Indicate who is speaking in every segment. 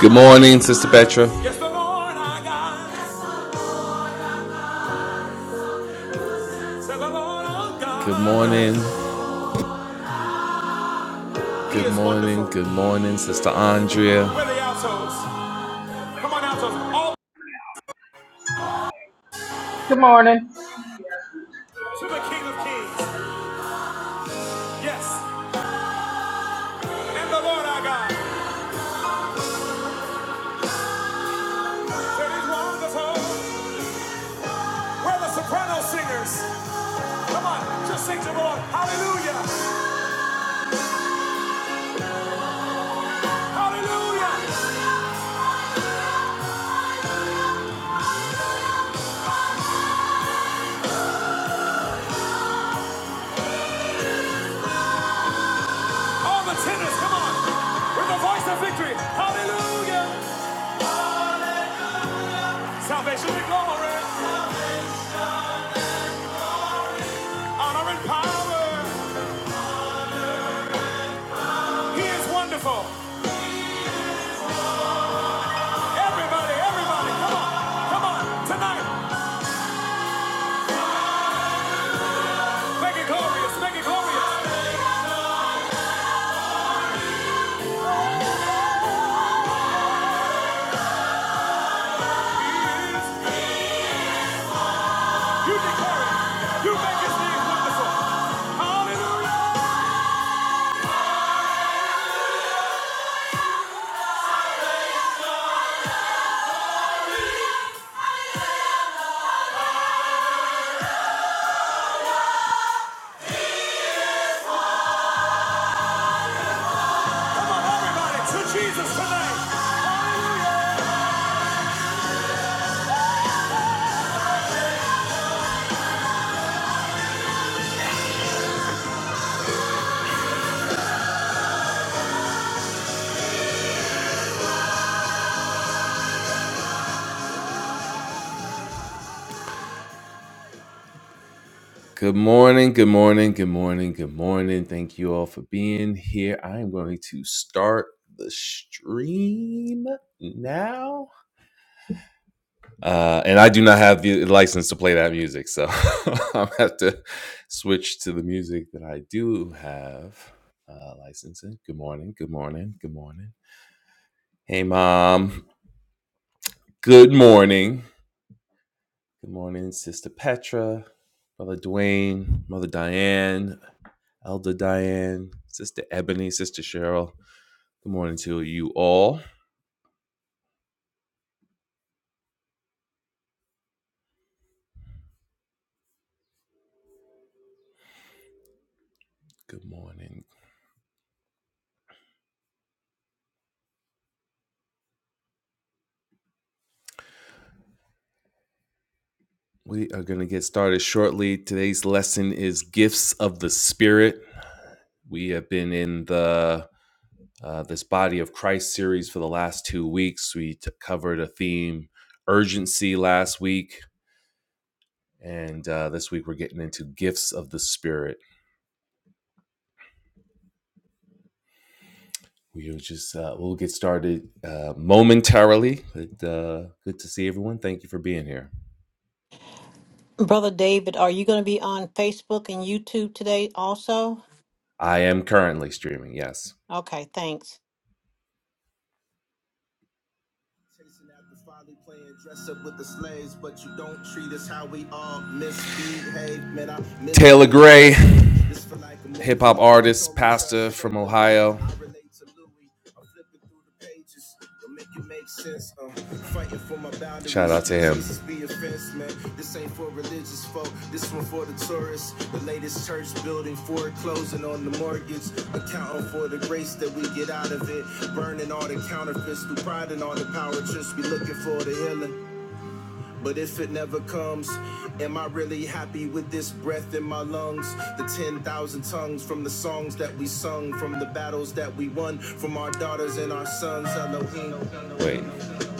Speaker 1: Good morning, Sister Petra. yes, Good morning. Good morning. Good morning, Sister Andrea. Come on, outros. All
Speaker 2: Good morning.
Speaker 1: to the King of Kings. Yes. And the Lord our God. That is the soprano singers. Come on, just sing to the Lord. Hallelujah. Hallelujah. All the tenors, come on. With the voice of victory. Hallelujah. Salvation and glory. Honor and power. He is wonderful. Everybody, everybody, come on. Come on. Tonight. Make it glorious. Make it glorious. He is. You declare it. You make his name wonderful. Hallelujah. Come on, everybody, to Jesus tonight. Hallelujah. Good morning, good morning, good morning, good morning. Thank you all for being here. I am going to start the stream now. Uh, and I do not have the license to play that music, so I'm have to switch to the music that I do have uh, licensing. Good morning, good morning, good morning. Hey, mom. Good morning. Good morning, sister Petra, brother Dwayne, mother Diane, elder Diane, sister Ebony, sister Cheryl. Good morning to you all. Good morning. We are going to get started shortly. Today's lesson is gifts of the Spirit. We have been in the uh, this body of Christ series for the last two weeks. We t- covered a theme urgency last week, and uh, this week we're getting into gifts of the Spirit. We'll just uh, we'll get started uh, momentarily. But, uh, good to see everyone. Thank you for being here.
Speaker 3: Brother David, are you going to be on Facebook and YouTube today also?
Speaker 1: I am currently streaming. Yes.
Speaker 3: Okay, thanks.
Speaker 1: finally playing dress up with the slaves, but you don't treat us how we all misbehave. Taylor Gray hip hop artist, pastor from Ohio. Shout out to him. This ain't for religious folk, this one for the tourists. The latest church building foreclosing on the mortgage, accounting for the grace that we get out of it. Burning all the counterfeits through pride and all the power trips. We looking for the healing. But if it never comes, am I really happy with this breath in my lungs? The 10,000 tongues from the songs that we sung, from the battles that we won, from our daughters and our sons, Elohim. Wait.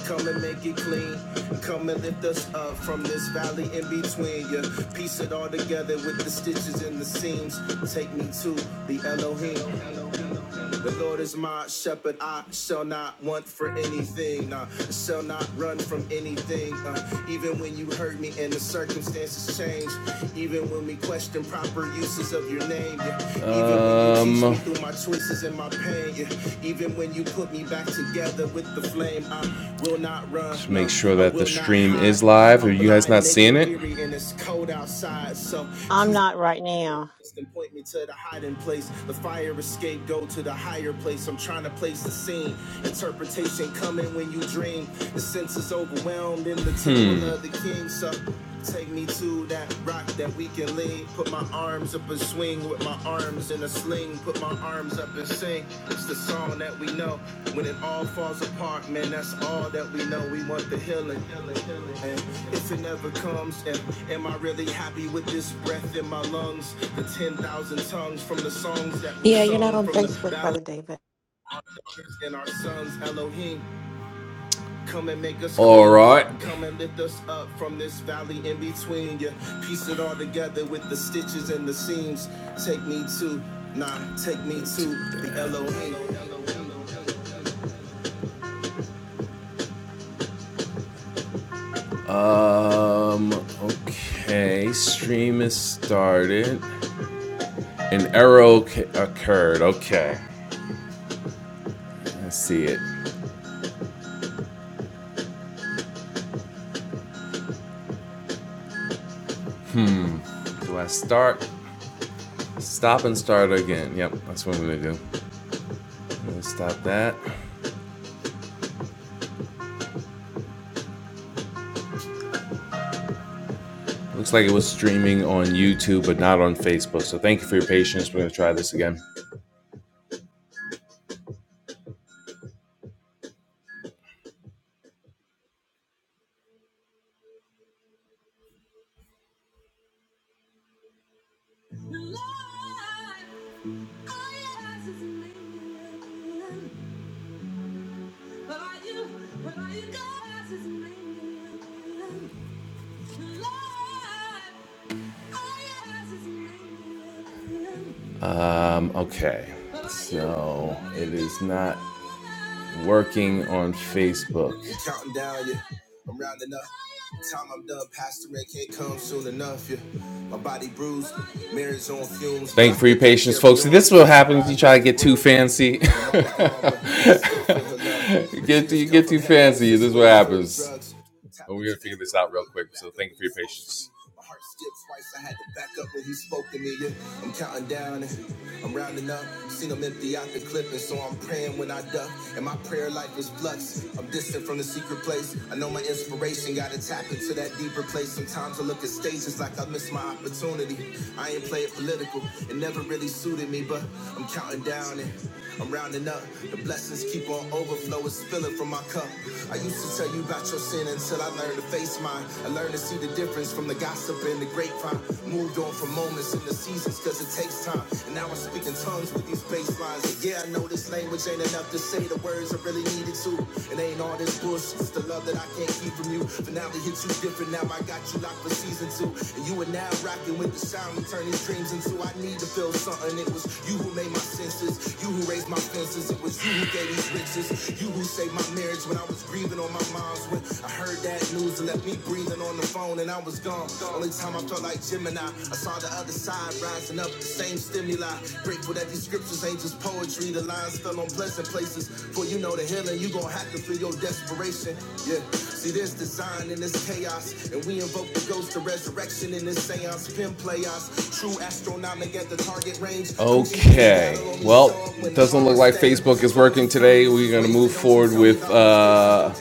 Speaker 1: Come and make it clean. Come and lift us up from this valley in between. You piece it all together with the stitches and the seams. Take me to the Elohim. The Lord is my shepherd, I shall not want for anything. Nah, I shall not run from anything. Uh, even when you hurt me and the circumstances change, even when we question proper uses of your name, yeah. even um, when you teach me Um, through my choices and my pain, yeah. even when you put me back together with the flame, I will not run. just make Nah, sure that the stream is live. Are you guys not seeing it? and it's cold outside. So,
Speaker 3: I'm
Speaker 1: Jesus.
Speaker 3: not right now.
Speaker 1: And point me to the hiding place. The fire escape, go to the higher place. I'm trying to place the scene. Interpretation coming when you dream. The senses overwhelmed in the temple Hmm. of the king. So take me to that rock that we can lean. Put my arms up a swing with my arms in a sling. Fling, put my arms up and sing. It's the song that we know. When it all falls apart, man, that's all that we know. We want the healing. And if it never comes, and am I really happy with this breath in my lungs? The 10,000 tongues from the songs that we
Speaker 4: Yeah, you're not
Speaker 1: sung,
Speaker 4: on
Speaker 1: from the
Speaker 4: Facebook,
Speaker 1: battle
Speaker 4: Brother David.
Speaker 1: and our sons, Elohim. Come and make us All right. Come and lift us up from this valley in between you. Piece it all together with the stitches and the seams. Take me to, nah, take me to the Elohim. Um. Okay. Stream is started. An error occurred. Okay. I see it. Do I start? Stop and start again. Yep. That's what I'm gonna do. I'm gonna stop that. Looks like it was streaming on YouTube, but not on Facebook. So thank you for your patience. We're gonna try this again. Um, okay. No, it is not working on Facebook. Counting down, yeah. I'm rounding up. Time I'm done, Pastor Red can't come soon enough, yeah. My body bruised, marriage on fumes, Thank you for your patience, folks. See, this will happen if You try to get too fancy. get you get too fancy. This is what happens. But we're gonna figure this out real quick. So thank you for your patience heart skipped twice. I had to back up when he spoke to me. Yeah. I'm counting down and I'm rounding up. Seen him empty out the clip, and so I'm praying when I duck. And my prayer life is flux. I'm distant from the secret place. I know my inspiration gotta tap into that deeper place. Sometimes I look at stages like I miss my opportunity. I ain't playing political, it never really suited me, but I'm counting down and I'm rounding up. The blessings keep on over overflow is spilling from my cup. I used to tell you about your sin until I learned to face mine. I learned to see the difference from the gossip and the grapevine. Moved on from moments in the seasons because it takes time. And now I speak in tongues with these bass lines. And yeah, I know this language ain't enough to say the words I really needed to. It ain't all this bullshit, it's the love that I can't keep from you. But now Finale hit you different, now I got you locked for season two. And you are now rocking with the sound. I'ma turn these dreams into I need to feel something. It was you who made my senses, you who raised my fences. It was you who gave these riches, you who saved my marriage when I was grieving on my mom's. When I heard that news, it left me breathing on the phone and I was gone. Only time I felt like Gemini, I saw the other side rising up, the same stimuli. Grateful that these scriptures ain't just poetry. The lines fell on pleasant places, for you know the healing you gon' have to feel your desperation desperation. Yeah, see, there's design in this chaos, and we invoke the ghost of resurrection in this seance. Pin play true astronomic at the target range. Okay. Well, it doesn't look like Facebook is working today. We're gonna move forward with uh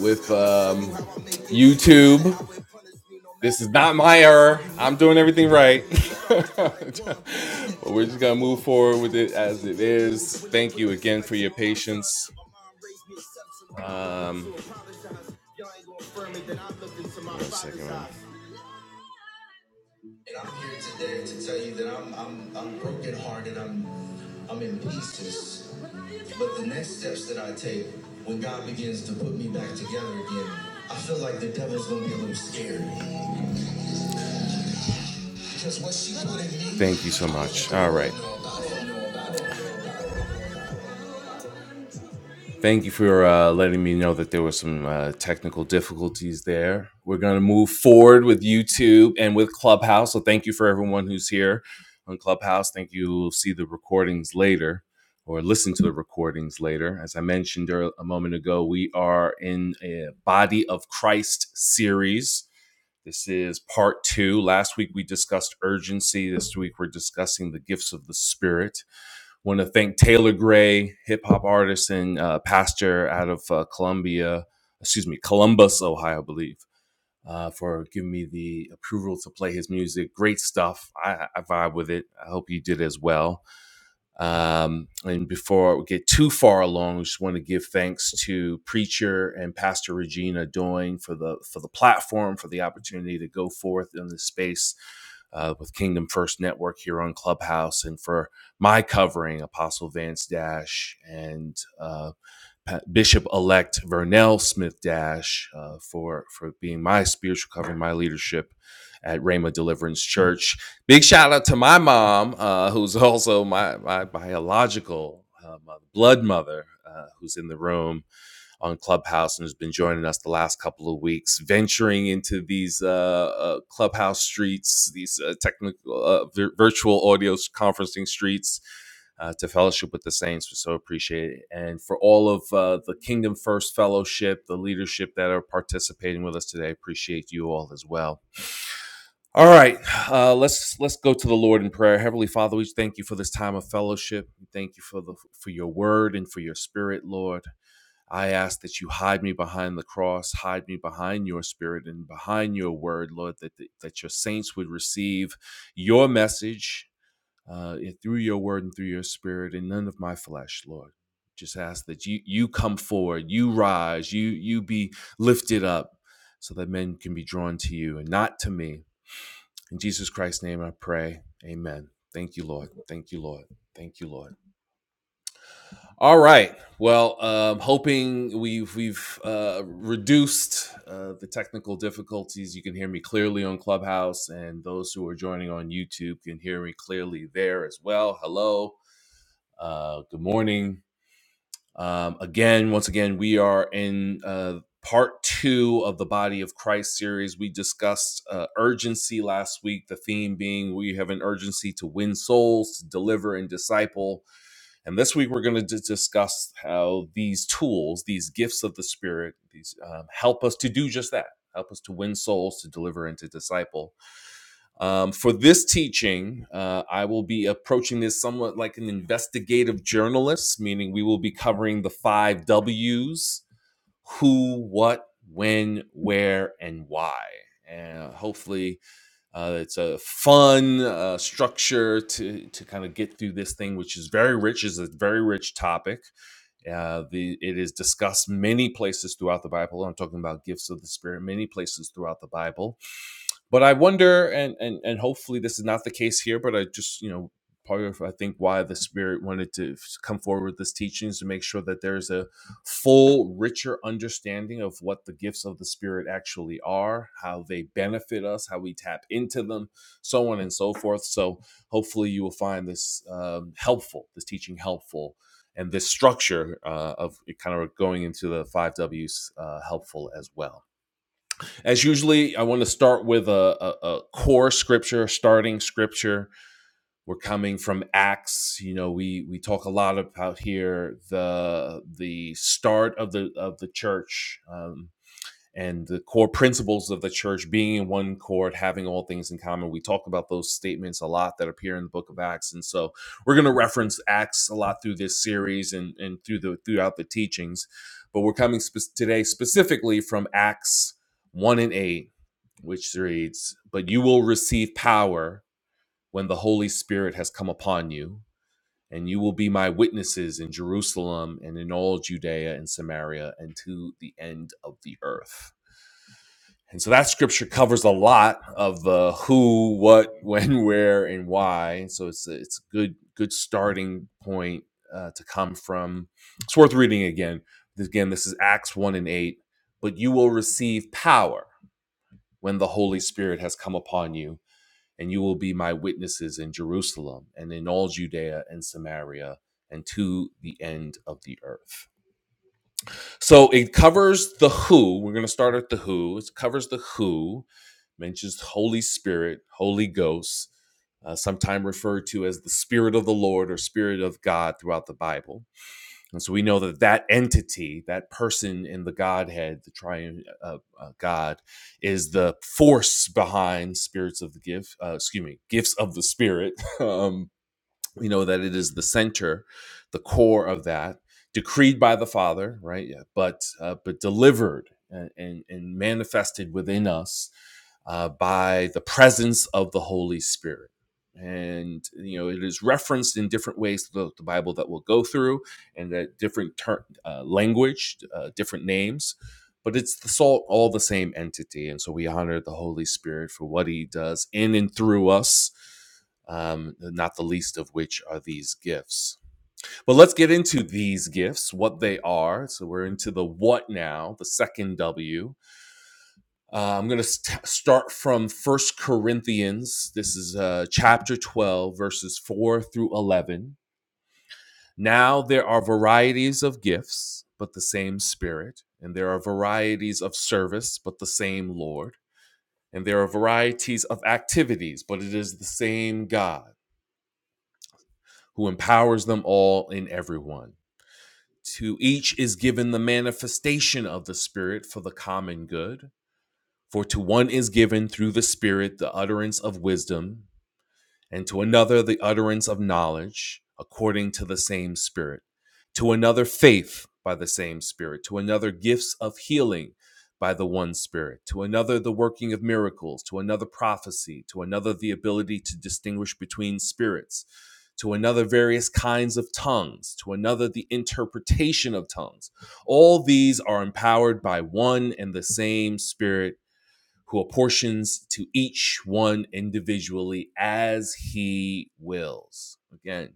Speaker 1: with um YouTube. This is not my error. I'm doing everything right. but we're just gonna move forward with it as it is. Thank you again for your patience. Thank you so much. All right. Thank you for uh, letting me know that there were some uh, technical difficulties there. We're going to move forward with YouTube and with Clubhouse. So thank you for everyone who's here on Clubhouse. Thank you. You'll see the recordings later or listen to the recordings later. As I mentioned earl- a moment ago, we are in a Body of Christ series This is part two. Last week we discussed urgency. This week we're discussing the gifts of the spirit. Want to thank Taylor Gray, hip hop artist and uh, pastor out of uh, Columbia, excuse me, Columbus, Ohio, I believe, uh, for giving me the approval to play his music. Great stuff. I, I vibe with it. I hope you did as well. Um, and before we get too far along, we just want to give thanks to preacher and pastor Regina Doing for the for the platform for the opportunity to go forth in this space uh, with Kingdom First Network here on Clubhouse, and for my covering Apostle Vance Dash and uh, Bishop-elect Vernell Smith Dash uh, for for being my spiritual cover, my leadership at Rhema Deliverance Church. Big shout out to my mom, uh, who's also my my biological uh, blood mother, uh, who's in the room on Clubhouse and has been joining us the last couple of weeks, venturing into these uh, uh, Clubhouse streets, these uh, technical uh, vir- virtual audio conferencing streets. Uh, to fellowship with the saints, we so appreciate it, and for all of uh, the Kingdom First Fellowship, the leadership that are participating with us today, appreciate you all as well. All right, uh, let's let's go to the Lord in prayer. Heavenly Father, we thank you for this time of fellowship. Thank you for the for your Word and for your Spirit, Lord. I ask that you hide me behind the cross, hide me behind your spirit and behind your word, Lord, that, that, your saints would receive your message uh, through your word and through your spirit and none of my flesh, Lord. Just ask that you you come forward, you rise, you you be lifted up so that men can be drawn to you and not to me. In Jesus Christ's name I pray. Amen. Thank you, Lord. Thank you, Lord. Thank you, Lord. All right. Well, um, hoping we've we've uh, reduced uh, the technical difficulties. You can hear me clearly on Clubhouse, and those who are joining on YouTube can hear me clearly there as well. Hello. Uh, good morning. Um, again, once again, we are in uh, part two of the Body of Christ series. We discussed uh, urgency last week. The theme being we have an urgency to win souls, to deliver and disciple and this week, we're going to discuss how these tools, these gifts of the Spirit, these um, help us to do just that. Help us to win souls, to deliver, and to disciple. Um, for this teaching, uh, I will be approaching this somewhat like an investigative journalist, meaning we will be covering the five W's who, what, when, where, and why. And hopefully, uh, it's a fun uh, structure to to kind of get through this thing, which is very rich. is a very rich topic. Uh, the it is discussed many places throughout the Bible. I'm talking about gifts of the Spirit, many places throughout the Bible but I wonder, and and and hopefully this is not the case here. But I just you know part of I think why the Spirit wanted to come forward with this teaching is to make sure that there's a full, richer understanding of what the gifts of the Spirit actually are, how they benefit us, how we tap into them, so on and so forth. So hopefully you will find this um, helpful, this teaching helpful. And this structure uh, of kind of going into the five W's uh, helpful as well. As usually, I want to start with a, a, a core scripture, starting scripture. We're coming from Acts. You know, we we talk a lot about here the the start of the of the church um, and the core principles of the church being in one chord, having all things in common. We talk about those statements a lot that appear in the Book of Acts, and so we're going to reference Acts a lot through this series and and through the throughout the teachings. But we're coming spe- today specifically from Acts one and eight which reads, But you will receive power when the Holy Spirit has come upon you, and you will be my witnesses in Jerusalem and in all Judea and Samaria and to the end of the earth. And so that scripture covers a lot of the who, what, when, where, and why. So it's a, it's a good good starting point uh, to come from. It's worth reading again. Again, this is Acts one and eight. But you will receive power when the Holy Spirit has come upon you, and you will be my witnesses in Jerusalem and in all Judea and Samaria and to the end of the earth. So it covers the who. We're going to start at the who. It covers the who, mentions Holy Spirit, Holy Ghost, uh, sometime referred to as the Spirit of the Lord or Spirit of God throughout the Bible. And so we know that that entity, that person in the Godhead, the triune uh, uh, God, is the force behind spirits of the gift, uh, excuse me, gifts of the Spirit. Um, you know that it is the center the core of that decreed by the father right yeah, but uh, but delivered and, and and manifested within us uh, by the presence of the holy spirit and you know it is referenced in different ways throughout the bible that we'll go through and that different ter- uh, language uh, different names but it's the salt all the same entity and so we honor the holy spirit for what he does in and through us um, not the least of which are these gifts. But let's get into these gifts, what they are. So we're into the what now, the second W. Uh, I'm going to st- start from First Corinthians. This is uh, chapter 12, verses 4 through 11. Now there are varieties of gifts, but the same Spirit. And there are varieties of service, but the same Lord. And there are varieties of activities, but it is the same God who empowers them all in everyone. To each is given the manifestation of the Spirit for the common good. For to one is given through the Spirit the utterance of wisdom, and to another the utterance of knowledge according to the same Spirit, to another faith by the same Spirit, to another gifts of healing by the one Spirit, to another the working of miracles, to another prophecy, to another the ability to distinguish between spirits, to another various kinds of tongues, to another the interpretation of tongues. All these are empowered by one and the same Spirit who apportions to each one individually as he wills. Again,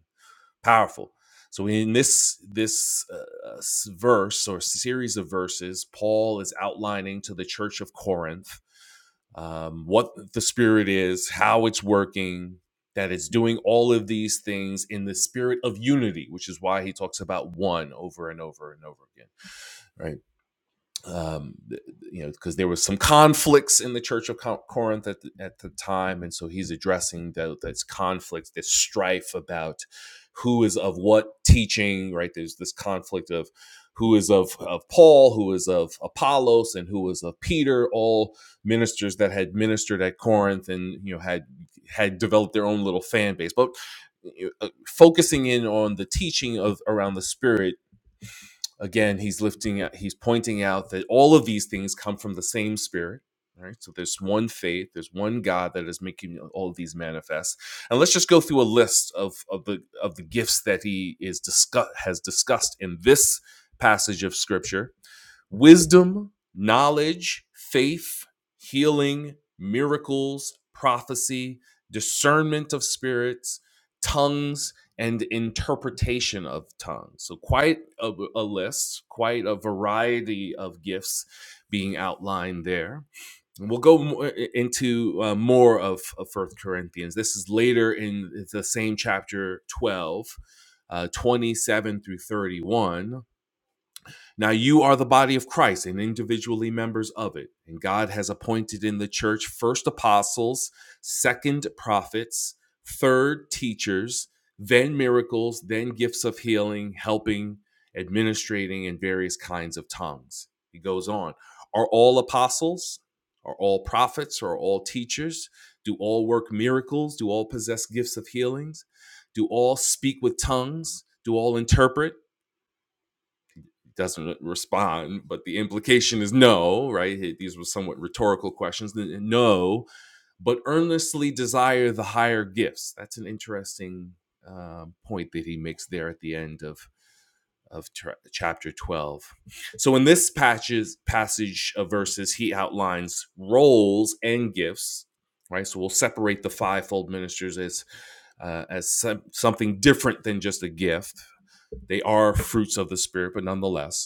Speaker 1: powerful. So in this this uh, verse or series of verses, Paul is outlining to the church of Corinth um, what the Spirit is, how it's working, that it's doing all of these things in the spirit of unity, which is why he talks about one over and over and over again. Right um, you know, because there was some conflicts in the Church of Corinth at the, at the time, and so he's addressing those that's conflict, this strife about who is of what teaching, right? There's this conflict of who is of of Paul, who is of Apollos, and who is of Peter, all ministers that had ministered at Corinth and you know had had developed their own little fan base, but. you know, uh, Focusing in on the teaching of around the spirit again he's lifting he's pointing out that all of these things come from the same spirit right so there's one faith there's one god that is making all of these manifest and let's just go through a list of of the of the gifts that he is discuss has discussed in this passage of scripture wisdom, knowledge, faith, healing, miracles, prophecy, discernment of spirits, tongues, and interpretation of tongues. So, quite a, a list, quite a variety of gifts being outlined there. And We'll go mo- into uh, more of, of First Corinthians. This is later in the same chapter 12, uh, 27 through 31 now you are the body of Christ and individually members of it. And God has appointed in the church first apostles, second prophets, third teachers, then miracles, then gifts of healing, helping, administrating, and various kinds of tongues. He goes on Are all apostles? Are all prophets? Are all teachers? Do all work miracles? Do all possess gifts of healings? Do all speak with tongues? Do all interpret? doesn't respond, but the implication is no, right? Hey, These were somewhat rhetorical questions. No, but earnestly desire the higher gifts. That's an interesting uh, point that he makes there at the end of of tra- chapter 12. So in this patches, passage of verses, he outlines roles and gifts, right? So we'll separate the fivefold ministers as uh, as some, something different than just a gift. They are fruits of the spirit, but nonetheless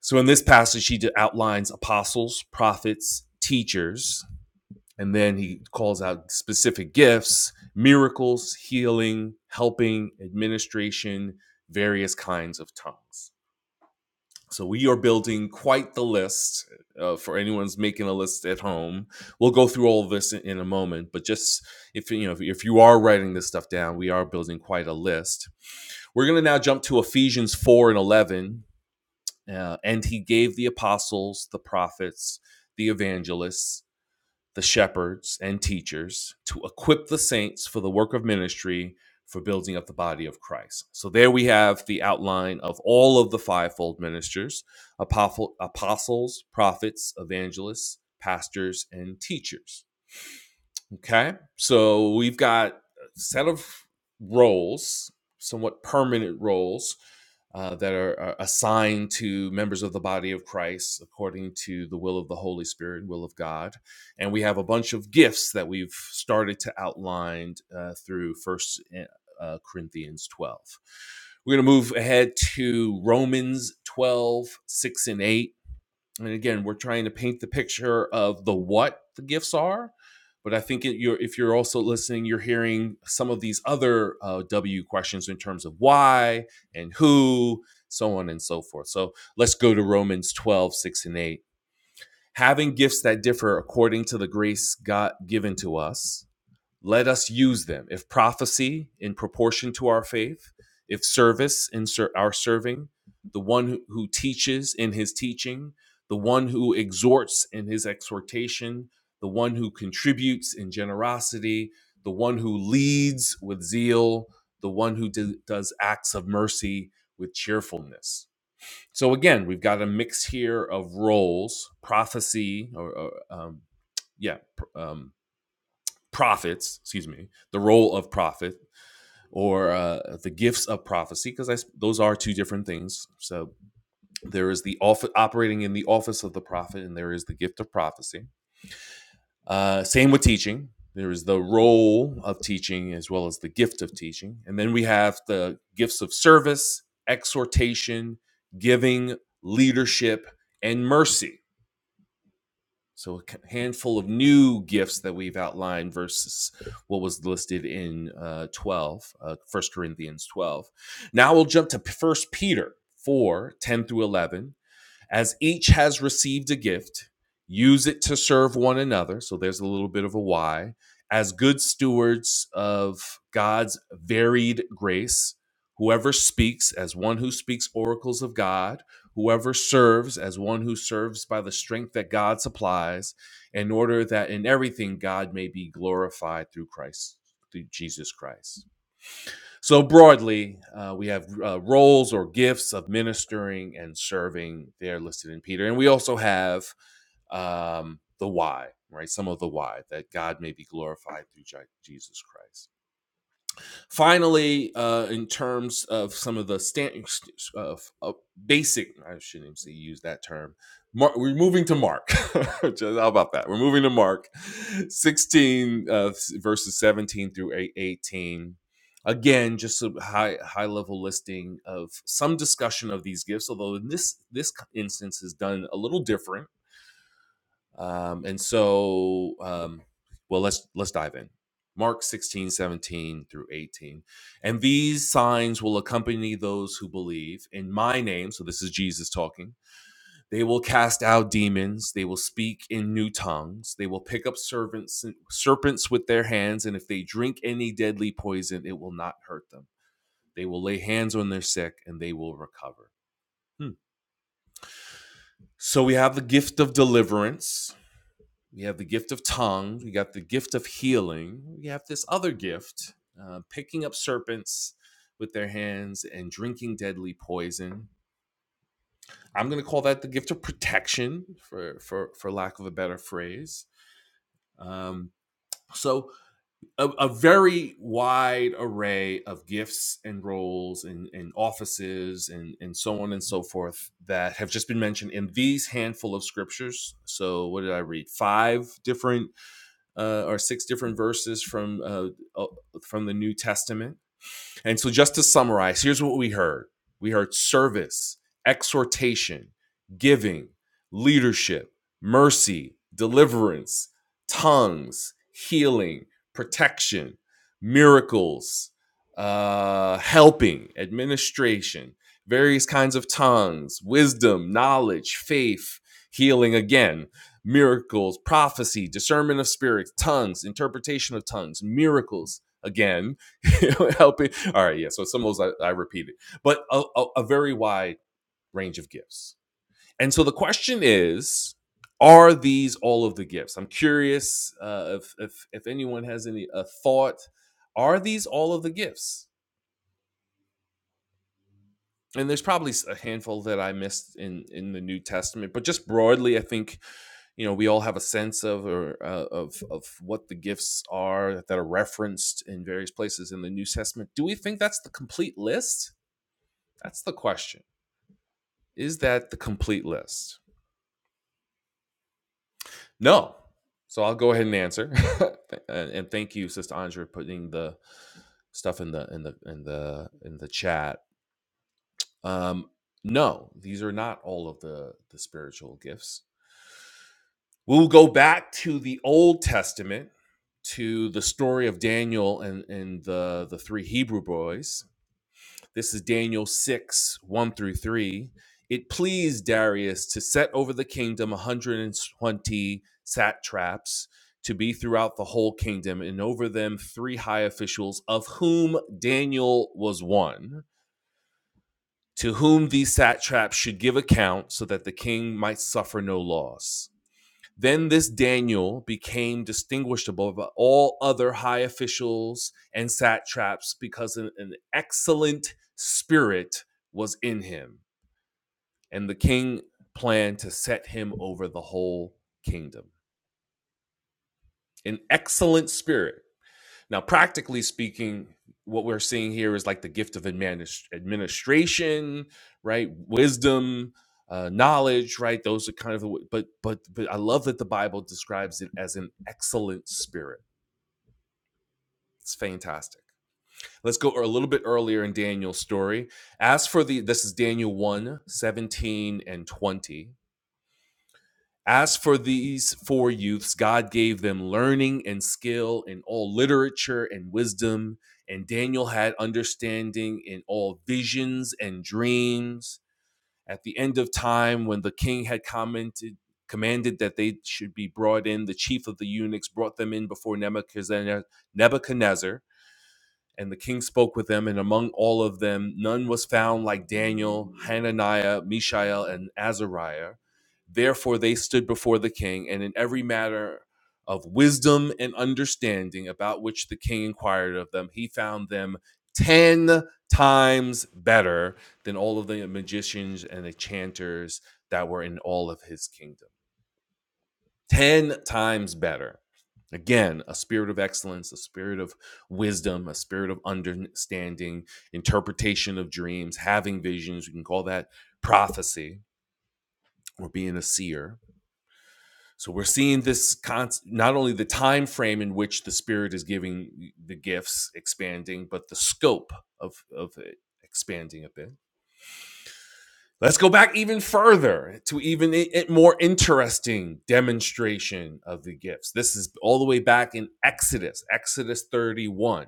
Speaker 1: so in this passage, he outlines apostles, prophets, teachers, and then he calls out specific gifts, miracles, healing, helping, administration, various kinds of tongues. So we are building quite the list uh, for anyone's making a list at home. We'll go through all of this in, in a moment, but just if you know if, if you are writing this stuff down, we are building quite a list. We're going to now jump to Ephesians 4 and 11 uh, and he gave the apostles, the prophets, the evangelists, the shepherds, and teachers to equip the saints for the work of ministry for building up the body of Christ. So there we have the outline of all of the fivefold ministers apostles, prophets, evangelists, pastors, and teachers. Okay. So we've got a set of roles, somewhat permanent roles, uh, that are, are assigned to members of the body of Christ according to the will of the Holy Spirit, will of God. And we have a bunch of gifts that we've started to outline uh, through First uh, uh, Corinthians 12. We're going to move ahead to Romans 12, 6 and 8 and again we're trying to paint the picture of the what the gifts are but i think it, you're, if you're also listening you're hearing some of these other uh, w questions in terms of why and who so on and so forth so let's go to romans 12 6 and 8 having gifts that differ according to the grace god given to us let us use them. If prophecy in proportion to our faith, if service in ser- our serving, the one who, who teaches in his teaching, the one who exhorts in his exhortation, the one who contributes in generosity, the one who leads with zeal, the one who do- does acts of mercy with cheerfulness. So again, we've got a mix here of roles, prophecy, or, or, um, yeah, pr- um, prophets, excuse me, the role of prophet or uh, the gifts of prophecy, because those are two different things. So there is the office operating in the office of the prophet, and there is the gift of prophecy. Uh, same with teaching. There is the role of teaching as well as the gift of teaching. And then we have the gifts of service, exhortation, giving, leadership, and mercy So a handful of new gifts that we've outlined versus what was listed in uh, 12, uh, 1 Corinthians 12. Now we'll jump to First Peter 4 10 through 11. As each has received a gift, use it to serve one another. So there's a little bit of a why. As good stewards of God's varied grace, whoever speaks as one who speaks oracles of God, whoever serves as one who serves by the strength that God supplies, in order that in everything God may be glorified through Christ, through Jesus Christ. So, broadly, uh, we have uh, roles or gifts of ministering and serving. They're listed in Peter. And we also have um, the why, right? Some of the why that God may be glorified through Jesus Christ. Finally, uh, in terms of some of the stand, uh, uh, basic, I shouldn't even say use that term. Mark, we're moving to Mark. How about that? We're moving to Mark 16, uh, verses 17 through 18. Again, just a high high level listing of some discussion of these gifts, although in this this instance is done a little different um, and so, um, well, let's let's dive in. Mark 16, 17 through 18. And these signs will accompany those who believe in my name. So this is Jesus talking. They will cast out demons. They will speak in new tongues. They will pick up servants, serpents with their hands. And if they drink any deadly poison, it will not hurt them. They will lay hands on their sick and they will recover. Hmm. So we have the gift of deliverance We have the gift of tongue. We got the gift of healing. We have this other gift, uh, picking up serpents with their hands and drinking deadly poison. I'm going to call that the gift of protection, for for for lack of a better phrase. Um, so a, a very wide array of gifts and roles and, and offices and, and so on and so forth that have just been mentioned in these handful of scriptures. So what did I read? Five different uh, or six different verses from uh, uh, from the New Testament and so, just to summarize, here's what we heard we heard service, exhortation, giving, leadership, mercy, deliverance, tongues, healing, protection, miracles, uh, helping, administration, various kinds of tongues, wisdom, knowledge, faith, healing again, miracles, prophecy, discernment of spirits, tongues, interpretation of tongues, miracles again helping. All right, yeah. So some of those I, I repeated, but a, a, a very wide range of gifts. And so the question is, are these all of the gifts? I'm curious uh, if, if if anyone has any a thought. Are these all of the gifts? And there's probably a handful that I missed in in the New Testament, but just broadly, I think you know we all have a sense of or uh, of of what the gifts are that are referenced in various places in the New Testament. Do we think that's the complete list? That's the question. Is that the complete list? No. So I'll go ahead and answer, and, thank you, Sister Andrea, for putting the stuff in the in the in the in the chat. Um, no, these are not all of the the spiritual gifts. We'll go back to the Old Testament to the story of Daniel and and the the three Hebrew boys This is Daniel 6 1 through 3. It pleased Darius to set over the kingdom 120 satraps to be throughout the whole kingdom, and over them three high officials, of whom Daniel was one, to whom these satraps should give account so that the king might suffer no loss. Then this Daniel became distinguished above all other high officials and satraps because an, an excellent spirit was in him, and the king planned to set him over the whole kingdom. An excellent spirit. Now, practically speaking, what we're seeing here is like the gift of adminis- administration, right? Wisdom, uh, knowledge, right? Those are kind of the, but but but I love that the Bible describes it as an excellent spirit. It's fantastic. Let's go a little bit earlier in Daniel's story. As for the, this is Daniel one 17 and 20. As for these four youths, God gave them learning and skill in all literature and wisdom, and Daniel had understanding in all visions and dreams. At the end of time, when the king had commented, commanded that they should be brought in, the chief of the eunuchs brought them in before Nebuchadnezzar. Nebuchadnezzar and the king spoke with them, and among all of them, none was found like Daniel, Hananiah, Mishael, and Azariah. Therefore, they stood before the king, and in every matter of wisdom and understanding about which the king inquired of them, he found them ten times better than all of the magicians and the chanters that were in all of his kingdom. 10 times better. Again, a spirit of excellence, a spirit of wisdom, a spirit of understanding, interpretation of dreams, having visions. We can call that prophecy or being a seer. So we're seeing this con- not only the time frame in which the spirit is giving the gifts expanding, but the scope of, of it expanding a bit. Let's go back even further to even a, more interesting demonstration of the gifts. This is all the way back in Exodus, Exodus 31.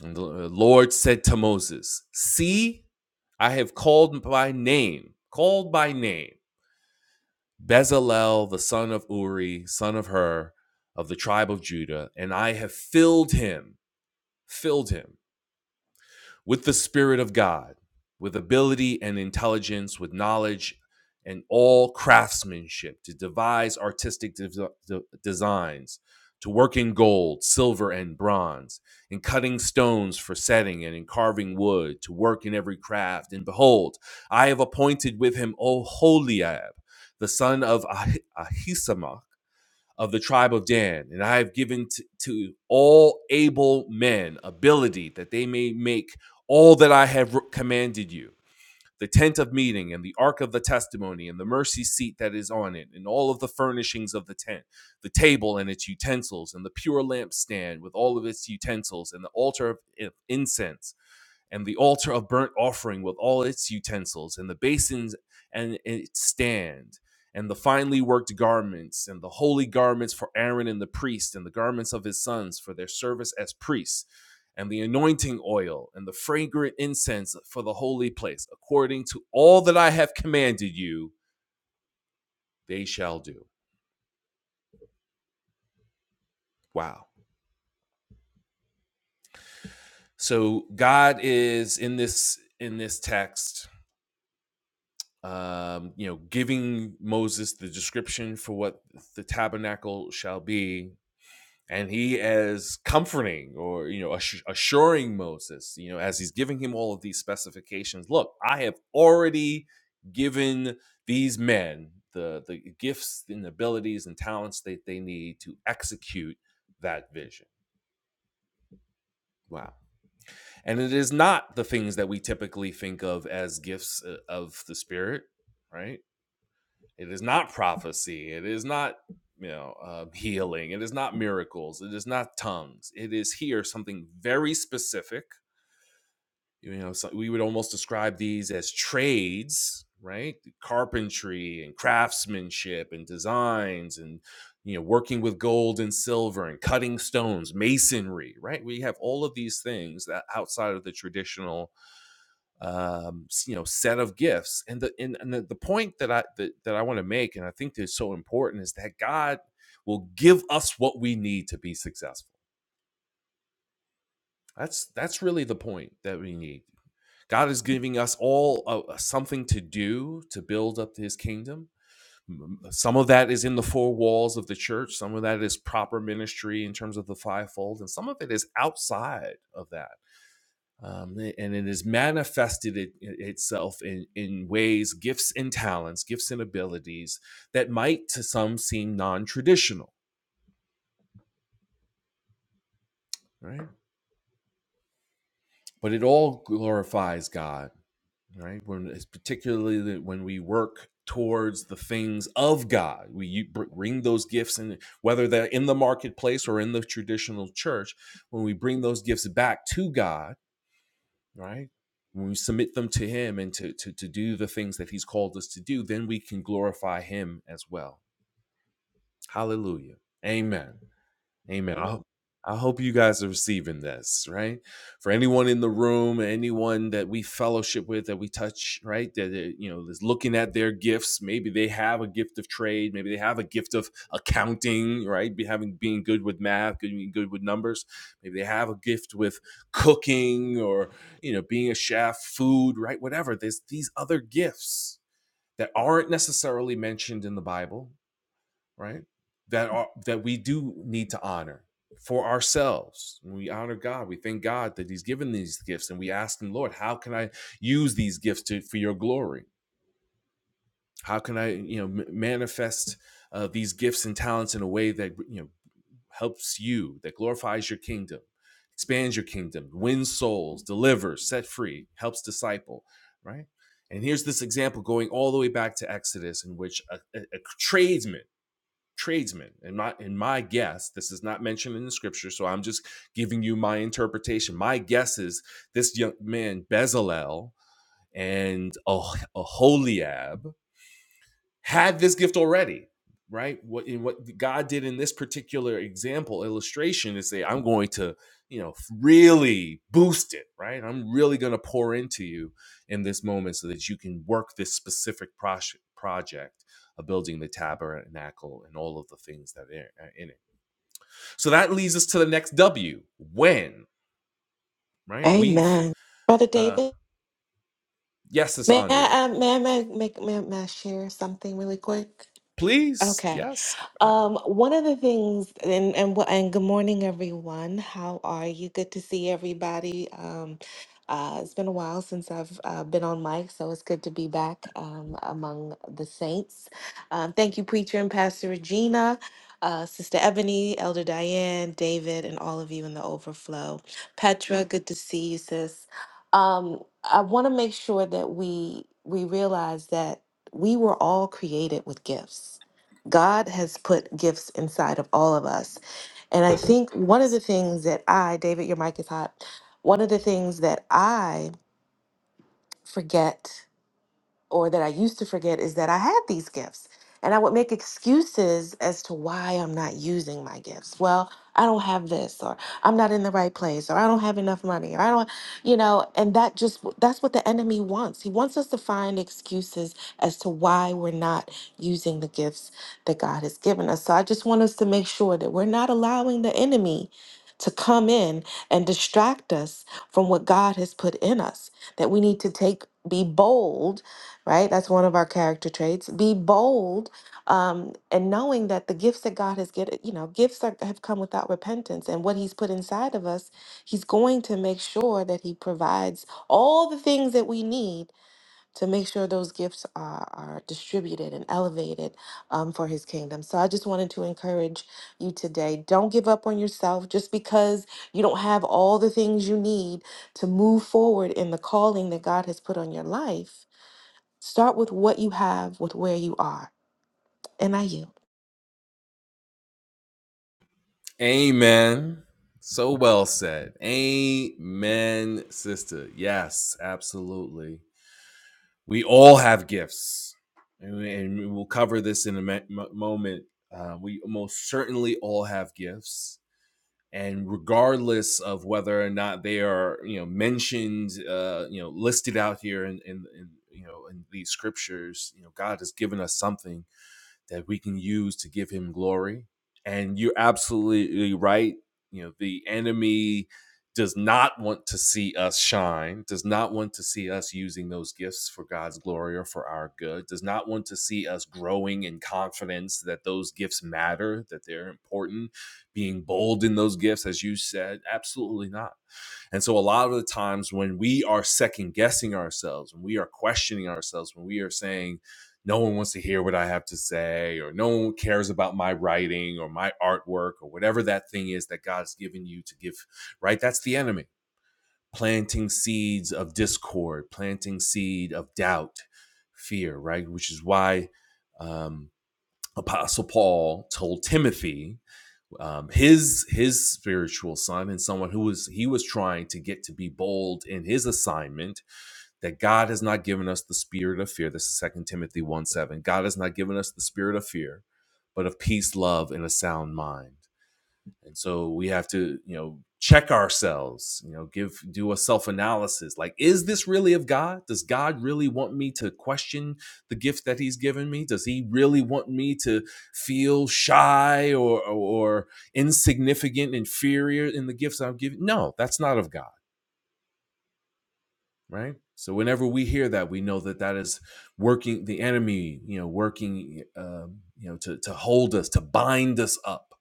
Speaker 1: And the Lord said to Moses, See, I have called by name, called by name, Bezalel, the son of Uri, son of Hur, of the tribe of Judah, and I have filled him, filled him with the Spirit of God, with ability and intelligence, with knowledge and all craftsmanship to devise artistic de- de- designs, to work in gold, silver, and bronze, in cutting stones for setting and in carving wood, to work in every craft. And behold, I have appointed with him Oholiab, the son of Ah- Ahisamach of the tribe of Dan, and I have given t- to all able men ability that they may make all that I have commanded you the tent of meeting, and the ark of the testimony, and the mercy seat that is on it, and all of the furnishings of the tent, the table and its utensils, and the pure lampstand with all of its utensils, and the altar of incense and the altar of burnt offering with all its utensils, and the basins and its stand, and the finely worked garments, and the holy garments for Aaron and the priest, and the garments of his sons for their service as priests, and the anointing oil, and the fragrant incense for the holy place, according to all that I have commanded you, they shall do. Wow. So God is in this in this text um, you know, giving Moses the description for what the tabernacle shall be. And he is comforting or, you know, assu- assuring Moses, you know, as he's giving him all of these specifications. Look, I have already given these men the, the gifts and abilities and talents that they need to execute that vision. Wow. And it is not the things that we typically think of as gifts uh, of the Spirit, right? It is not prophecy. It is not you know uh, healing. It is not miracles. It is not tongues. It is here something very specific. You know, so we would almost describe these as trades, right? Carpentry and craftsmanship and designs and you know working with gold and silver and cutting stones, masonry, right? We have all of these things that outside of the traditional um, you know set of gifts and the and, and the, the point that i that, that i want to make and i think is so important is that god will give us what we need to be successful that's that's really the point that we need god is giving us all uh, something to do to build up his kingdom some of that is in the four walls of the church some of that is proper ministry in terms of the fivefold and some of it is outside of that um, and it has manifested it, itself in, in ways, gifts and talents, gifts and abilities that might to some seem non traditional, right? But it all glorifies God, right? When it's particularly when we work towards the things of God, we bring those gifts, and whether they're in the marketplace or in the traditional church, when we bring those gifts back to God right? When we submit them to Him and to, to, to do the things that He's called us to do, then we can glorify Him as well. Hallelujah. Amen. Amen. I hope, I hope you guys are receiving this, right? For anyone in the room, anyone that we fellowship with, that we touch, right? That uh, you know is looking at their gifts. Maybe they have a gift of trade. Maybe they have a gift of accounting, right? Be having being good with math, good- being good with numbers. Maybe they have a gift with cooking, or you know, being a chef, food, right? Whatever. There's these other gifts that aren't necessarily mentioned in the Bible right? That are that we do need to honor for ourselves. We honor God. We thank God that He's given these gifts, and we ask Him, Lord, how can I use these gifts to, for Your glory? How can I, you know, m- manifest uh, these gifts and talents in a way that you know helps You, that glorifies Your kingdom, expands Your kingdom, wins souls, delivers, set free, helps disciple, right? And here's this example going all the way back to Exodus, in which a, a a tradesman tradesmen. and my in my guess, this is not mentioned in the scripture, so I'm just giving you my interpretation. My guess is this young man Bezalel and oh, Aholiab had this gift already, right? What in what God did in this particular example illustration is say, I'm going to, you know, really boost it, right? I'm really going to pour into you in this moment so that you can work this specific prosh- project of building the tabernacle and all of the things that are are in it. So that leads us to the next W. When, right? We've
Speaker 4: Amen. Brother
Speaker 1: uh
Speaker 4: David,
Speaker 1: yes, Sister
Speaker 4: may
Speaker 1: Andrea.
Speaker 4: I, uh, may I, may, I- may, may, I may I share something really quick?
Speaker 1: Please,
Speaker 4: Okay.
Speaker 1: yes,
Speaker 4: Um, one of the things, and and wh- and good morning, everyone. How are you? Good to see everybody. Um, uh, it's been a while since I've uh, been on mic, so it's good to be back um, among the saints. Um, thank you, preacher and pastor Regina, uh, sister Ebony, elder Diane, David, and all of you in the overflow. Petra, good to see you, sis. Um, I want to make sure that we we realize that we were all created with gifts God has put gifts inside of all of us. And I think one of the things that I, David, your mic is hot, one of the things that I forget or that I used to forget is that I had these gifts. And I would make excuses as to why I'm not using my gifts. Well, I don't have this, or I'm not in the right place, or I don't have enough money, or I don't, you know, and that just, that's what the enemy wants. He wants us to find excuses as to why we're not using the gifts that God has given us. So I just want us to make sure that we're not allowing the enemy to come in and distract us from what God has put in us, that we need to take, be bold right? That's one of our character traits. Be bold, um, and knowing that the gifts that God has given, you know, gifts are, have come without repentance, and what He's put inside of us, He's going to make sure that He provides all the things that we need to make sure those gifts are, are distributed and elevated um, for His kingdom. So I just wanted to encourage you today. Don't give up on yourself just because you don't have all the things you need to move forward in the calling that God has put on your life Start with what you have, with where you are. And I yield.
Speaker 1: Amen. So well said. Amen, sister. Yes, absolutely. We all have gifts, and we, and we will cover this in a me- moment. Uh, we most certainly all have gifts, and regardless of whether or not they are, you know, mentioned, uh, you know, listed out here in, in, in you know in these scriptures, you know, God has given us something that we can use to give him glory. And you're absolutely right. You know, the enemy does not want to see us shine, does not want to see us using those gifts for God's glory or for our good, does not want to see us growing in confidence that those gifts matter, that they're important, being bold in those gifts, as you said. Absolutely not. And so, a lot of the times when we are second guessing ourselves, when we are questioning ourselves, when we are saying, no one wants to hear what I have to say, or no one cares about my writing or my artwork or whatever that thing is that God's given you to give, right? That's the enemy planting seeds of discord, planting seed of doubt, fear, right? Which is why um, Apostle Paul told Timothy, um, his his spiritual son and someone who was he was trying to get to be bold in his assignment that God has not given us the spirit of fear. This is Second Timothy 1 7. God has not given us the spirit of fear, but of peace, love, and a sound mind and so we have to you know check ourselves you know give do a self analysis like is this really of god does god really want me to question the gift that he's given me does he really want me to feel shy or or or insignificant inferior in the gifts i'm giving no that's not of god right so whenever we hear that we know that that is working the enemy you know working um, you know to to hold us to bind us up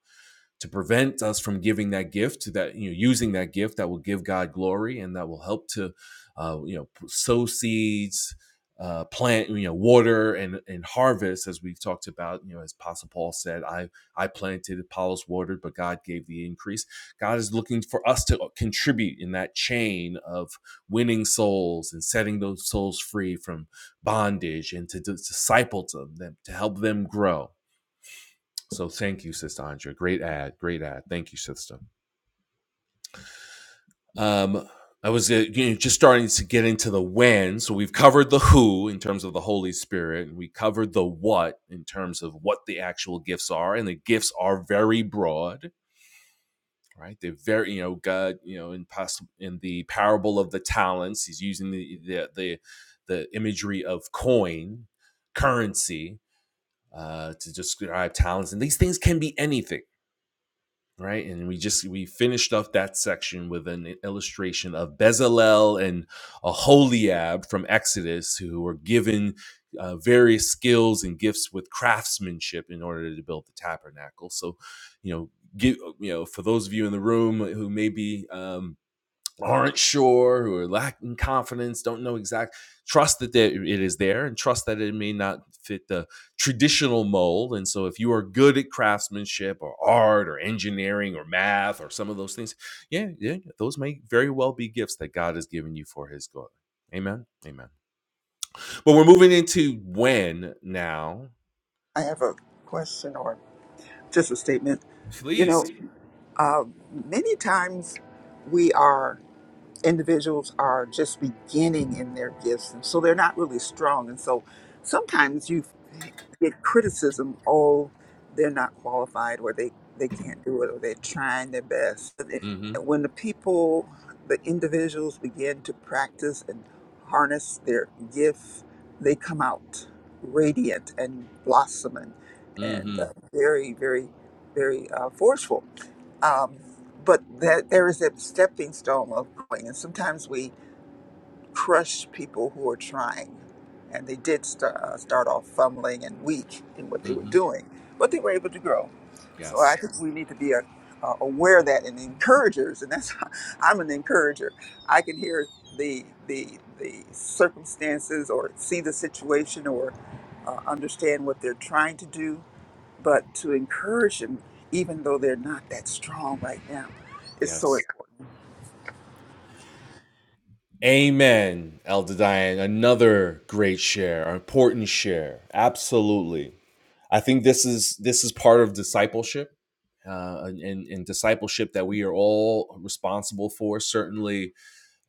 Speaker 1: to prevent us from giving that gift to that you know using that gift that will give god glory and that will help to uh, you know sow seeds uh, plant you know water and and harvest as we've talked about you know as apostle paul said i i planted apollos watered but god gave the increase god is looking for us to uh, contribute in that chain of winning souls and setting those souls free from bondage and to, dis- disciple them to help them grow so thank you, Sister Andrea. Great ad, great ad. Thank you, Sister. Um, I was uh, you know, just starting to get into the when. So we've covered the who in terms of the Holy Spirit, and we covered the what in terms of what the actual gifts are, and the gifts are very broad. Right, they're very, you know, God, you know, in, pos- in the parable of the talents, he's using the the the, the imagery of coin currency uh, to describe talents, and these things can be anything right? And we just we finished up that section with an illustration of Bezalel and Aholiab from Exodus, who were given uh, various skills and gifts with craftsmanship in order to build the tabernacle. So, you know, give, you know, for those of you in the room who may be um, aren't sure who are lacking confidence, don't know exact trust that it is there and trust that it may not fit the traditional mold. And so if you are good at craftsmanship or art or engineering or math or some of those things, yeah, yeah, those may very well be gifts that God has given you for his glory. Amen. Amen. But we're moving into when now.
Speaker 5: I have a question or just a statement. You know,
Speaker 1: Please.
Speaker 5: many times we are individuals are just beginning in their gifts and so they're not really strong and so sometimes you get criticism oh they're not qualified or they they can't do it or they're trying their best But it-
Speaker 1: Mm-hmm.
Speaker 5: when the people the individuals begin to practice and harness their gift they come out radiant and blossoming and
Speaker 1: Mm-hmm.
Speaker 5: uh, very very very uh, forceful um, but that there is that stepping stone of growing, and sometimes we crush people who are trying, and they did st- uh, start off fumbling and weak in what they were
Speaker 1: Mm-hmm.
Speaker 5: doing, but they were able to grow. So I
Speaker 1: Yes.
Speaker 5: think we need to be a, uh, aware of that and encouragers, and that's I'm an encourager. I can hear the the the circumstances or see the situation or uh, understand what they're trying to do, but to encourage them, even though they're not that strong right now, is so
Speaker 1: Yes.
Speaker 5: important.
Speaker 1: Amen, Elder Diane. Another great share, an important share. Absolutely. I think this is this is part of discipleship, uh, and, and discipleship that we are all responsible for. Certainly,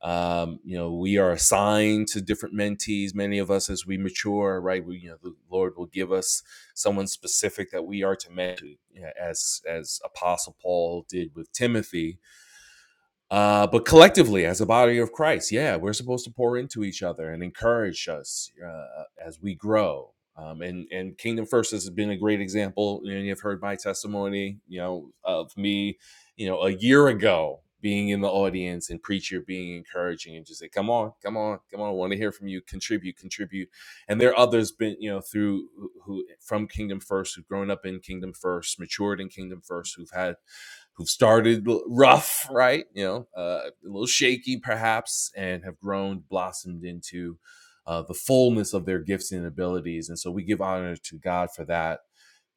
Speaker 1: um, you know, we are assigned to different mentees. Many of us, as we mature, right, we, you know, the Lord will give us someone specific that we are to mentor, you know, as as Apostle Paul did with Timothy uh, but collectively, as a body of Christ, yeah, we're supposed to pour into each other and encourage us uh, uh, as we grow. Um, and and Kingdom First has been a great example. And you've heard my testimony, you know, of me, you know, a year ago being in the audience and preacher being encouraging and just say, "Come on, come on, come on! I want to hear from you. Contribute, contribute." And there are others been, you know, through who who- from Kingdom First, who've grown up in Kingdom First, matured in Kingdom First, who've had who've started rough, right? You know, uh, a little shaky perhaps, and have grown, blossomed into uh, the fullness of their gifts and abilities. And so we give honor to God for that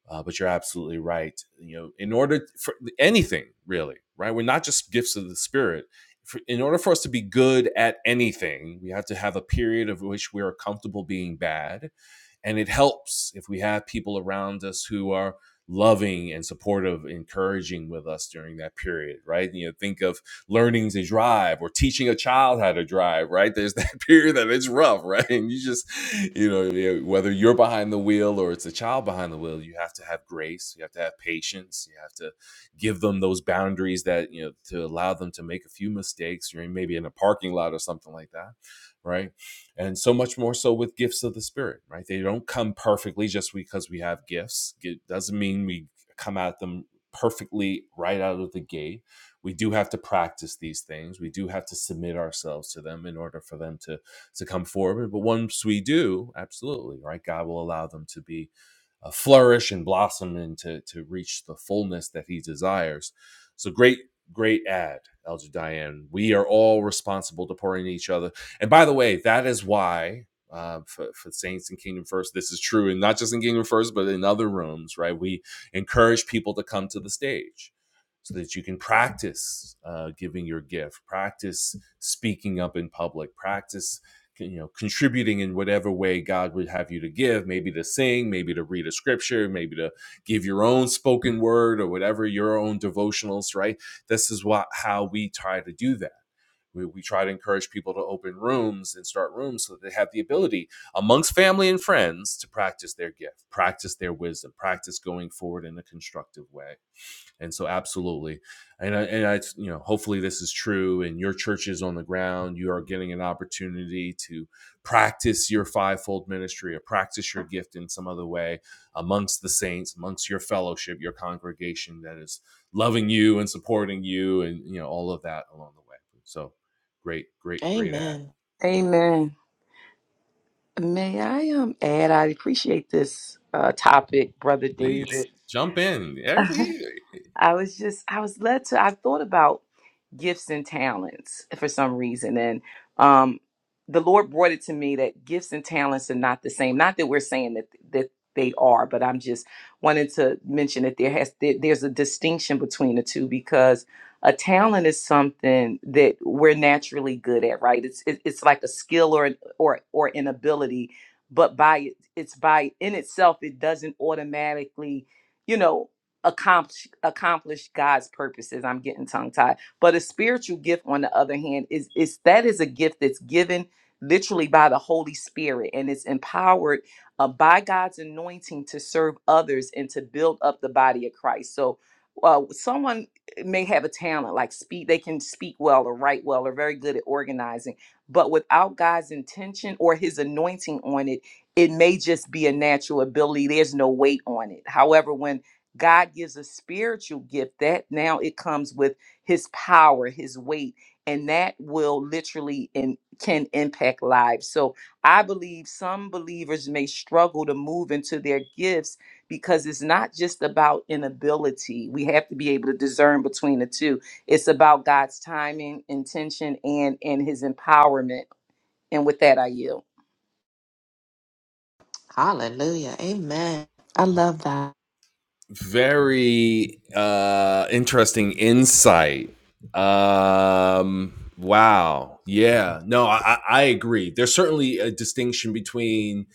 Speaker 1: uh, but you're absolutely right. You know, in order for anything really, right? We're not just gifts of the spirit. For, in order for us to be good at anything, we have to have a period of which we are comfortable being bad, and it helps if we have people around us who are loving and supportive, encouraging with us during that period, right? You know, think of learning to drive or teaching a child how to drive, right? There's that period that it's rough, right? And you just, you know, yeah, whether you're behind the wheel or it's a child behind the wheel, you have to have grace, you have to have patience, you have to give them those boundaries that, you know, to allow them to make a few mistakes. You're maybe in a parking lot or something like that, right? and so much more so with gifts of the spirit right they don't come perfectly just because we have gifts it doesn't mean we come at them perfectly right out of the gate we do have to practice these things. We do have to submit ourselves to them in order for them to to come forward. But once we do, absolutely, right? God will allow them to be uh, flourish and blossom and to to reach the fullness that He desires. So great, great ad, Elder Diane. We are all responsible to pouring each other. And by the way, that is why. Uh, for, for saints in kingdom first this is true and not just in kingdom first but in other rooms right we encourage people to come to the stage so that you can practice uh, giving your gift, practice speaking up in public, practice you know contributing in whatever way God would have you to give, maybe to sing, maybe to read a scripture, maybe to give your own spoken word or whatever your own devotionals. Right, this is what how we try to do that. We, we try to encourage people to open rooms and start rooms so that they have the ability amongst family and friends to practice their gift, practice their wisdom, practice going forward in a constructive way and so, absolutely, and I, and I, you know, hopefully this is true. And your church is on the ground. You are getting an opportunity to practice your fivefold ministry, or practice your gift in some other way amongst the saints, amongst your fellowship, your congregation that is loving you and supporting you, and you know all of that along the way. So, great, great, great ad.
Speaker 4: Amen.
Speaker 6: Amen. May I um add? I appreciate this uh, topic, Brother
Speaker 1: Please
Speaker 6: David.
Speaker 1: jump in, everybody.
Speaker 6: I was just I was led to I thought about gifts and talents for some reason and um the Lord brought it to me that gifts and talents are not the same. Not that we're saying that that they are, but I'm just wanting to mention that there has there, there's a distinction between the two because a talent is something that we're naturally good at, right? It's it, it's like a skill or an, or or an ability, but by it's by in itself it doesn't automatically you know accomplish accomplish God's purposes. I'm getting tongue tied. But a spiritual gift, on the other hand, is is that is a gift that's given literally by the Holy Spirit and it's empowered uh, by God's anointing to serve others and to build up the body of Christ. So uh, someone may have a talent like speak they can speak well or write well or very good at organizing but without god's intention or his anointing on it it may just be a natural ability there's no weight on it however when God gives a spiritual gift that now it comes with his power, his weight, and that will literally and can impact lives. So I believe some believers may struggle to move into their gifts because it's not just about inability. We have to be able to discern between the two. It's about God's timing, intention, and and his empowerment. And with that, I yield.
Speaker 4: Hallelujah. Amen. I love that.
Speaker 1: very uh interesting insight um wow yeah no i i agree there's certainly a distinction between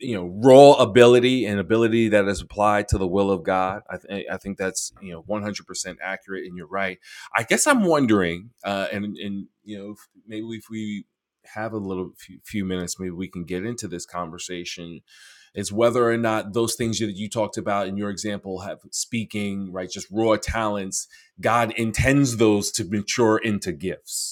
Speaker 1: you know raw ability and ability that is applied to the will of god i, th- I think that's you know 100% accurate and you're right i guess i'm wondering uh and and you know maybe if we have a little few, few minutes maybe we can get into this conversation it's whether or not those things that you talked about in your example have speaking, right? Just raw talents. God intends those to mature into gifts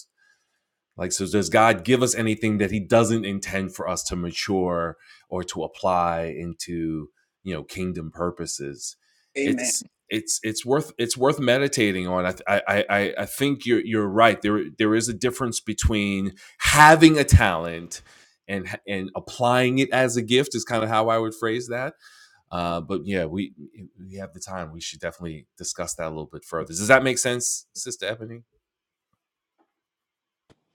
Speaker 1: like, so does God give us anything that He doesn't intend for us to mature or to apply into, you know, kingdom purposes?
Speaker 5: Amen.
Speaker 1: It's it's it's worth it's worth meditating on. I I I, I think you're you're right. There there is a difference between having a talent and and applying it as a gift is kind of how I would phrase that. Uh, but yeah, we we have the time. We should definitely discuss that a little bit further. Does that make sense, Sister Ebony?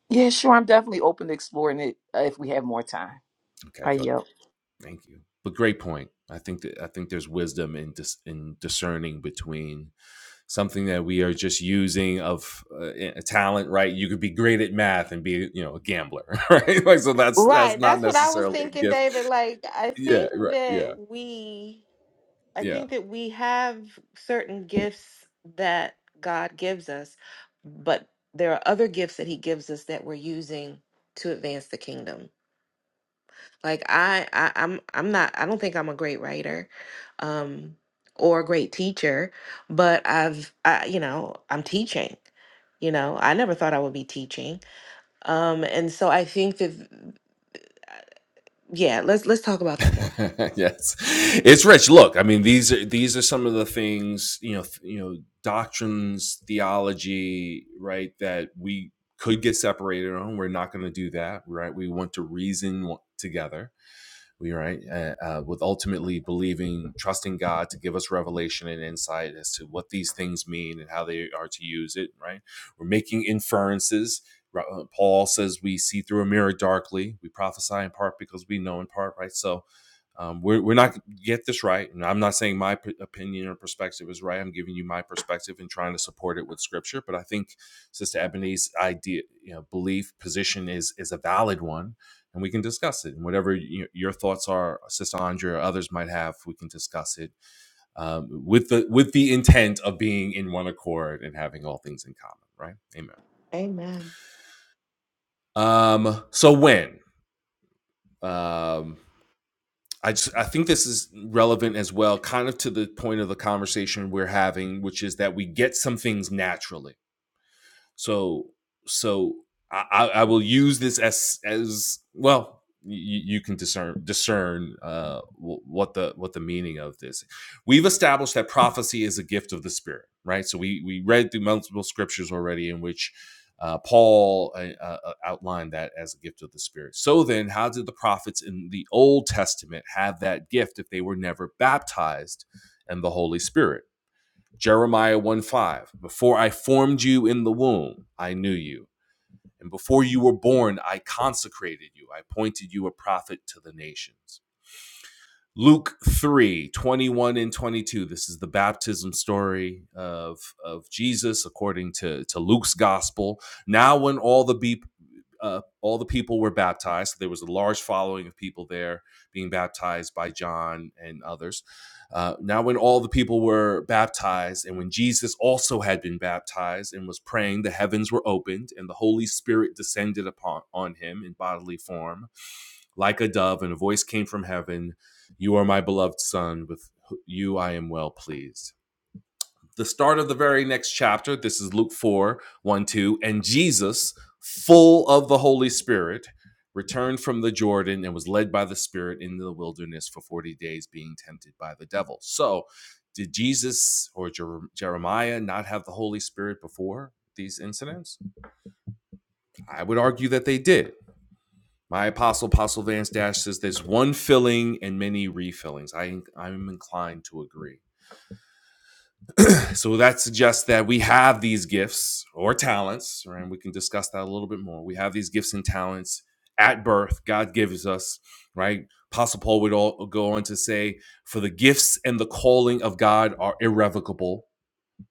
Speaker 6: Yeah, sure. I'm definitely open to exploring it uh, if we have more time.
Speaker 1: Okay,
Speaker 6: I
Speaker 1: good.
Speaker 6: yield.
Speaker 1: Thank you. But great point. I think that I think there's wisdom in dis, in discerning between something that we are just using of uh, a talent, right? You could be great at math and be, you know, a gambler, right? Like so that's that's
Speaker 4: Right.
Speaker 1: not
Speaker 4: That's what I was
Speaker 1: necessarily a
Speaker 4: thinking,
Speaker 1: gift.
Speaker 4: David. Like, I
Speaker 1: Yeah,
Speaker 4: think
Speaker 1: right.
Speaker 4: that
Speaker 1: Yeah.
Speaker 4: we, I
Speaker 1: Yeah.
Speaker 4: think that we have certain gifts that God gives us, but there are other gifts that He gives us that we're using to advance the kingdom. Like I, I I'm I'm not I don't think I'm a great writer um or a great teacher, but I've I you know, I'm teaching. You know, I never thought I would be teaching. Um and so I think that yeah, let's let's talk about that more.
Speaker 1: yes, it's rich. Look, I mean these are these are some of the things you know th- you know doctrines, theology, right? That we could get separated on. We're not going to do that, right? We want to reason w- together we right uh, uh, with ultimately believing trusting god to give us revelation and insight as to what these things mean and how they are to use it right we're making inferences uh, paul says we see through a mirror darkly we prophesy in part because we know in part right so um, we're, we're not get this right and i'm not saying my p- opinion or perspective is right i'm giving you my perspective and trying to support it with scripture but i think sister ebony's idea you know belief position is is a valid one and we can discuss it. And whatever y your thoughts are, Sister Andrea or others might have, we can discuss it um, with the with the intent of being in one accord and having all things in common. Right? Amen.
Speaker 4: Amen.
Speaker 1: Um, so when um, I just I think this is relevant as well, kind of to the point of the conversation we're having, which is that we get some things naturally So so I, I will use this as as well. You, you can discern discern uh, what the what the meaning of this. We've established that prophecy is a gift of the Spirit, right? So we we read through multiple scriptures already in which uh, Paul uh, uh, uh, outlined that as a gift of the Spirit. So then, how did the prophets in the Old Testament have that gift if they were never baptized in the Holy Spirit? Jeremiah 1 5. Before I formed you in the womb, I knew you. And before you were born, I consecrated you. I appointed you a prophet to the nations. Luke 3 21 and 22. This is the baptism story of, of Jesus according to, to Luke's gospel. Now, when all the be- uh, all the people were baptized. so There was a large following of people there being baptized by John and others. Uh, now, when all the people were baptized, and when Jesus also had been baptized and was praying, the heavens were opened, and the Holy Spirit descended upon on him in bodily form, like a dove, and a voice came from heaven, "You are my beloved Son; with you I am well pleased." the start of the very next chapter, this is Luke four one two, and Jesus, full of the Holy Spirit, returned from the Jordan and was led by the Spirit into the wilderness for 40 days, being tempted by the devil. So, did Jesus or Jer- Jeremiah not have the Holy Spirit before these incidents? I would argue that they did. My apostle, Apostle Vance Dash, says there's one filling and many refillings. I, I'm inclined to agree. so that suggests that we have these gifts or talents, right? And we can discuss that a little bit more. We have these gifts and talents at birth. God gives us, right? Apostle Paul would all go on to say, "For the gifts and the calling of God are irrevocable."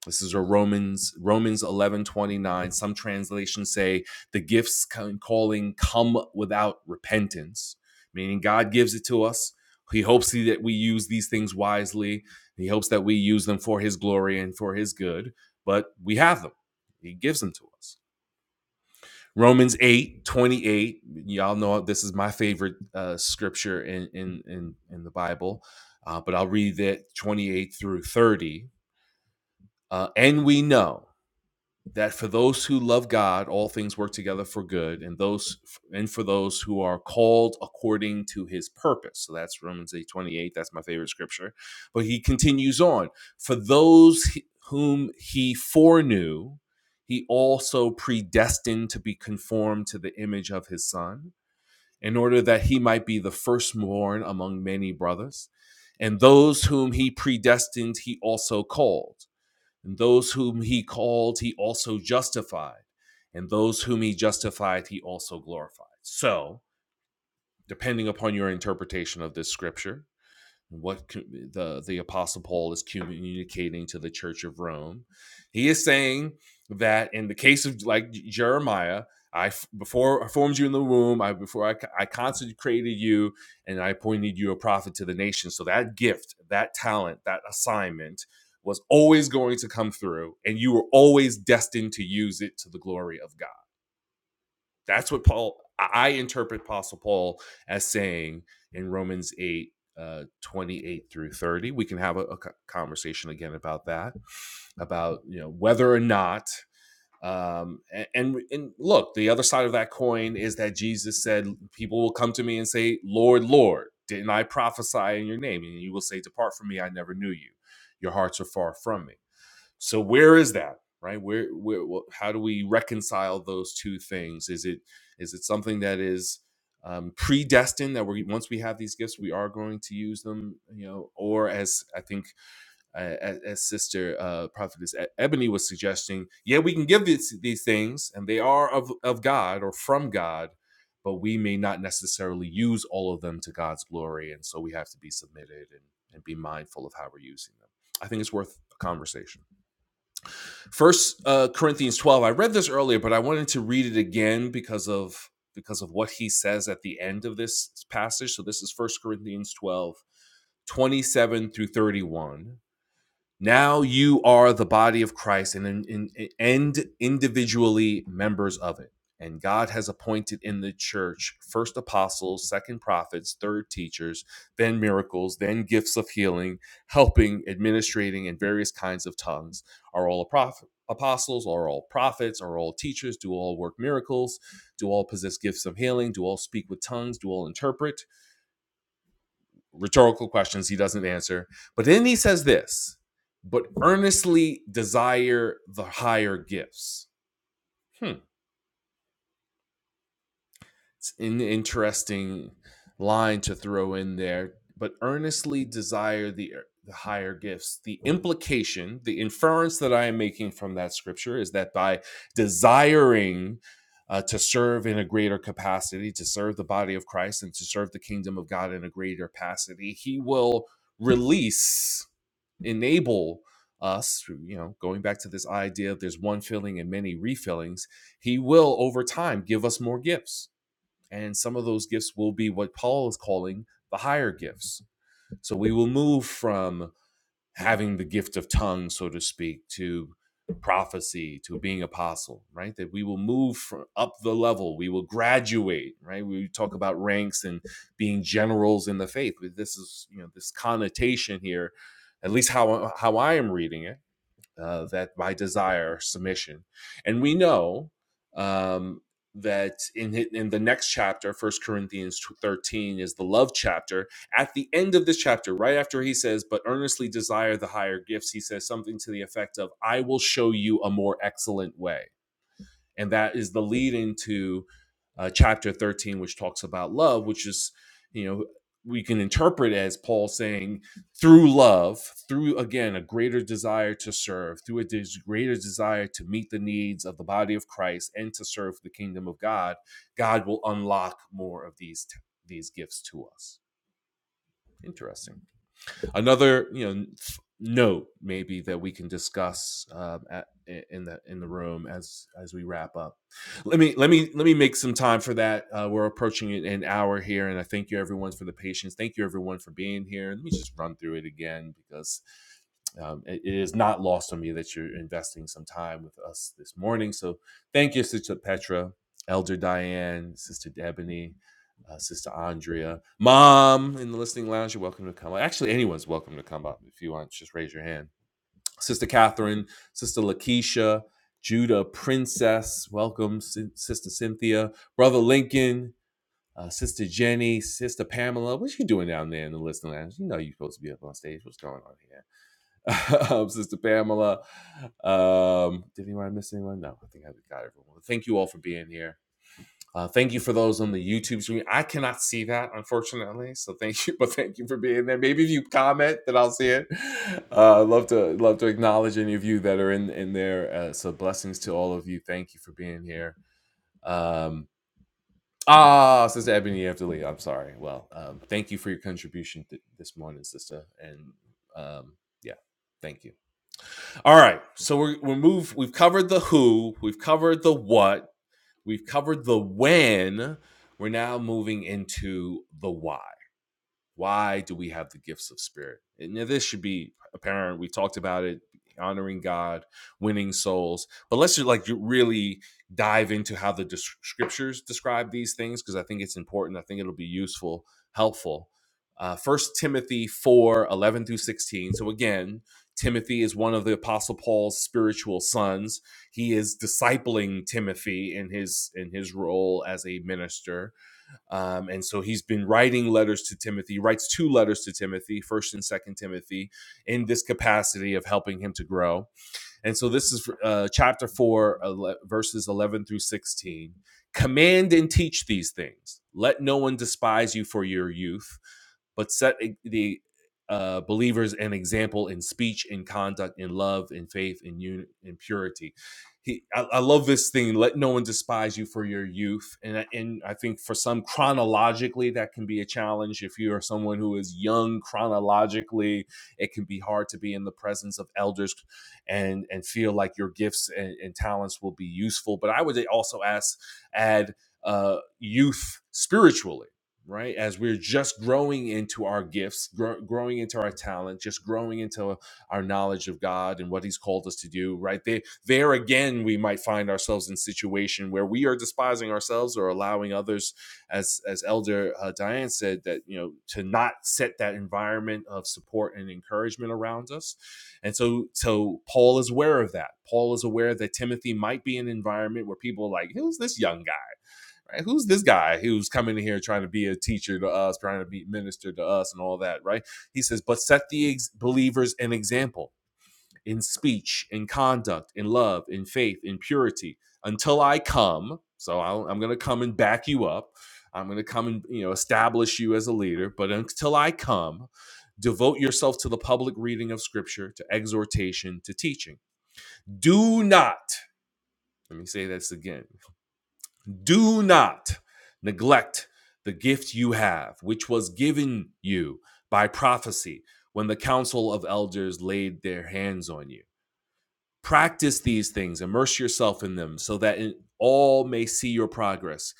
Speaker 1: This is a Romans Romans 11:29 some translations say the gifts calling come without repentance meaning God gives it to us he hopes that we use these things wisely he hopes that we use them for his glory and for his good but we have them he gives them to us Romans eight twenty-eight. y'all know this is my favorite uh, scripture in in in, in the Bible uh, but I'll read that 28 through 30 uh, and we know that for those who love God, all things work together for good, and those and for those who are called according to His purpose. So that's Romans eight twenty eight. That's my favorite scripture. But he continues on for those whom He foreknew, He also predestined to be conformed to the image of His Son, in order that He might be the firstborn among many brothers. And those whom He predestined, He also called. And those whom he called, he also justified. And those whom he justified, he also glorified. So, depending upon your interpretation of this scripture, what the the apostle paul is communicating to the church of rome he is saying that in the case of like jeremiah I before i formed you in the womb i before I I consecrated you and i appointed you a prophet to the nation so that gift that talent that assignment was always going to come through and you were always destined to use it to the glory of god that's what Paul, I interpret Apostle Paul as saying in Romans 8, uh, 28 through 30. We can have a, a conversation again about that, about, you know, whether or not. Um, and, and look, the other side of that coin is that Jesus said, People will come to me and say, Lord, Lord, didn't I prophesy in your name? And you will say, Depart from me, I never knew you. Your hearts are far from me. So where is that? Right? Where where how do we reconcile those two things? Is it is it something that is um, predestined that we once we have these gifts we are going to use them you know or as i think uh, as, as sister uh, prophetess E- ebony was suggesting yeah we can give these, these things and they are of, of god or from god but we may not necessarily use all of them to god's glory and so we have to be submitted and, and be mindful of how we're using them i think it's worth a conversation First uh, Corinthians 12. I read this earlier, but I wanted to read it again because of because of what he says at the end of this passage. So this is First Corinthians 12, 27 through 31. Now you are the body of Christ and, and, and individually members of it. And God has appointed in the church first apostles, second prophets, third teachers, then miracles, then gifts of healing, helping, administrating, and various kinds of tongues. Are all prof- apostles, are all prophets, are all teachers, do all work miracles, do all possess gifts of healing, do all speak with tongues, do all interpret rhetorical questions he doesn't answer. But then he says this, but earnestly desire the higher gifts. Hmm. It's an interesting line to throw in there, but earnestly desire the er, the higher gifts. The implication, the inference that I am making from that scripture is that by desiring uh, to serve in a greater capacity, to serve the body of Christ and to serve the kingdom of God in a greater capacity, he will release enable us you know, going back to this idea of there's one filling and many refillings, he will over time give us more gifts. And some of those gifts will be what Paul is calling the higher gifts. So we will move from having the gift of tongues, so to speak, to prophecy, to being apostle, right? That we will move from up the level, we will graduate, right? We talk about ranks and being generals in the faith. This is, you know, this connotation here, at least how how I am reading it uh, that by desire submission and we know um, that in in the next chapter First Corinthians 13 is the love chapter at the end of this chapter right after he says but earnestly desire the higher gifts he says something to the effect of I will show you a more excellent way and that is the lead into uh, chapter 13 which talks about love which is you know we can interpret as paul saying through love through again a greater desire to serve through a des- greater desire to meet the needs of the body of christ and to serve the kingdom of god god will unlock more of these t- these gifts to us interesting Another, you know, note maybe that we can discuss um, at, in the in the room as as we wrap up. Let me let me let me make some time for that. Uh, we're approaching an an hour here, and I thank you everyone for the patience. Thank you everyone for being here. Let me just run through it again because um, it it is not lost on me that you're investing some time with us this morning. So thank you, Sister Petra, Elder Diane, Sister Ebony, uh, Sister Andrea, Mom in the listening lounge. You're welcome to come up. Actually, anyone's welcome to come up if you want. Just raise your hand. Sister Catherine, Sister Lakeisha, Judah Princess, welcome, Sin- Sister Cynthia, Brother Lincoln, uh, Sister Jenny, Sister Pamela. What you doing down there in the listening lounge? You know you're supposed to be up on stage. What's going on here? um, Sister Pamela. Um, did anyone miss anyone? No, I think I got everyone. Thank you all for being here. Uh, thank you for those on the YouTube stream. I cannot see that, unfortunately. So thank you, but thank you for being there. Maybe if you comment, then I'll see it. Uh, I'd love to love to acknowledge any of you that are in in there. Uh, so blessings to all of you. Thank you for being here. Um, ah, Sister Ebony, you have to leave. I'm sorry. Well, um, thank you for your contribution th- this morning, Sister. And um, yeah, thank you. All right. So we're we're move. We've covered the who. We've covered the what We've covered the when. We're now moving into the why why do we have the gifts of spirit and yeah, this should be apparent we talked about it honoring god winning souls but let's just like really dive into how the scriptures describe these things because i think it's important i think it'll be useful helpful uh, 1 timothy 4 11 through 16 so again timothy is one of the apostle paul's spiritual sons he is discipling timothy in his in his role as a minister um, and so he's been writing letters to Timothy, He writes two letters to Timothy, first and second Timothy, in this capacity of helping him to grow and so this is uh, chapter 4, verses 11 through 16. Command and teach these things. Let no one despise you for your youth, but set e- the uh, believers an example in speech, in conduct, in love, in faith, in, un- in purity. He, I, I love this thing. Let no one despise you for your youth, and I- and I think for some chronologically that can be a challenge. If you are someone who is young chronologically, it can be hard to be in the presence of elders and and feel like your gifts and, and talents will be useful. But I would also ask add uh, youth spiritually right as we're just growing into our gifts gro- growing into our talent just growing into our knowledge of god and what he's called us to do right there there again we might find ourselves in a situation where we are despising ourselves or allowing others as as elder uh, diane said that you know to not set that environment of support and encouragement around us and so, so Paul is aware of that. Paul is aware that Timothy might be in an environment where people are like, who's this young guy? Right? Who's this guy who's coming in here trying to be a teacher to us, trying to be minister to us and all that, right? He says, but set the ex- believers an example in speech, in conduct, in love, in faith, in purity, until I come. So I'll, I'm going to come and back you up. I'm going to come and you know establish you as a leader. But until I come, devote yourself to the public reading of Scripture, to exhortation, to teaching. Do not. Let me say this again. Do not neglect the gift you have, which was given you by prophecy when the council of elders laid their hands on you. Practice these things, immerse yourself in them so that all may see your progress.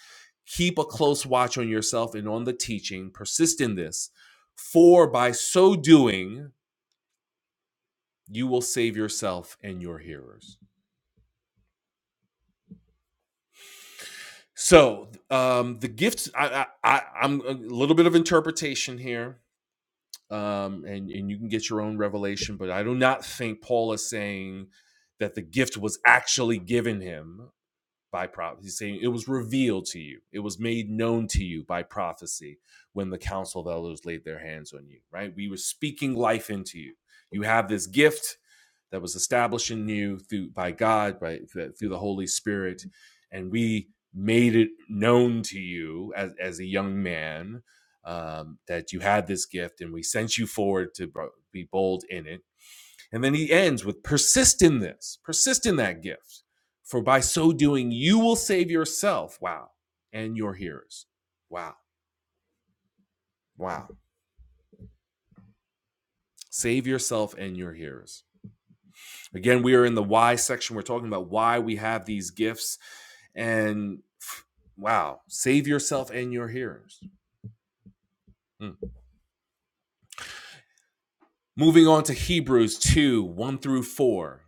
Speaker 1: Keep a close watch on yourself and on the teaching. Persist in this, for by so doing, you will save yourself and your hearers. So, um, the gifts, I, I, I, I'm a little bit of interpretation here, um, and, and you can get your own revelation, but I do not think Paul is saying that the gift was actually given him by prophecy. He's saying it was revealed to you, it was made known to you by prophecy when the council of elders laid their hands on you, right? We were speaking life into you. You have this gift that was established in you through by God, by through the Holy Spirit, and we made it known to you as, as a young man um, that you had this gift, and we sent you forward to be bold in it and then he ends with persist in this, persist in that gift, for by so doing, you will save yourself. Wow. And your hearers. Wow. Wow. Save yourself and your hearers. Again, we are in the why section. We're talking about why we have these gifts. And wow, save yourself and your hearers. Mm. Moving on to Hebrews 2 1 through 4.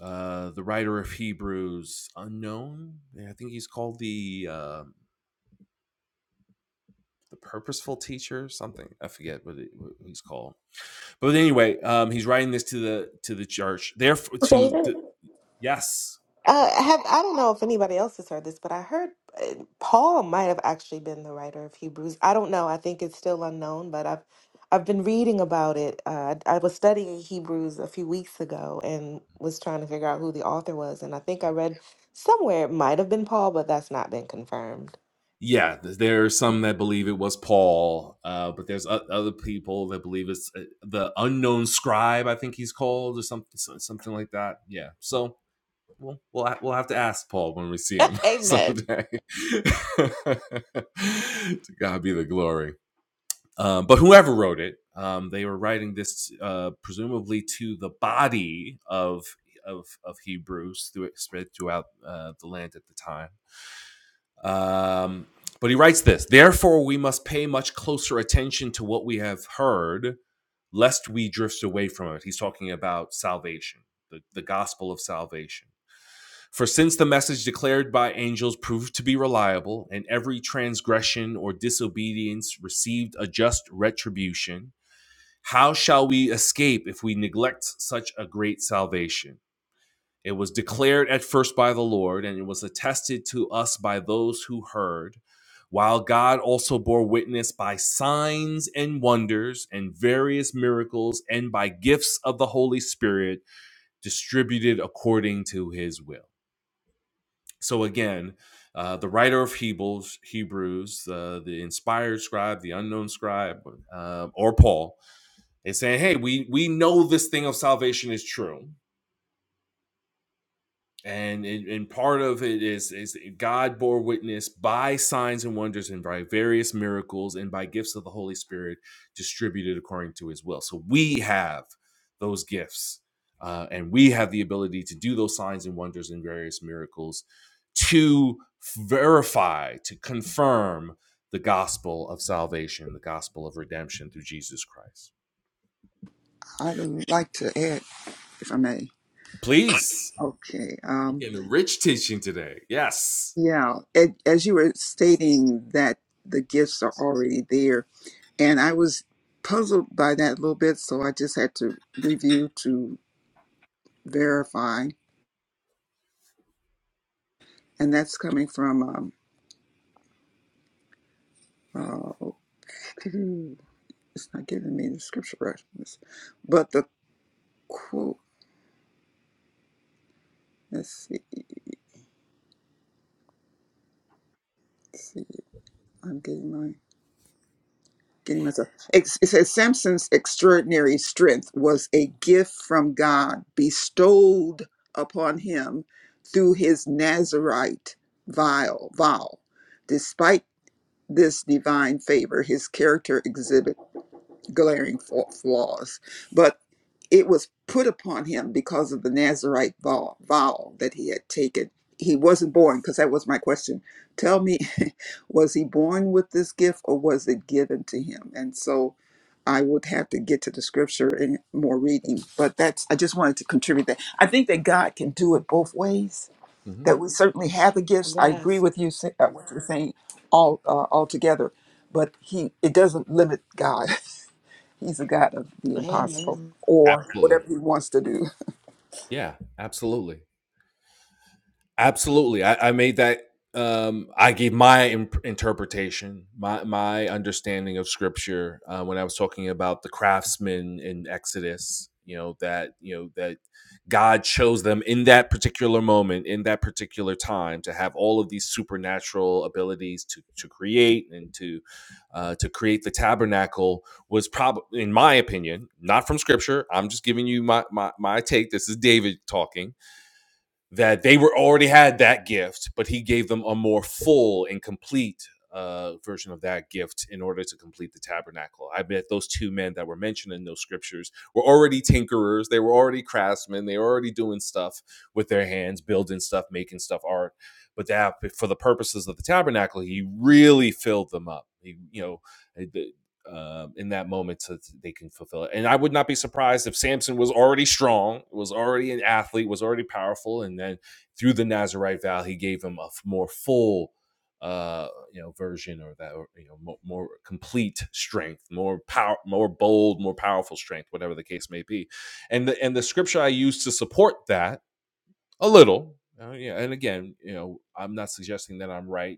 Speaker 1: Uh, the writer of Hebrews, unknown. I think he's called the uh, the purposeful teacher something i forget what, it, what he's called but anyway um he's writing this to the to the church therefore to,
Speaker 4: David?
Speaker 1: to yes
Speaker 4: Uh, I have I don't know if anybody else has heard this, but I heard uh, Paul might have actually been the writer of Hebrews. I don't know. I think it's still unknown, but I've I've been reading about it. Uh, I was studying Hebrews a few weeks ago and was trying to figure out who the author was, and I think I read somewhere it might have been Paul, but that's not been confirmed.
Speaker 1: yeah there are some that believe it was paul uh but there's o- other people that believe it's uh, the unknown scribe i think he's called or something so, something like that yeah so we'll we'll, we'll have to ask paul when we see him
Speaker 4: Amen.
Speaker 1: someday to god be the glory Um, but whoever wrote it, um, they were writing this uh, presumably to the body of of, of Hebrews through, spread throughout uh, the land at the time. Um, but he writes this: Therefore, we must pay much closer attention to what we have heard, lest we drift away from it. He's talking about salvation, the, the gospel of salvation. For since the message declared by angels proved to be reliable, and every transgression or disobedience received a just retribution, how shall we escape if we neglect such a great salvation? It was declared at first by the Lord, and it was attested to us by those who heard, while God also bore witness by signs and wonders and various miracles and by gifts of the Holy Spirit distributed according to his will. So again, uh, the writer of Hebrews, Hebrews, uh, the inspired scribe, the unknown scribe, uh, or Paul, it's saying, hey, we we know this thing of salvation is true. And, and and part of it is is God bore witness by signs and wonders and by various miracles and by gifts of the Holy Spirit distributed according to His will. So we have those gifts, uh, and we have the ability to do those signs and wonders and various miracles to verify, to confirm the gospel of salvation, the gospel of redemption through Jesus Christ.
Speaker 5: I'd like to add, if I may.
Speaker 1: Please
Speaker 5: Okay. Um,
Speaker 1: enrich teaching today. Yes.
Speaker 5: yeah. a- As you were stating that the gifts are already there, and I was puzzled by that a little bit, so I just had to review to verify, and that's coming from. Um, uh, it's not giving me the scripture reference, but the quote. Let's see. Let's see. I'm getting my. getting myself. Ex- It says Samson's extraordinary strength was a gift from God bestowed upon him through his Nazarite vow. vow. Despite this divine favor, his character exhibited glaring fa- flaws, but it was put upon him because of the Nazarite vow, vow that he had taken. He wasn't born, because that was my question. Tell me, was he born with this gift or was it given to him? And so I would have to get to the scripture and more reading, but that's, I just wanted to contribute that. I think that God can do it both ways,
Speaker 1: Mhm.
Speaker 5: that we certainly have the gifts. I agree
Speaker 4: Yes.
Speaker 5: with you, sa- uh, what you're saying all, uh, altogether, but he, it doesn't limit God. He's a God of the impossible
Speaker 4: Amen.
Speaker 5: or whatever
Speaker 1: Absolutely.
Speaker 5: He wants to do.
Speaker 1: Yeah, absolutely. Absolutely. I, I made that. Um, I gave my imp- interpretation, my my understanding of scripture uh, when I was talking about the craftsmen in Exodus. You know that you know that God chose them in that particular moment, in that particular time, to have all of these supernatural abilities to to create and to uh, to create the tabernacle was probably, in my opinion, not from scripture. I'm just giving you my my, my take. This is David talking that they were already had that gift, but he gave them a more full and complete uh, version of that gift in order to complete the tabernacle. I bet those two men that were mentioned in those scriptures were already tinkerers. They were already craftsmen. They were already doing stuff with their hands, building stuff, making stuff, art. But that, for the purposes of the tabernacle, he really filled them up. He, you know, uh, in that moment so that they can fulfill it. And I would not be surprised if Samson was already strong, was already an athlete, was already powerful, and then through the Nazarite vow, he gave him a more full, uh, you know, version or that or, you know more, more complete strength, more power, more bold, more powerful strength, whatever the case may be. And the and the scripture I use to support that a little. uh, yeah, and again, you know, I'm not suggesting that I'm right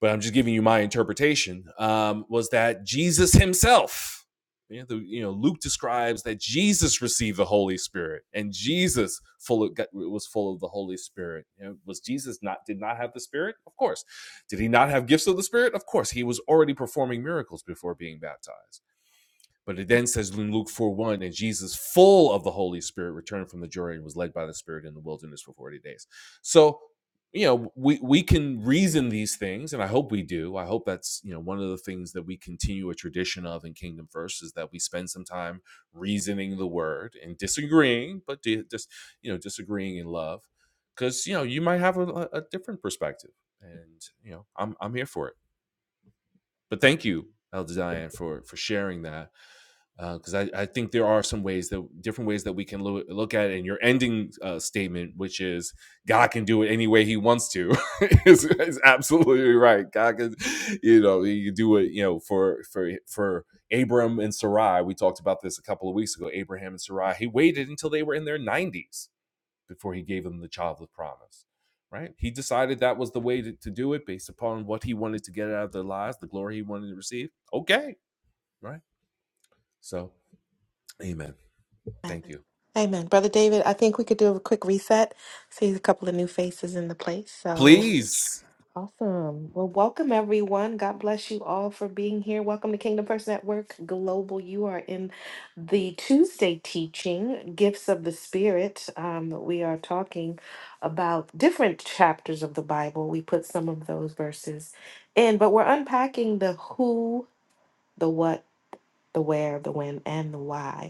Speaker 1: but I'm just giving you my interpretation, um, was that Jesus himself, you know, the, you know, Luke describes that Jesus received the Holy Spirit and Jesus full of, was full of the Holy Spirit. You know, was Jesus not, did not have the Spirit? Of course. Did he not have gifts of the Spirit? Of course. He was already performing miracles before being baptized but it then says in Luke 4 1, and Jesus, full of the Holy Spirit, returned from the Jordan, and was led by the Spirit in the wilderness for 40 days. So, you know, we, we can reason these things, and I hope we do. I hope that's, you know, one of the things that we continue a tradition of in Kingdom First is that we spend some time reasoning the word and disagreeing, but just, you know, disagreeing in love. Because, you know, you might have a, a different perspective. And, you know, I'm, I'm here for it. But thank you, Elder Diane, for, for sharing that because uh, I, I think there are some ways that different ways that we can loo- look at it. And your ending uh, statement, which is God can do it any way He wants to, is, is absolutely right. God can, you know, you do it. You know, for for for Abram and Sarai, we talked about this a couple of weeks ago. Abraham and Sarai, he waited until they were in their nineties before he gave them the child of promise. Right? He decided that was the way to, to do it based upon what he wanted to get out of their lives, the glory he wanted to receive. Okay, right? So, Amen.
Speaker 4: Amen.
Speaker 1: Thank you.
Speaker 4: Amen. Brother David, I think we could do a quick reset. See a couple of new faces in the place. so.
Speaker 1: Please.
Speaker 4: Awesome. Well, welcome everyone. God bless you all for being here. Welcome to Kingdom Person at Work Global. You are in the Tuesday teaching, Gifts of the Spirit. Um, we are talking about different chapters of the Bible. We put some of those verses in, but we're unpacking the who, the what, the where, the when, and the why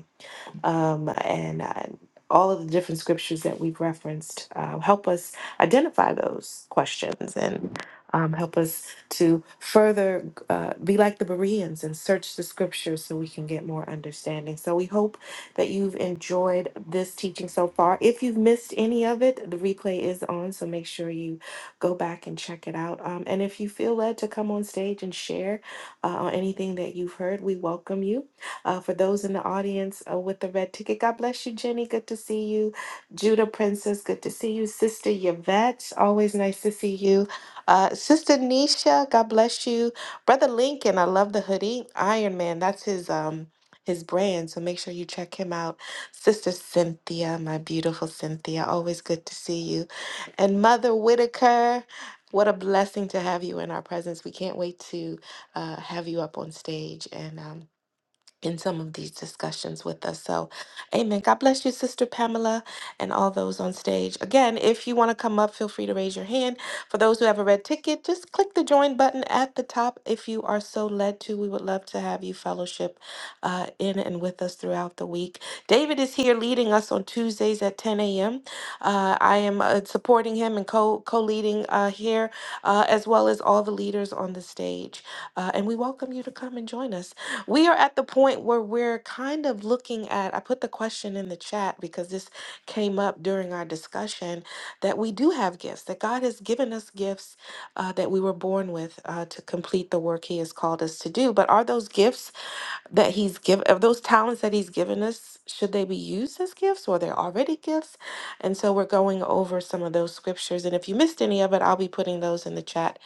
Speaker 4: um, and uh, all of the different scriptures that we've referenced uh, help us identify those questions and um, help us to further uh, be like the Bereans and search the scriptures so we can get more understanding. So we hope that you've enjoyed this teaching so far. If you've missed any of it, the replay is on, so make sure you go back and check it out. Um, and if you feel led to come on stage and share uh, on anything that you've heard, we welcome you. Uh, for those in the audience uh, with the red ticket, God bless you, Jenny. Good to see you. Judah Princess, good to see you. Sister Yvette, always nice to see you. Uh, Sister Nisha, God bless you. Brother Lincoln, I love the hoodie. Iron Man, that's his um his brand. So make sure you check him out. Sister Cynthia, my beautiful Cynthia, always good to see you. And Mother Whitaker, what a blessing to have you in our presence. We can't wait to uh, have you up on stage and um, in some of these discussions with us. So, amen. God bless you, Sister Pamela, and all those on stage. Again, if you want to come up, feel free to raise your hand. For those who have a red ticket, just click the join button at the top if you are so led to. We would love to have you fellowship uh, in and with us throughout the week. David is here leading us on Tuesdays at 10 a.m. Uh, I am uh, supporting him and co co leading uh, here, uh, as well as all the leaders on the stage. Uh, and we welcome you to come and join us we are at the point where we're kind of looking at, I put the question in the chat because this came up during our discussion that we do have gifts, that God has given us gifts uh, that we were born with uh, to complete the work He has called us to do. But are those gifts? that he's given of those talents that he's given us should they be used as gifts or they're already gifts and so we're going over some of those scriptures and if you missed any of it i'll be putting those in the chat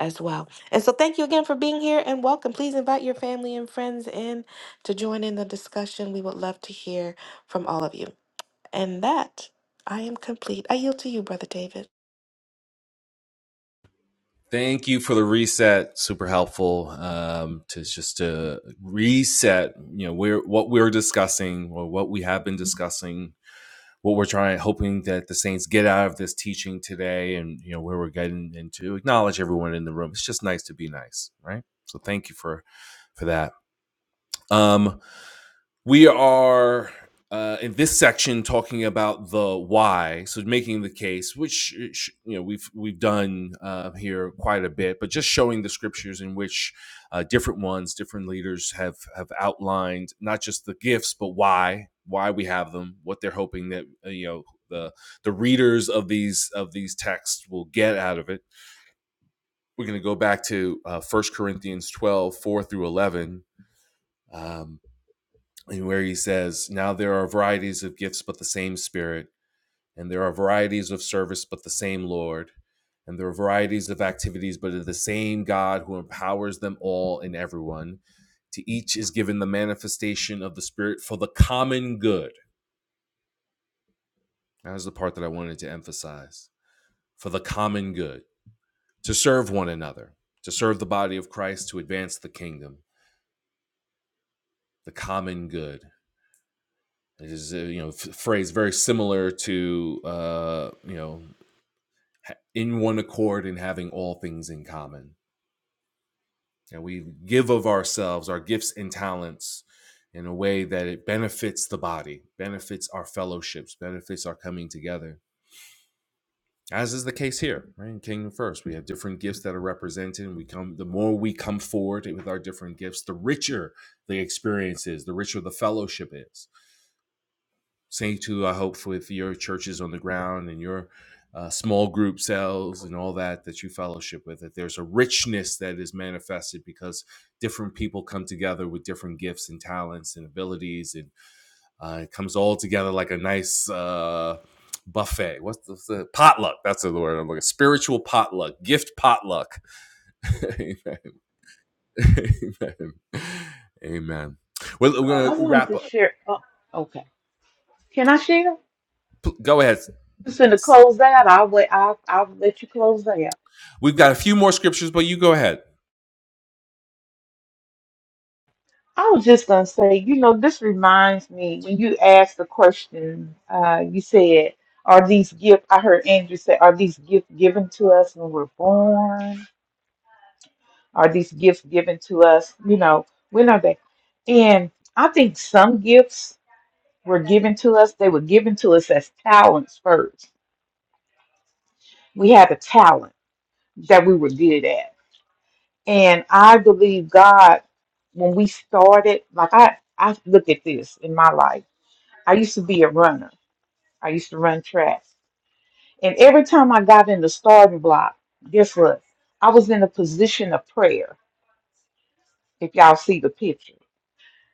Speaker 4: as well and so thank you again for being here and welcome please invite your family and friends in to join in the discussion we would love to hear from all of you and that i am complete i yield to you brother david
Speaker 1: Thank you for the reset. Super helpful um, to just to reset. You know, we're what we're discussing or what we have been discussing. What we're trying, hoping that the saints get out of this teaching today, and you know where we're getting into. Acknowledge everyone in the room. It's just nice to be nice, right? So thank you for for that. Um, we are uh, in this section talking about the why, so making the case, which you know we've we've done uh, here quite a bit, but just showing the scriptures in which uh, different ones, different leaders have have outlined not just the gifts, but why why we have them, what they're hoping that uh, you know the the readers of these of these texts will get out of it. We're going to go back to uh, 1 Corinthians 12 4 through 11, um, and where he says, Now there are varieties of gifts, but the same Spirit, and there are varieties of service, but the same Lord, and there are varieties of activities, but of the same God who empowers them all and everyone. To each is given the manifestation of the Spirit for the common good. That is the part that I wanted to emphasize for the common good, to serve one another, to serve the body of Christ, to advance the kingdom, the common good. It is a you know f- phrase very similar to uh, you know in one accord and having all things in common. And we give of ourselves, our gifts and talents in a way that it benefits the body, benefits our fellowships, benefits our coming together. As is the case here, right? In Kingdom First, we have different gifts that are represented, and we come the more we come forward with our different gifts, the richer the experience is, the richer the fellowship is. Same too, I hope, with your churches on the ground and your uh, small group cells and all that that you fellowship with, that there's a richness that is manifested because different people come together with different gifts and talents and abilities, and uh, it comes all together like a nice uh, buffet. What's the, the potluck? That's the word I'm looking. Spiritual potluck, gift potluck. Amen. Amen. Amen.
Speaker 7: Mr.
Speaker 1: Well,
Speaker 7: Carter. I
Speaker 1: we're
Speaker 7: Carson.
Speaker 1: gonna
Speaker 7: wanted
Speaker 1: wrap
Speaker 7: to
Speaker 1: up.
Speaker 7: share. Oh, okay. Can I share?
Speaker 1: P- Go ahead.
Speaker 7: Just going to
Speaker 1: Yes,
Speaker 7: close that. I'll wait. I'll, I'll let you close that. out.
Speaker 1: we've got a few more scriptures, but you go ahead.
Speaker 7: I was just going to say, you know, this reminds me when you asked the question, uh, you said, are these gifts, I heard Andrew say, are these gifts given to us when we're born? Are these gifts given to us, you know, when are they? And I think some gifts were given to us, they were given to us as talents first. We had a talent that we were good at And I believe God, when we started, like I, I look at this in my life. I used to be a runner. I used to run track. And every time I got in the starting block, guess what? I was in a position of prayer. If y'all see the picture,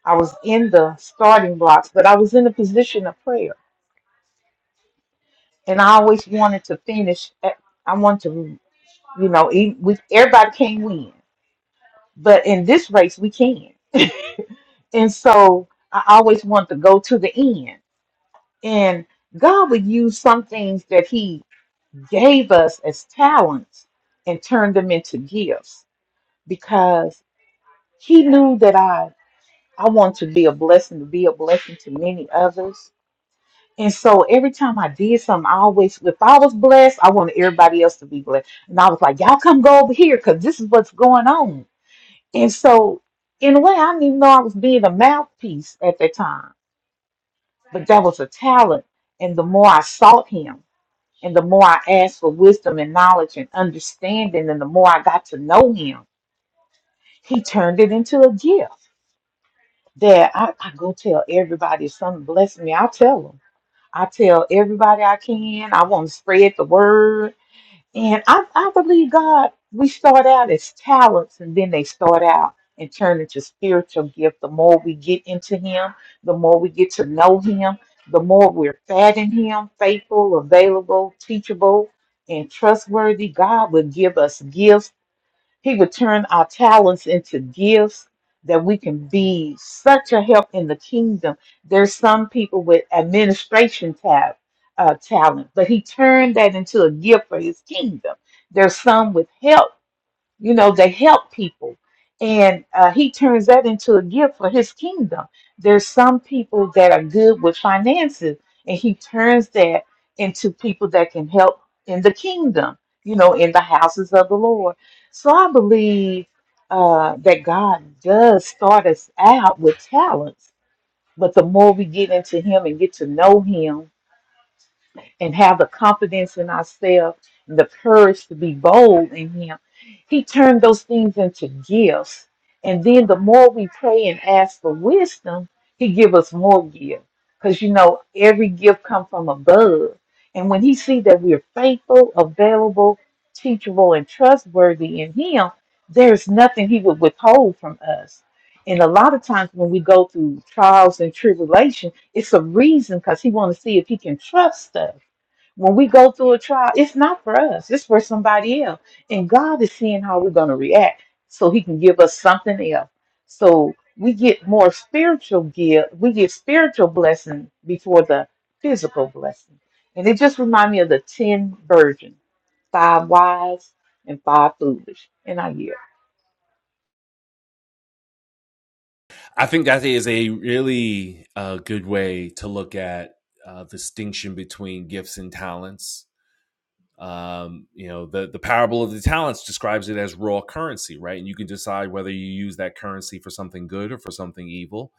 Speaker 7: I was in the starting blocks, but I was in a position of prayer. And I always wanted to finish. At, I wanted to, you know, e- we, everybody can't win. But in this race, we can. And so I always wanted to go to the end. And God would use some things that He gave us as talents and turn them into gifts because He knew that I I want to be a blessing to be a blessing to many others. And so every time I did something, I always, if I was blessed, I wanted everybody else to be blessed. And I was like, y'all come go over here because this is what's going on. And so, in a way, I didn't even know I was being a mouthpiece at that time, but that was a talent. And the more I sought Him, And the more I asked for wisdom and knowledge and understanding, and the more I got to know him, he turned it into a gift that I, I go tell everybody. If something blesses me, I tell them. I tell everybody I can. I want to spread the word. And I, I believe God, we start out as talents and then they start out and turn into spiritual gift. The more we get into Him, the more we get to know Him, the more we're fed in Him, faithful, available, teachable, and trustworthy. God will give us gifts he would turn our talents into gifts that we can be such a help in the kingdom. There's some people with administration tab, uh, talent, but he turned that into a gift for his kingdom. There's some with help you know they help people and uh, he turns that into a gift for his kingdom there's some people that are good with finances and he turns that into people that can help in the kingdom you know in the houses of the lord so i believe uh, that god does start us out with talents but the more we get into him and get to know him and have the confidence in ourselves and the courage to be bold in Him, He turned those things into gifts. And then the more we pray and ask for wisdom, He give us more gifts. Because you know, every gift comes from above. And when He see that we're faithful, available, teachable, and trustworthy in Him, there's nothing He would withhold from us. And a lot of times when we go through trials and tribulation, it's a reason because He want to see if He can trust us when we go through a trial, it's not for us, it's for somebody else. And God is seeing how we're going to react so He can give us something else. So we get more spiritual gift, we get spiritual blessing before the physical blessing. And it just reminds me of the 10 virgins five wise and five foolish. And I yield.
Speaker 1: I think that is a really uh, good way to look at uh, the distinction between gifts and talents. Um, you know, the the parable of the talents describes it as raw currency, right? And you can decide whether you use that currency for something good or for something evil,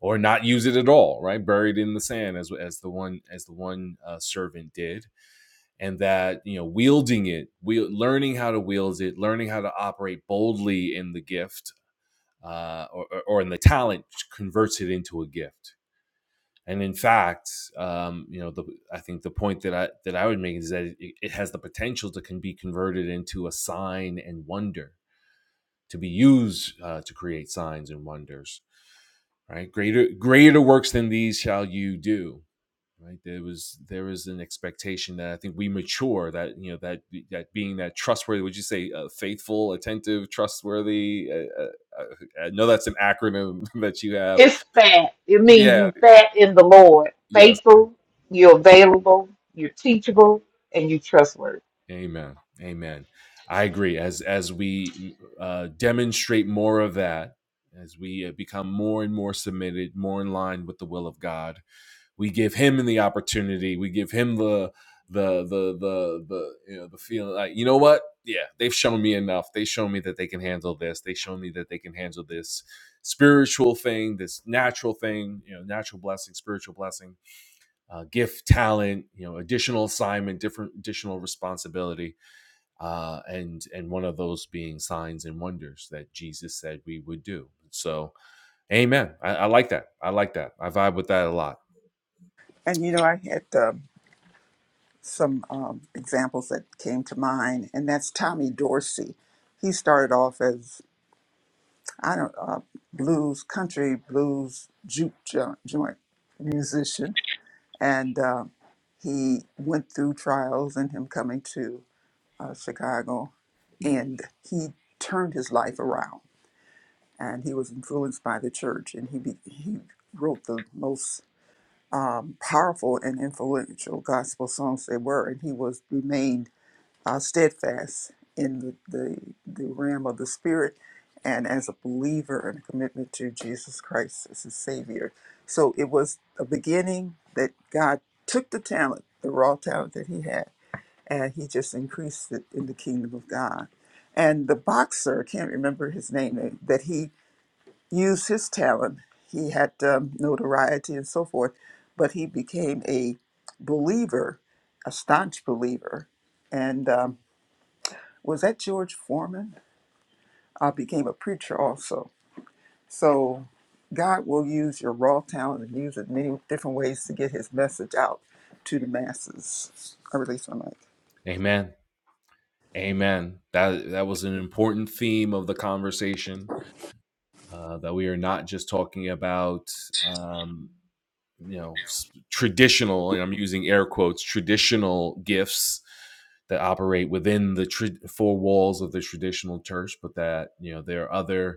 Speaker 1: or not use it at all, right? Buried in the sand, as as the one as the one uh, servant did, and that you know, wielding it, wield, learning how to wield it, learning how to operate boldly in the gift uh, or, or, or in the talent converts it into a gift. And in fact, um, you know, the, I think the point that I that I would make is that it, it has the potential to can be converted into a sign and wonder to be used uh, to create signs and wonders. Right, greater greater works than these shall you do. Right, there was there is an expectation that I think we mature that you know that that being that trustworthy. Would you say uh, faithful, attentive, trustworthy? Uh, uh, uh, I know that's an acronym that you have
Speaker 7: It's fat. It means
Speaker 1: Yeah.
Speaker 7: you fat in the Lord,
Speaker 1: Yes.
Speaker 7: faithful, you're available, you're teachable, and you're trustworthy.
Speaker 1: Amen. Amen. I agree. As as we uh, demonstrate more of that, as we uh, become more and more submitted, more in line with the will of God, we give Him the opportunity. We give Him the the the the the you know the feeling like you know what yeah they've shown me enough they shown me that they can handle this they shown me that they can handle this spiritual thing this natural thing you know natural blessing spiritual blessing uh, gift, talent, you know, additional assignment, different additional responsibility, uh, and and one of those being signs and wonders that Jesus said we would do. So, Amen. I, I like that. I like that. I vibe with that a lot.
Speaker 5: And you know, I had um, some um, examples that came to mind, and that's Tommy Dorsey. He started off as, I don't uh, blues, country blues juke jo- joint musician. And uh, he went through trials and him coming to uh, Chicago, and he turned his life around. And he was influenced by the church, and he be- he wrote the most um, powerful and influential gospel songs they were, and he was remained uh, steadfast in the, the the realm of the spirit, and as a believer and a commitment to Jesus Christ as his Savior. So it was a beginning that God took the talent, the raw talent that he had, and he just increased it in the kingdom of God. And the boxer, I can't remember his name, eh, that he used his talent. He had um, notoriety and so forth, but he became a believer, a staunch believer, and um, was that George Foreman? Uh, became a preacher also. So God will use your raw talent and use it in many different ways to get His message out to the masses. I release my mic.
Speaker 1: Amen. Amen. That that was an important theme of the conversation uh, that we are not just talking about um, you know traditional and i'm using air quotes traditional gifts that operate within the tra- four walls of the traditional church but that you know there are other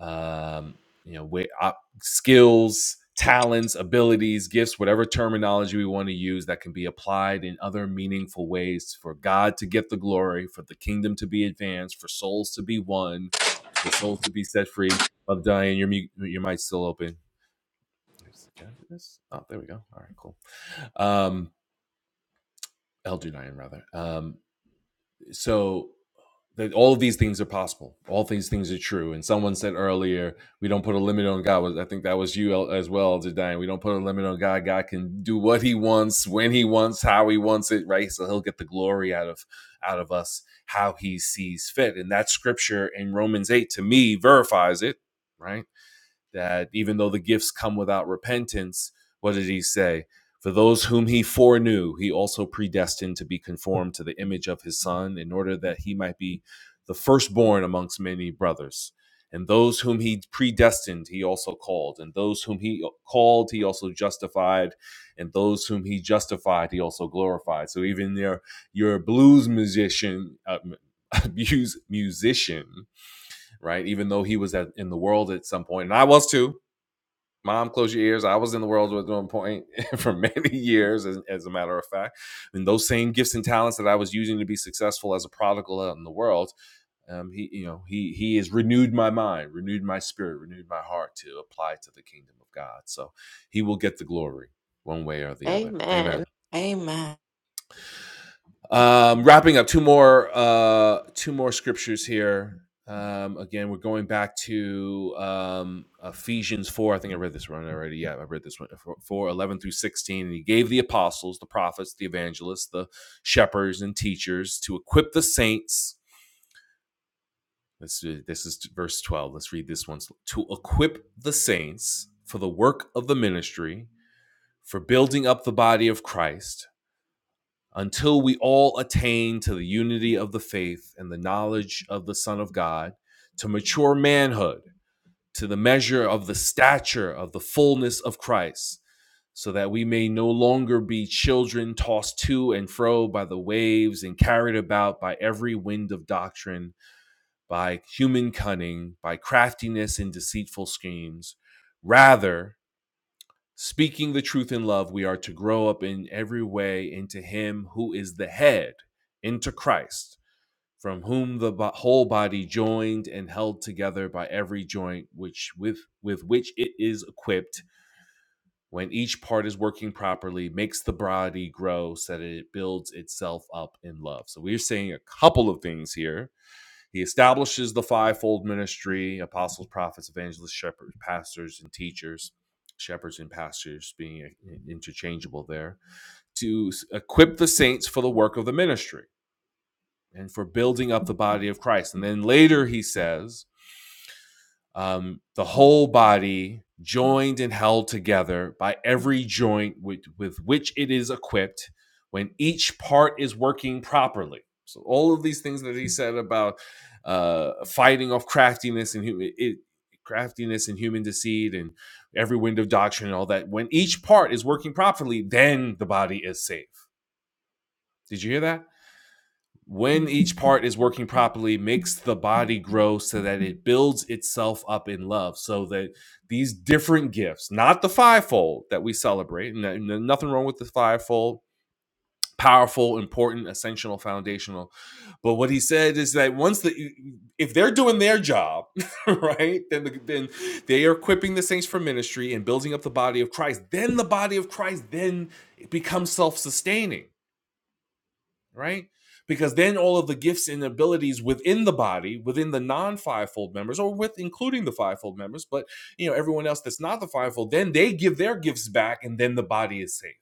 Speaker 1: um, you know, where, uh, skills, talents, abilities, gifts, whatever terminology we want to use that can be applied in other meaningful ways for God to get the glory, for the kingdom to be advanced, for souls to be won, the souls to be set free. Love Diane, your mu- your mic's still open. Can I do this? Oh, there we go. All right, cool. Um, Elder Diane, rather. Um, so that all of these things are possible. All these things are true. And someone said earlier, we don't put a limit on God. Well, I think that was you as well, Jadine. We don't put a limit on God. God can do what He wants, when He wants, how He wants it, right? So He'll get the glory out of out of us, how He sees fit. And that scripture in Romans eight to me verifies it, right? that even though the gifts come without repentance, what did he say? For those whom he foreknew, he also predestined to be conformed to the image of his son, in order that he might be the firstborn amongst many brothers. And those whom he predestined, he also called. And those whom he called, he also justified. And those whom he justified, he also glorified. So even your your blues musician, uh, musician, right? Even though he was at, in the world at some point, and I was too, Mom, close your ears. I was in the world with one point for many years, as, as a matter of fact. And those same gifts and talents that I was using to be successful as a prodigal out in the world, um, he, you know, he he has renewed my mind, renewed my spirit, renewed my heart to apply to the kingdom of God. So he will get the glory one way or the other.
Speaker 4: amen
Speaker 1: Amen.
Speaker 4: amen
Speaker 1: Um, wrapping up two more uh, two more scriptures here. Um, again, we're going back to um, Ephesians four. I think I read this one already. Yeah, I read this one 4 eleven through sixteen. And he gave the apostles, the prophets, the evangelists, the shepherds, and teachers to equip the saints. This this is verse twelve. Let's read this one to equip the saints for the work of the ministry, for building up the body of Christ until we all attain to the unity of the faith and the knowledge of the Son of God, to mature manhood, to the measure of the stature of the fullness of Christ, so that we may no longer be children tossed to and fro by the waves and carried about by every wind of doctrine, by human cunning, by craftiness and deceitful schemes. Rather, Speaking the truth in love, we are to grow up in every way into Him who is the head, into Christ, from whom the bo- whole body joined and held together by every joint which with, with which it is equipped, when each part is working properly, makes the body grow so that it builds itself up in love. So we're saying a couple of things here he establishes the fivefold ministry apostles, prophets, evangelists, shepherds, pastors, and teachers. Shepherds and pastors being interchangeable there to equip the saints for the work of the ministry and for building up the body of Christ. And then later he says, um, the whole body joined and held together by every joint with, with which it is equipped when each part is working properly. So all of these things that he said about uh, fighting off craftiness and hu- it, craftiness and human deceit and every wind of doctrine and all that. When each part is working properly, then the body is safe. Did you hear that? when each part is working properly makes the body grow so that it builds itself up in love so that these different gifts not the fivefold that we celebrate and nothing wrong with the fivefold powerful important essential foundational but what he said is that once the if they're doing their job right then the, then they are equipping the saints for ministry and building up the body of christ then the body of christ then it becomes self-sustaining right? Because then all of the gifts and abilities within the body, within the non-fivefold members, or with including the fivefold members, but you know, everyone else that's not the fivefold, then they give their gifts back and then the body is safe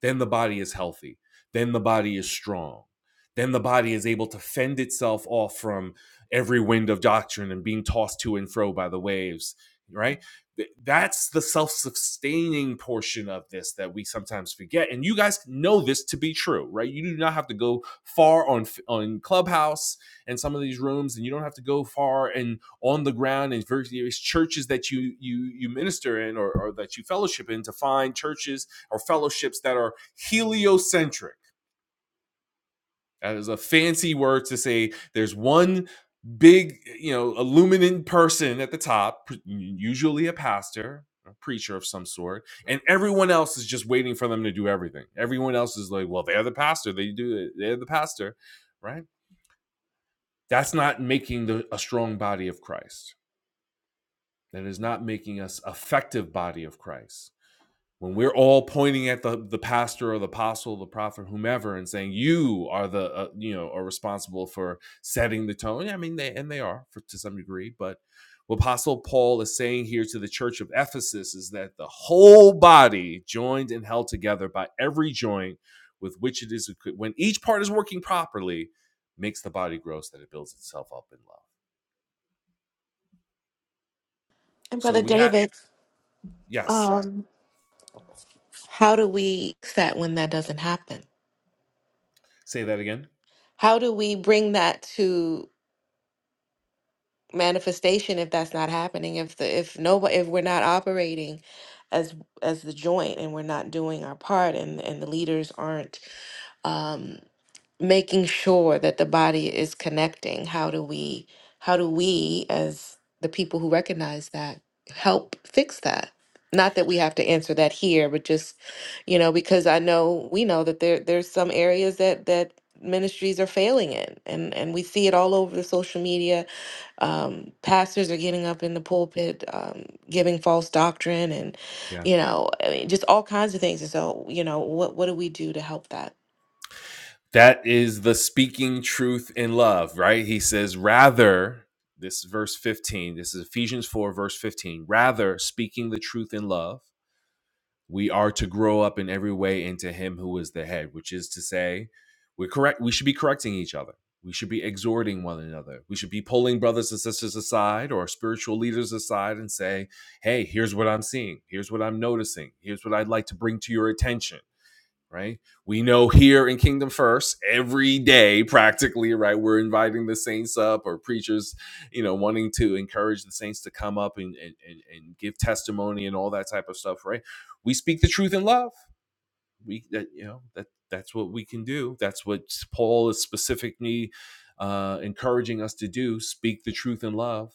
Speaker 1: then the body is healthy then the body is strong then the body is able to fend itself off from every wind of doctrine and being tossed to and fro by the waves right that's the self-sustaining portion of this that we sometimes forget and you guys know this to be true right you do not have to go far on on clubhouse and some of these rooms and you don't have to go far and on the ground in various churches that you you you minister in or, or that you fellowship in to find churches or fellowships that are heliocentric. That is a fancy word to say there's one big, you know, illuminant person at the top, usually a pastor, a preacher of some sort, and everyone else is just waiting for them to do everything. Everyone else is like, well, they're the pastor. They do it. They're the pastor, right? That's not making the, a strong body of Christ. That is not making us effective body of Christ. when we're all pointing at the the pastor or the apostle, the prophet, whomever, and saying you are the uh, you know are responsible for setting the tone. yeah, I mean, they and they are for, to some degree, but what Apostle Paul is saying here to the church of Ephesus is that the whole body joined and held together by every joint with which it is when each part is working properly, makes the body grow so that it builds itself up in love.
Speaker 4: and
Speaker 1: So
Speaker 4: brother
Speaker 1: we had
Speaker 4: david
Speaker 1: yes,
Speaker 4: um how do we fix that when that doesn't happen
Speaker 1: say that again.
Speaker 4: how do we bring that to manifestation if that's not happening if the if nobody if we're not operating as as the joint and we're not doing our part and and the leaders aren't um, making sure that the body is connecting how do we how do we as the people who recognize that help fix that not that we have to answer that here but just you know because i know we know that there there's some areas that that ministries are failing in and and we see it all over the social media um pastors are getting up in the pulpit um giving false doctrine and
Speaker 1: Yeah.
Speaker 4: you know I mean, just all kinds of things and so you know what what do we do to help that
Speaker 1: That is the speaking truth in love, right? He says, rather, this is verse 15, this is Ephesians 4, verse 15, rather, speaking the truth in love, we are to grow up in every way into him who is the head, which is to say, we're correct, we should be correcting each other. We should be exhorting one another. We should be pulling brothers and sisters aside or spiritual leaders aside and say, hey, here's what I'm seeing. Here's what I'm noticing. Here's what I'd like to bring to your attention right? We know here in Kingdom First, every day practically, right, we're inviting the saints up or preachers, you know, wanting to encourage the saints to come up and and, and, and give testimony and all that type of stuff, right? We speak the truth in love. We that you know that that's what we can do. That's what Paul is specifically uh, encouraging us to do: speak the truth in love.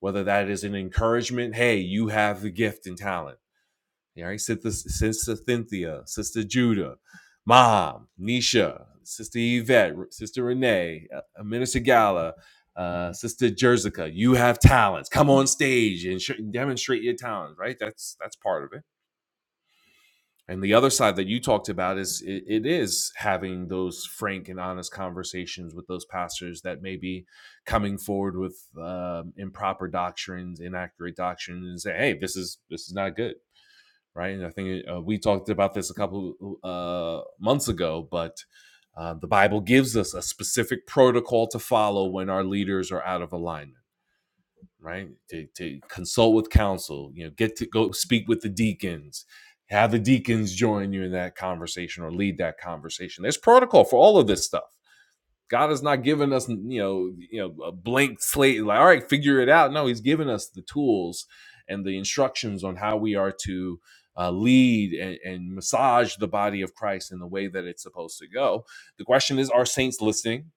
Speaker 1: Whether that is an encouragement, hey, you have the gift and talent all right, Sister, Sister Cynthia, Sister Judah, Mom, Nisha, Sister Yvette, Sister Renee, uh, Minister Gala, uh, Sister Jerzica. You have talents. Come on stage and sh- demonstrate your talents. Right, that's that's part of it. And the other side that you talked about is it, it is having those frank and honest conversations with those pastors that may be coming forward with um, improper doctrines, inaccurate doctrines, and say, "Hey, this is this is not good." right? And I think uh, we talked about this a couple uh, months ago, but uh, the Bible gives us a specific protocol to follow when our leaders are out of alignment, right? To, to consult with counsel, you know, get to go speak with the deacons, have the deacons join you in that conversation or lead that conversation. There's protocol for all of this stuff God has not given us, you know, you know, a blank slate. Like, all right, figure it out. No, He's given us the tools and the instructions on how we are to uh, lead and, and massage the body of Christ in the way that it's supposed to go. The question is, are saints listening?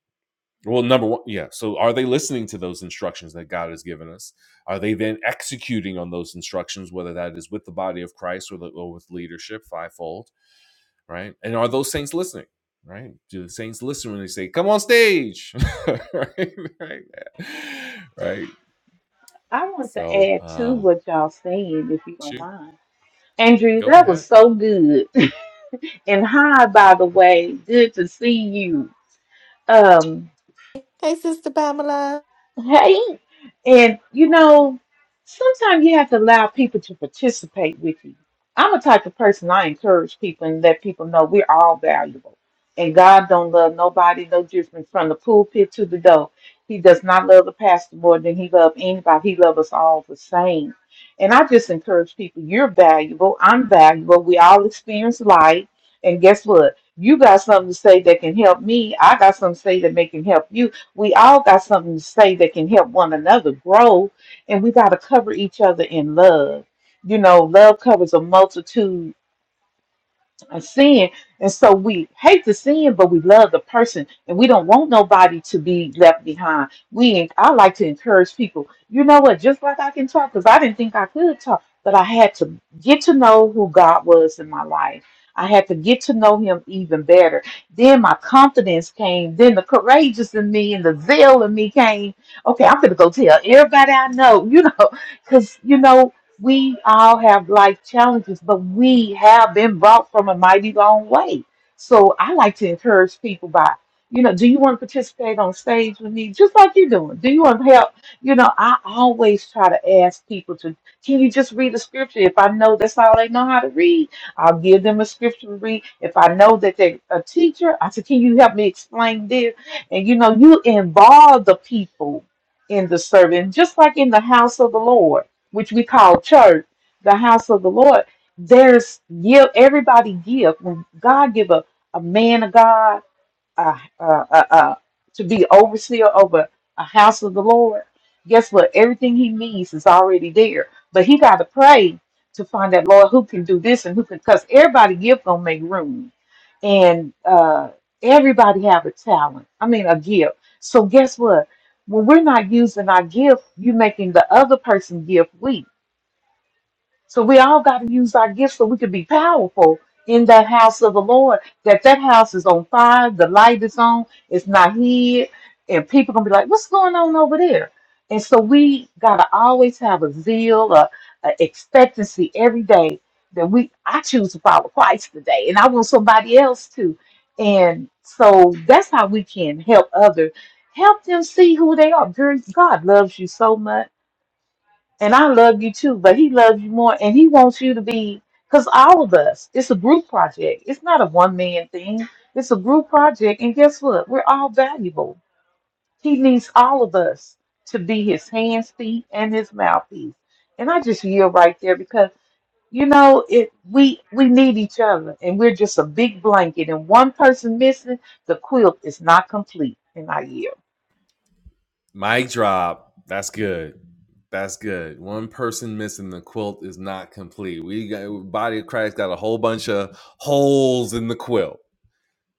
Speaker 1: Well, number one, yeah. So, are they listening to those instructions that God has given us? Are they then executing on those instructions, whether that is with the body of Christ or, the, or with leadership, fivefold? right? And are those saints listening? Right? Do the saints listen when they say, "Come on stage," right? right? Right.
Speaker 7: I want to
Speaker 1: So,
Speaker 7: add to
Speaker 1: um,
Speaker 7: what y'all saying, if you don't
Speaker 1: shoot,
Speaker 7: mind. Andrew,
Speaker 1: go
Speaker 7: that was
Speaker 1: ahead.
Speaker 7: so good. and hi, by the way, good to see you. Um,
Speaker 4: hey sister pamela
Speaker 7: Hey, and you know, sometimes you have to allow people to participate with you. I'm a type of person I encourage people and let people know we're all valuable. And God don't love nobody no different from the pulpit to the door. He does not love the pastor more than he loves anybody. He loves us all the same. And I just encourage people, you're valuable, I'm valuable, we all experience life. And guess what? You got something to say that can help me. I got something to say that may can help you we all got something to say that can help one another grow, and we got to cover each other in love. You know, love covers a multitude and sin. And so we hate the sin, but we love the person, and we don't want nobody to be left behind. We, I like to encourage people. You know what? Just like I can talk, because I didn't think I could talk, but I had to get to know who God was in my life. I had to get to know Him even better. Then my confidence came. Then the courageous in me and the zeal in me came. Okay, I'm gonna go tell everybody I know. You know, because you know we all have life challenges, but we have been brought from a mighty long way. So I like to encourage people by, you know, do you want to participate on stage with me, just like you're doing? Do you want help? You know, I always try to ask people to, can you just read a scripture? If I know that's all they know how to read, I'll give them a scripture to read. If I know that they're a teacher, I said, can you help me explain this? And you know, you involve the people in the serving, just like in the house of the Lord which we call church, the house of the Lord, there's give everybody give when God give a, a man of God uh, uh, uh, uh, to be overseer over a house of the Lord. Guess what? Everything he needs is already there, but he got to pray to find out Lord who can do this and who can because everybody give gonna make room, and uh, everybody have a talent. I mean a gift. So guess what? When we're not using our gift, you're making the other person gift weak so we all got to use our gifts so we can be powerful in that house of the Lord. That that house is on fire, the light is on, it's not hid, and people gonna be like, "What's going on over there?" And so we gotta always have a zeal, a, a expectancy every day that we I choose to follow Christ today, and I want somebody else to. And so that's how we can help others, help them see who they are. Girl, God loves you so much and I love you too, but he loves you more, and he wants you to be. Because all of us, it's a group project. It's not a one man thing. It's a group project, and guess what? We're all valuable. He needs all of us to be his hands, feet, and his mouthpiece. And I just yield right there because you know it. We we need each other, and we're just a big blanket. And one person missing, the quilt is not complete. And I yield.
Speaker 1: Mic drop. That's good. That's good. One person missing the quilt is not complete. We got body of Christ got a whole bunch of holes in the quilt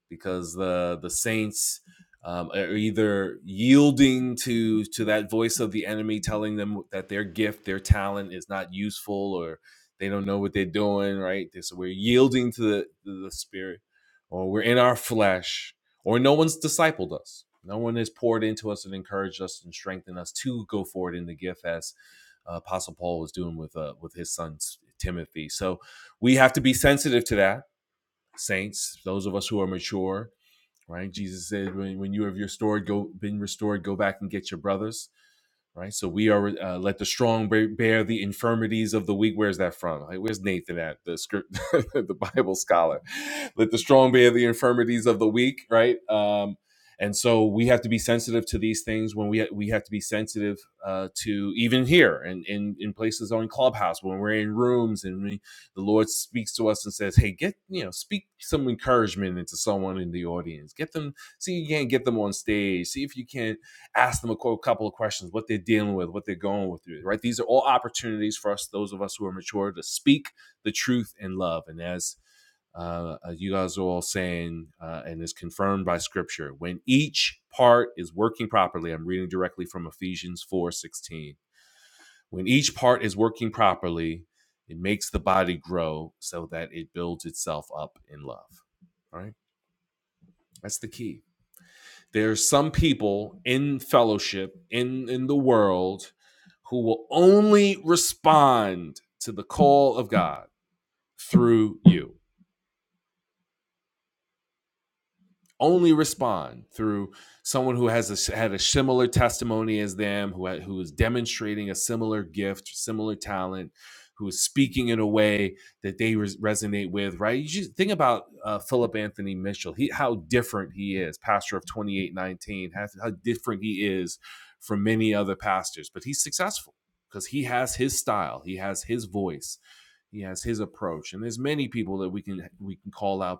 Speaker 1: because the the Saints um, are either yielding to to that voice of the enemy telling them that their gift, their talent is not useful, or they don't know what they're doing. Right, so we're yielding to the to the spirit, or we're in our flesh, or no one's discipled us. No one has poured into us and encouraged us and strengthened us to go forward in the gift as uh, Apostle Paul was doing with uh, with his son Timothy. So we have to be sensitive to that, saints. Those of us who are mature, right? Jesus said, when, when you have restored, go been restored, go back and get your brothers, right? So we are uh, let the strong bear, bear the infirmities of the weak. Where's that from? Like, where's Nathan at the script, the Bible scholar? Let the strong bear the infirmities of the weak, right? Um, and so we have to be sensitive to these things when we we have to be sensitive uh, to even here and in, in places on Clubhouse when we're in rooms and we the Lord speaks to us and says, "Hey, get you know, speak some encouragement into someone in the audience. Get them, see if you can't get them on stage. See if you can ask them a couple of questions, what they're dealing with, what they're going with, right? These are all opportunities for us, those of us who are mature, to speak the truth in love. And as uh, uh, you guys are all saying, uh, and is confirmed by Scripture, when each part is working properly, I'm reading directly from Ephesians four sixteen when each part is working properly, it makes the body grow so that it builds itself up in love. All right? That's the key. There are some people in fellowship in in the world who will only respond to the call of God through you. only respond through someone who has a, had a similar testimony as them, who who is demonstrating a similar gift, similar talent, who is speaking in a way that they res- resonate with. Right? You just think about uh, Philip Anthony Mitchell. He how different he is, pastor of twenty eight nineteen. How, how different he is from many other pastors, but he's successful because he has his style, he has his voice, he has his approach, and there's many people that we can we can call out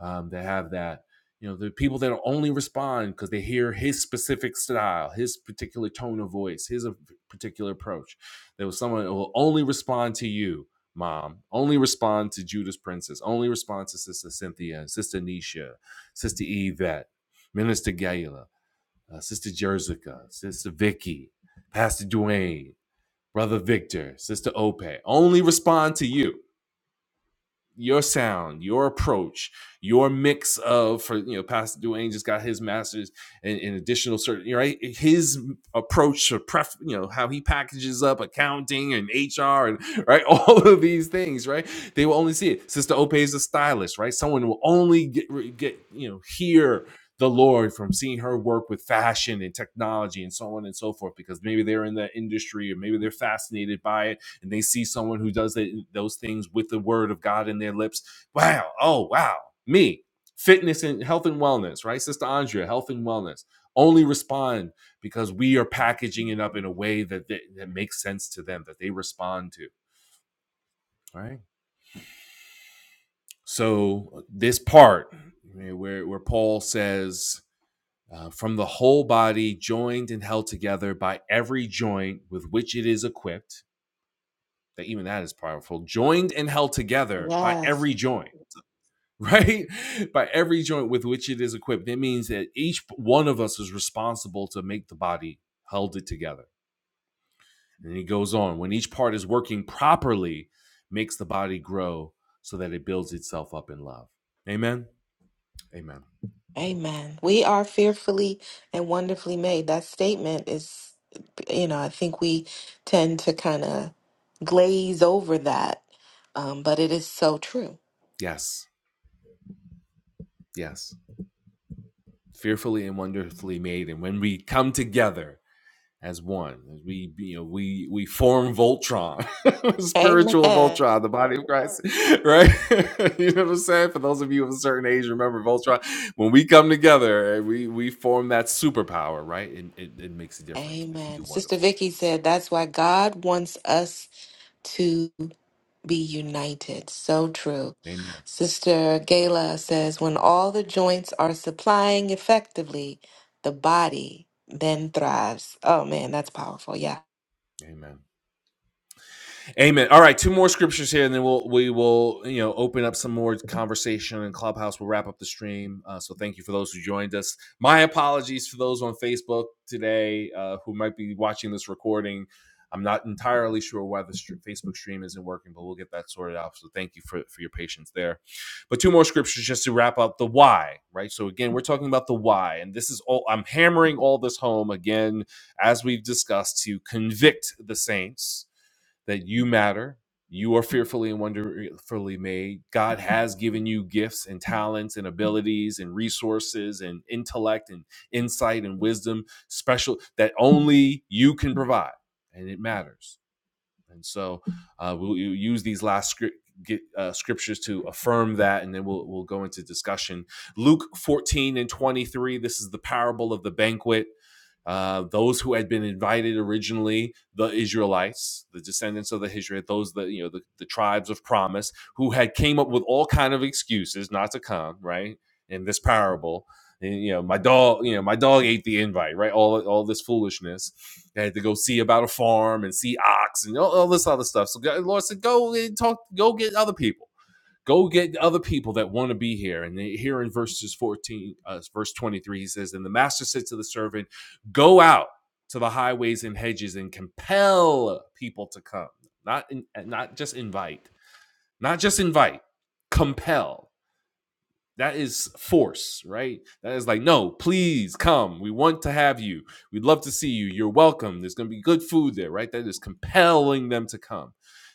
Speaker 1: um, they have that. You know, the people that only respond because they hear his specific style, his particular tone of voice, his uh, particular approach. There was someone who will only respond to you, mom, only respond to Judas Princess, only respond to Sister Cynthia, Sister Nisha, Sister Yvette, Minister Gayla, uh, Sister Jerzica, Sister Vicky, Pastor Dwayne, Brother Victor, Sister Ope. Only respond to you your sound, your approach, your mix of for you know, Pastor Duane just got his masters and, and additional certain right. His approach to pref, you know, how he packages up accounting and HR and right, all of these things, right? They will only see it. Sister Ope is a stylist, right? Someone will only get get you know hear the Lord from seeing her work with fashion and technology and so on and so forth because maybe they're in that industry or maybe they're fascinated by it and they see someone who does the, those things with the word of God in their lips, wow, oh, wow, me, fitness and health and wellness, right? Sister Andrea, health and wellness. Only respond because we are packaging it up in a way that, that, that makes sense to them, that they respond to, right? So, this part where, where Paul says, uh, from the whole body, joined and held together by every joint with which it is equipped. That even that is powerful. Joined and held together by
Speaker 4: Yes.
Speaker 1: every joint right? By every joint with which it is equipped. That means that each one of us is responsible to make the body held it together. And he goes on, when each part is working properly, makes the body grow so that it builds itself up in love. Amen. Amen.
Speaker 4: Amen. We are fearfully and wonderfully made. That statement is, you know, I think we tend to kind of glaze over that, um, but it is so true.
Speaker 1: Yes. Yes. Fearfully and wonderfully made. And when we come together, as one. We you know we we form Voltron, spiritual
Speaker 4: Amen.
Speaker 1: Voltron, the body of Christ, right? you know what I'm saying? For those of you of a certain age, remember Voltron. When we come together, eh, we we form that superpower, right? It, it it makes a difference. We can
Speaker 4: Amen.
Speaker 1: do
Speaker 4: Sister
Speaker 1: wonderful
Speaker 4: Vicky
Speaker 1: things.
Speaker 4: said that's why God wants us to be united. So true.
Speaker 1: Amen.
Speaker 4: Sister Gayla says when all the joints are supplying effectively, the body then thrives. Oh man, that's powerful. Yeah.
Speaker 1: Amen. Amen. All right, two more scriptures here, and then we'll we will you know open up some more conversation and clubhouse. We'll wrap up the stream. Uh, so thank you for those who joined us. My apologies for those on Facebook today uh, who might be watching this recording. I'm not entirely sure why the str- Facebook stream isn't working, but we'll get that sorted out. So thank you for for your patience there. But two more scriptures just to wrap up the why, right? So again, we're talking about the why, and this is all I'm hammering all this home again as we've discussed to convict the saints that you matter. You are fearfully and wonderfully made. God has given you gifts and talents and abilities and resources and intellect and insight and wisdom, special that only you can provide. And it matters and so uh, we'll, use these last script, get, uh, scriptures to affirm that, and then we'll, we'll go into discussion. Luke 14 and 23, this is the parable of the banquet. Uh, those who had been invited originally, the Israelites, the descendants of the Israelites, those that you know, the, the tribes of promise, who had came up with all kind of excuses not to come, right? In this parable, and, you know, my dog, you know, my dog ate the invite, right? All all this foolishness. I had to go see about a farm and see ox and all, all this other stuff. So God- Lord said, go and talk, go get other people. Go get other people that want to be here. And here in verses 14, uh, verse 23, he says, And the master said to the servant, Go out to the highways and hedges and compel people to come. Not in, not just invite, not just invite, compel that is force, right? That is like, no, please come. We want to have you. We'd love to see you. You're welcome. There's going to be good food there, right? That is compelling them to come,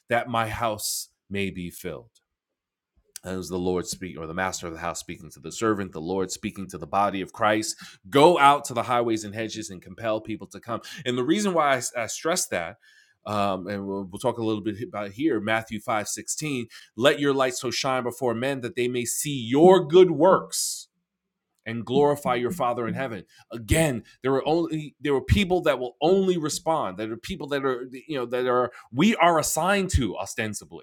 Speaker 1: that my house may be filled. It was the Lord speaking, or the master of the house speaking to the servant, the Lord speaking to the body of Christ. Go out to the highways and hedges and compel people to come. And the reason why I, I stress that, um, and we'll, we'll talk a little bit about it here, Matthew five sixteen. let your light so shine before men that they may see your good works and glorify your Father in heaven. Again, there are only there are people that will only respond. There are people that are, you know, that are we are assigned to ostensibly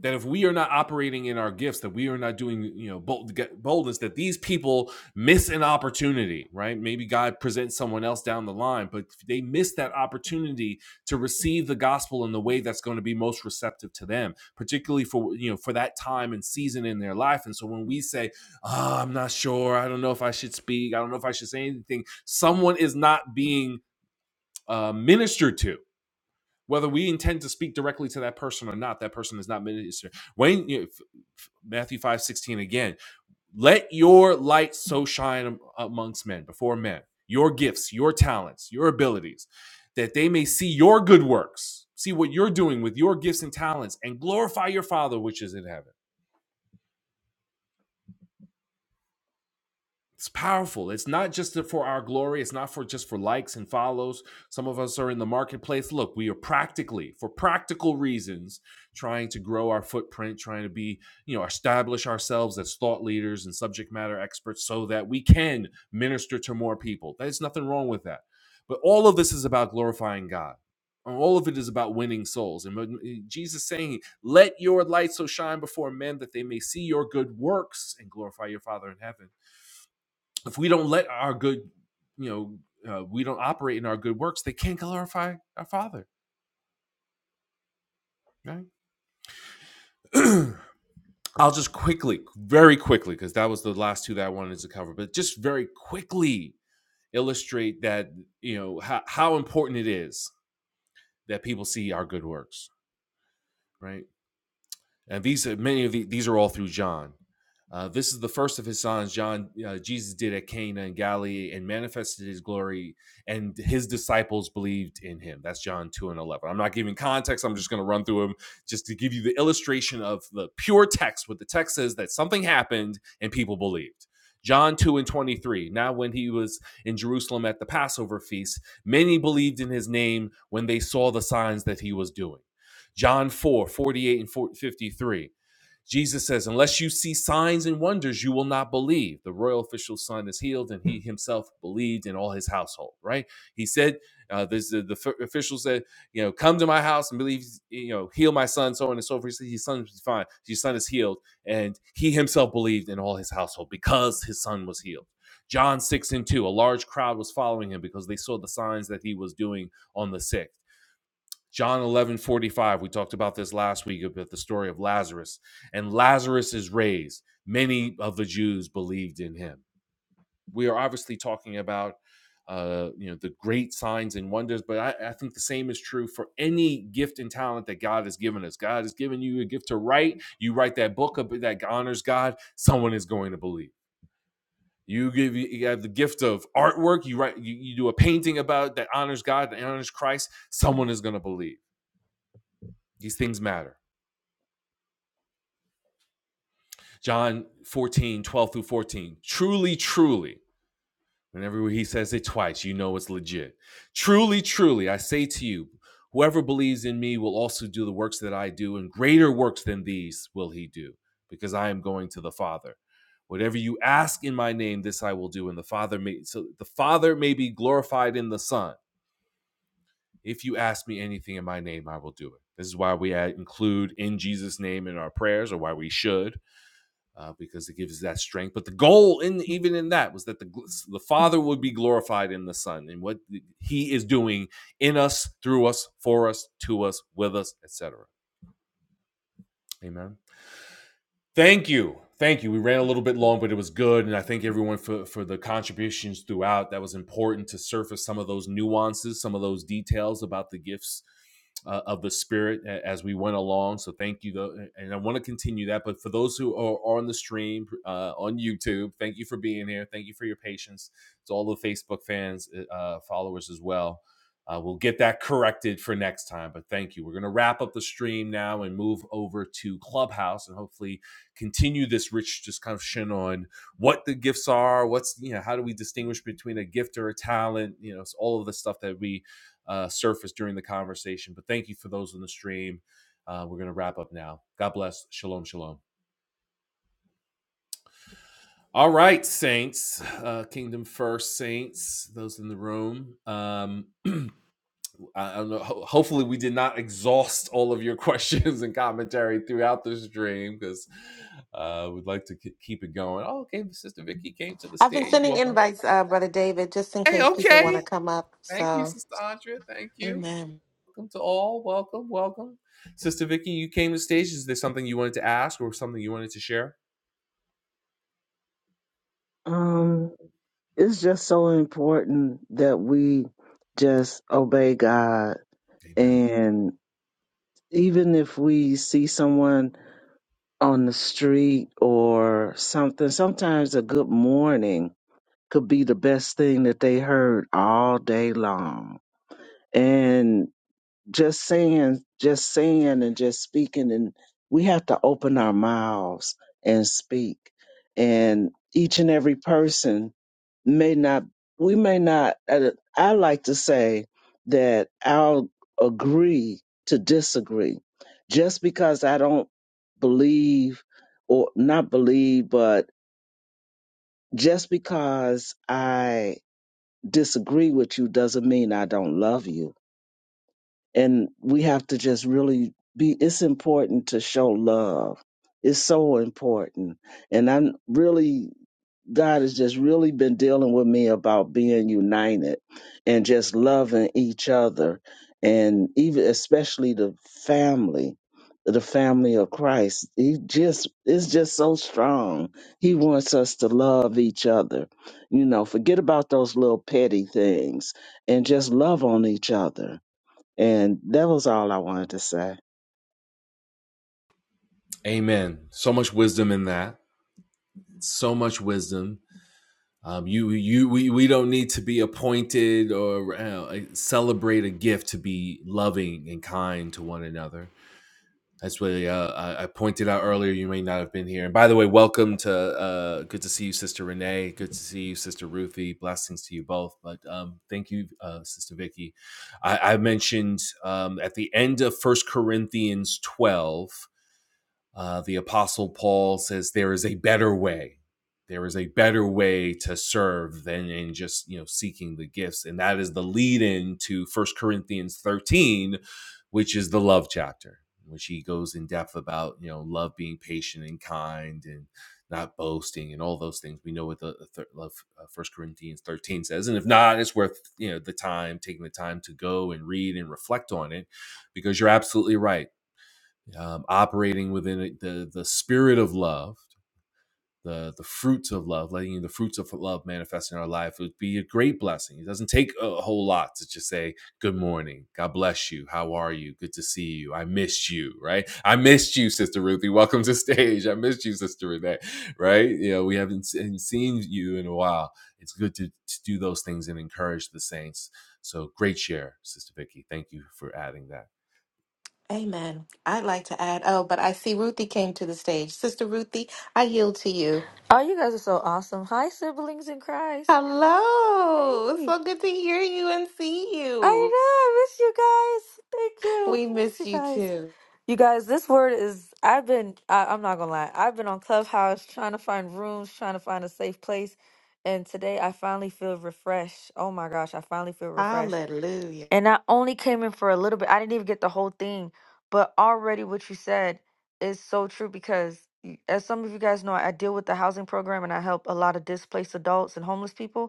Speaker 1: that if we are not operating in our gifts that we are not doing you know bold, boldness that these people miss an opportunity right maybe god presents someone else down the line but they miss that opportunity to receive the gospel in the way that's going to be most receptive to them particularly for you know for that time and season in their life and so when we say oh, i'm not sure i don't know if i should speak i don't know if i should say anything someone is not being uh, ministered to whether we intend to speak directly to that person or not that person is not minister when you, matthew five sixteen again let your light so shine amongst men before men your gifts your talents your abilities that they may see your good works see what you're doing with your gifts and talents and glorify your father which is in heaven It's powerful. It's not just for our glory. It's not for just for likes and follows. Some of us are in the marketplace. Look, we are practically, for practical reasons, trying to grow our footprint, trying to be, you know, establish ourselves as thought leaders and subject matter experts so that we can minister to more people. There's nothing wrong with that. But all of this is about glorifying God. All of it is about winning souls. And Jesus saying, "Let your light so shine before men that they may see your good works and glorify your Father in heaven." if we don't let our good, you know, uh, we don't operate in our good works, they can't glorify our Father. Right? I'll just quickly, very quickly, because that was the last two that I wanted to cover, but just very quickly illustrate that you know how, how important it is that people see our good works. Right? and these many of the, these are all through John. Uh, this is the first of his signs John uh, Jesus did at Cana in Galilee and manifested his glory, and his disciples believed in him. That's John two and eleven. I'm not giving context. I'm just going to run through them just to give you the illustration of the pure text. What the text says that something happened and people believed. John 2 and 23. Now, when he was in Jerusalem at the Passover feast, many believed in his name when they saw the signs that he was doing. John 4 48 and 53. Jesus says, Unless you see signs and wonders, you will not believe. The royal official's son is healed, and he himself believed in all his household, right? He said, uh, this, the, the official said, You know, come to my house and believe, you know, heal my son, so on and so forth. He said, His son is fine. Your son is healed. And he himself believed in all his household because his son was healed. John 6 and 2, a large crowd was following him because they saw the signs that he was doing on the sick. John 11 45. we talked about this last week about the story of Lazarus, and Lazarus is raised. Many of the Jews believed in him. We are obviously talking about uh, you know the great signs and wonders, but I, I think the same is true for any gift and talent that God has given us. God has given you a gift to write. You write that book that honors God. Someone is going to believe. You give you have the gift of artwork. You write you, you do a painting about that honors God that honors Christ. Someone is going to believe. These things matter. John 14 12 through 14. Truly, truly. Whenever he says it twice, you know it's legit. Truly, truly, I say to you, whoever believes in me will also do the works that I do, and greater works than these will he do, because I am going to the Father. Whatever you ask in my name, this I will do, and the Father may so the Father may be glorified in the Son. If you ask me anything in my name, I will do it. This is why we include in Jesus' name in our prayers, or why we should uh, because it gives that strength. But the goal, in even in that, was that the the Father would be glorified in the Son, and what He is doing in us, through us, for us, to us, with us, etc. Amen. Thank you. Thank you. We ran a little bit long, but it was good. And I thank everyone for, for the contributions throughout. That was important to surface some of those nuances, some of those details about the gifts uh, of the Spirit as we went along. So thank you. Though, and I want to continue that. But for those who are on the stream uh, on YouTube, thank you for being here. Thank you for your patience. To all the Facebook fans, uh, uh, followers as well. Uh, we'll get that corrected for next time. But thank you. We're going to wrap up the stream now and move over to Clubhouse and hopefully continue this rich discussion on what the gifts are what's you know how do we distinguish between a gift or a talent you know it's all of the stuff that we uh, surfaced during the conversation but thank you for those on the stream uh, we're going to wrap up now god bless shalom shalom all right saints uh, kingdom first saints those in the room um, I don't know. Hopefully, we did not exhaust all of your questions and commentary throughout the stream because uh, we'd like to k- keep it going. Oh, okay, Sister Vicky came to the
Speaker 4: I've been
Speaker 1: stage.
Speaker 4: sending
Speaker 1: Welcome.
Speaker 4: invites, uh, Brother David, just in
Speaker 1: Hey,
Speaker 4: case people want to
Speaker 1: okay.
Speaker 4: come up.
Speaker 1: Thank you,
Speaker 4: So,
Speaker 1: Sister Andrea. Thank you.
Speaker 4: amen.
Speaker 1: Welcome to all. Welcome, welcome. Sister Vicky, you came to the stage. Is there something you wanted to ask or something you wanted to share?
Speaker 8: Um, it's just so important that we just obey God.
Speaker 1: Amen.
Speaker 8: And even if we see someone on the street or something, sometimes a good morning could be the best thing that they heard all day long. And just saying, just saying and just speaking, and we have to open our mouths and speak. And each and every person may not we may not uh, i like to say that i'll agree to disagree just because i don't believe or not believe but just because i disagree with you doesn't mean i don't love you and we have to just really be it's important to show love it's so important and i'm really God has just really been dealing with me about being united and just loving each other and even especially the family the family of Christ he just is just so strong he wants us to love each other you know forget about those little petty things and just love on each other and that was all I wanted to say
Speaker 1: Amen. So much wisdom in that. So much wisdom. Um, you you we we don't need to be appointed or uh, like, celebrate a gift to be loving and kind to one another. That's what uh, I, pointed out earlier. You may not have been here. And by the way, welcome to uh, good to see you, Sister Renee. Good to see you, Sister Ruthie. Blessings to you both. But um, thank you, uh, Sister Vicky. I, I mentioned um, at the end of First Corinthians twelve uh, the Apostle Paul says there is a better way. There is a better way to serve than in just you know seeking the gifts, and that is the lead in to First Corinthians thirteen, which is the love chapter, in which he goes in depth about you know love being patient and kind and not boasting and all those things. We know what the, the thir- love, uh, First Corinthians thirteen says, and if not, it's worth you know the time taking the time to go and read and reflect on it, because you're absolutely right um, operating within it, the the spirit of love, the the fruits of love, letting the fruits of love manifest in our life would be a great blessing. It doesn't take a whole lot to just say good morning, God bless you, how are you, good to see you, I missed you, right? I missed you, Sister Ruthie. Welcome to stage. I missed you, Sister Renee. Right? You know, we haven't seen you in a while. It's good to, to do those things and encourage the saints. So great share, Sister Vicky. Thank you for adding that.
Speaker 4: Amen. I'd like to add, oh, but I see Ruthie came to the stage. Sister Ruthie, I yield to you.
Speaker 9: Oh, you guys are so awesome. Hi, siblings in Christ.
Speaker 4: Hello.
Speaker 9: Hey.
Speaker 4: So good to hear you and see
Speaker 9: I
Speaker 4: you.
Speaker 9: know. I miss you guys. Thank you.
Speaker 4: We
Speaker 9: I miss
Speaker 4: miss
Speaker 9: you
Speaker 4: you
Speaker 9: guys.
Speaker 4: too.
Speaker 9: You guys, this word is, I've been, I, I'm not going to lie. I've been on Clubhouse trying to find rooms, trying to find a safe place. And today I finally feel refreshed. Oh my gosh, I finally feel refreshed.
Speaker 4: Hallelujah.
Speaker 9: And I only came in for a little bit. I didn't even get the whole thing. But already what you said is so true because, y- as some of you guys know, I deal with the housing program and I help a lot of displaced adults and homeless people.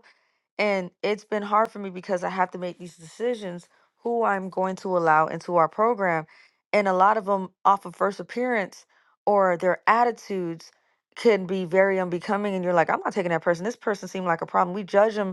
Speaker 9: And it's been hard for me because I have to make these decisions who I'm going to allow into our program. And a lot of them, off of first appearance or their attitudes, can be very unbecoming. And you're like, I'm not taking that person. This person seemed like a problem. We judge them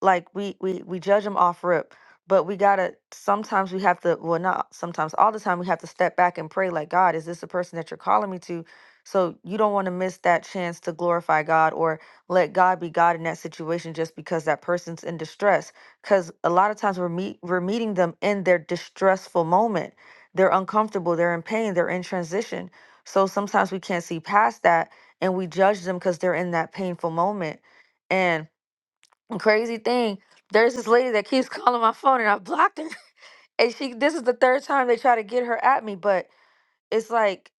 Speaker 9: like we we we judge them off rip but we gotta sometimes we have to well not sometimes all the time we have to step back and pray like god is this the person that you're calling me to so you don't want to miss that chance to glorify god or let god be god in that situation just because that person's in distress because a lot of times we're meet we're meeting them in their distressful moment they're uncomfortable they're in pain they're in transition so sometimes we can't see past that and we judge them because they're in that painful moment and crazy thing there's this lady that keeps calling my phone and i blocked her and she this is the third time they try to get her at me but it's like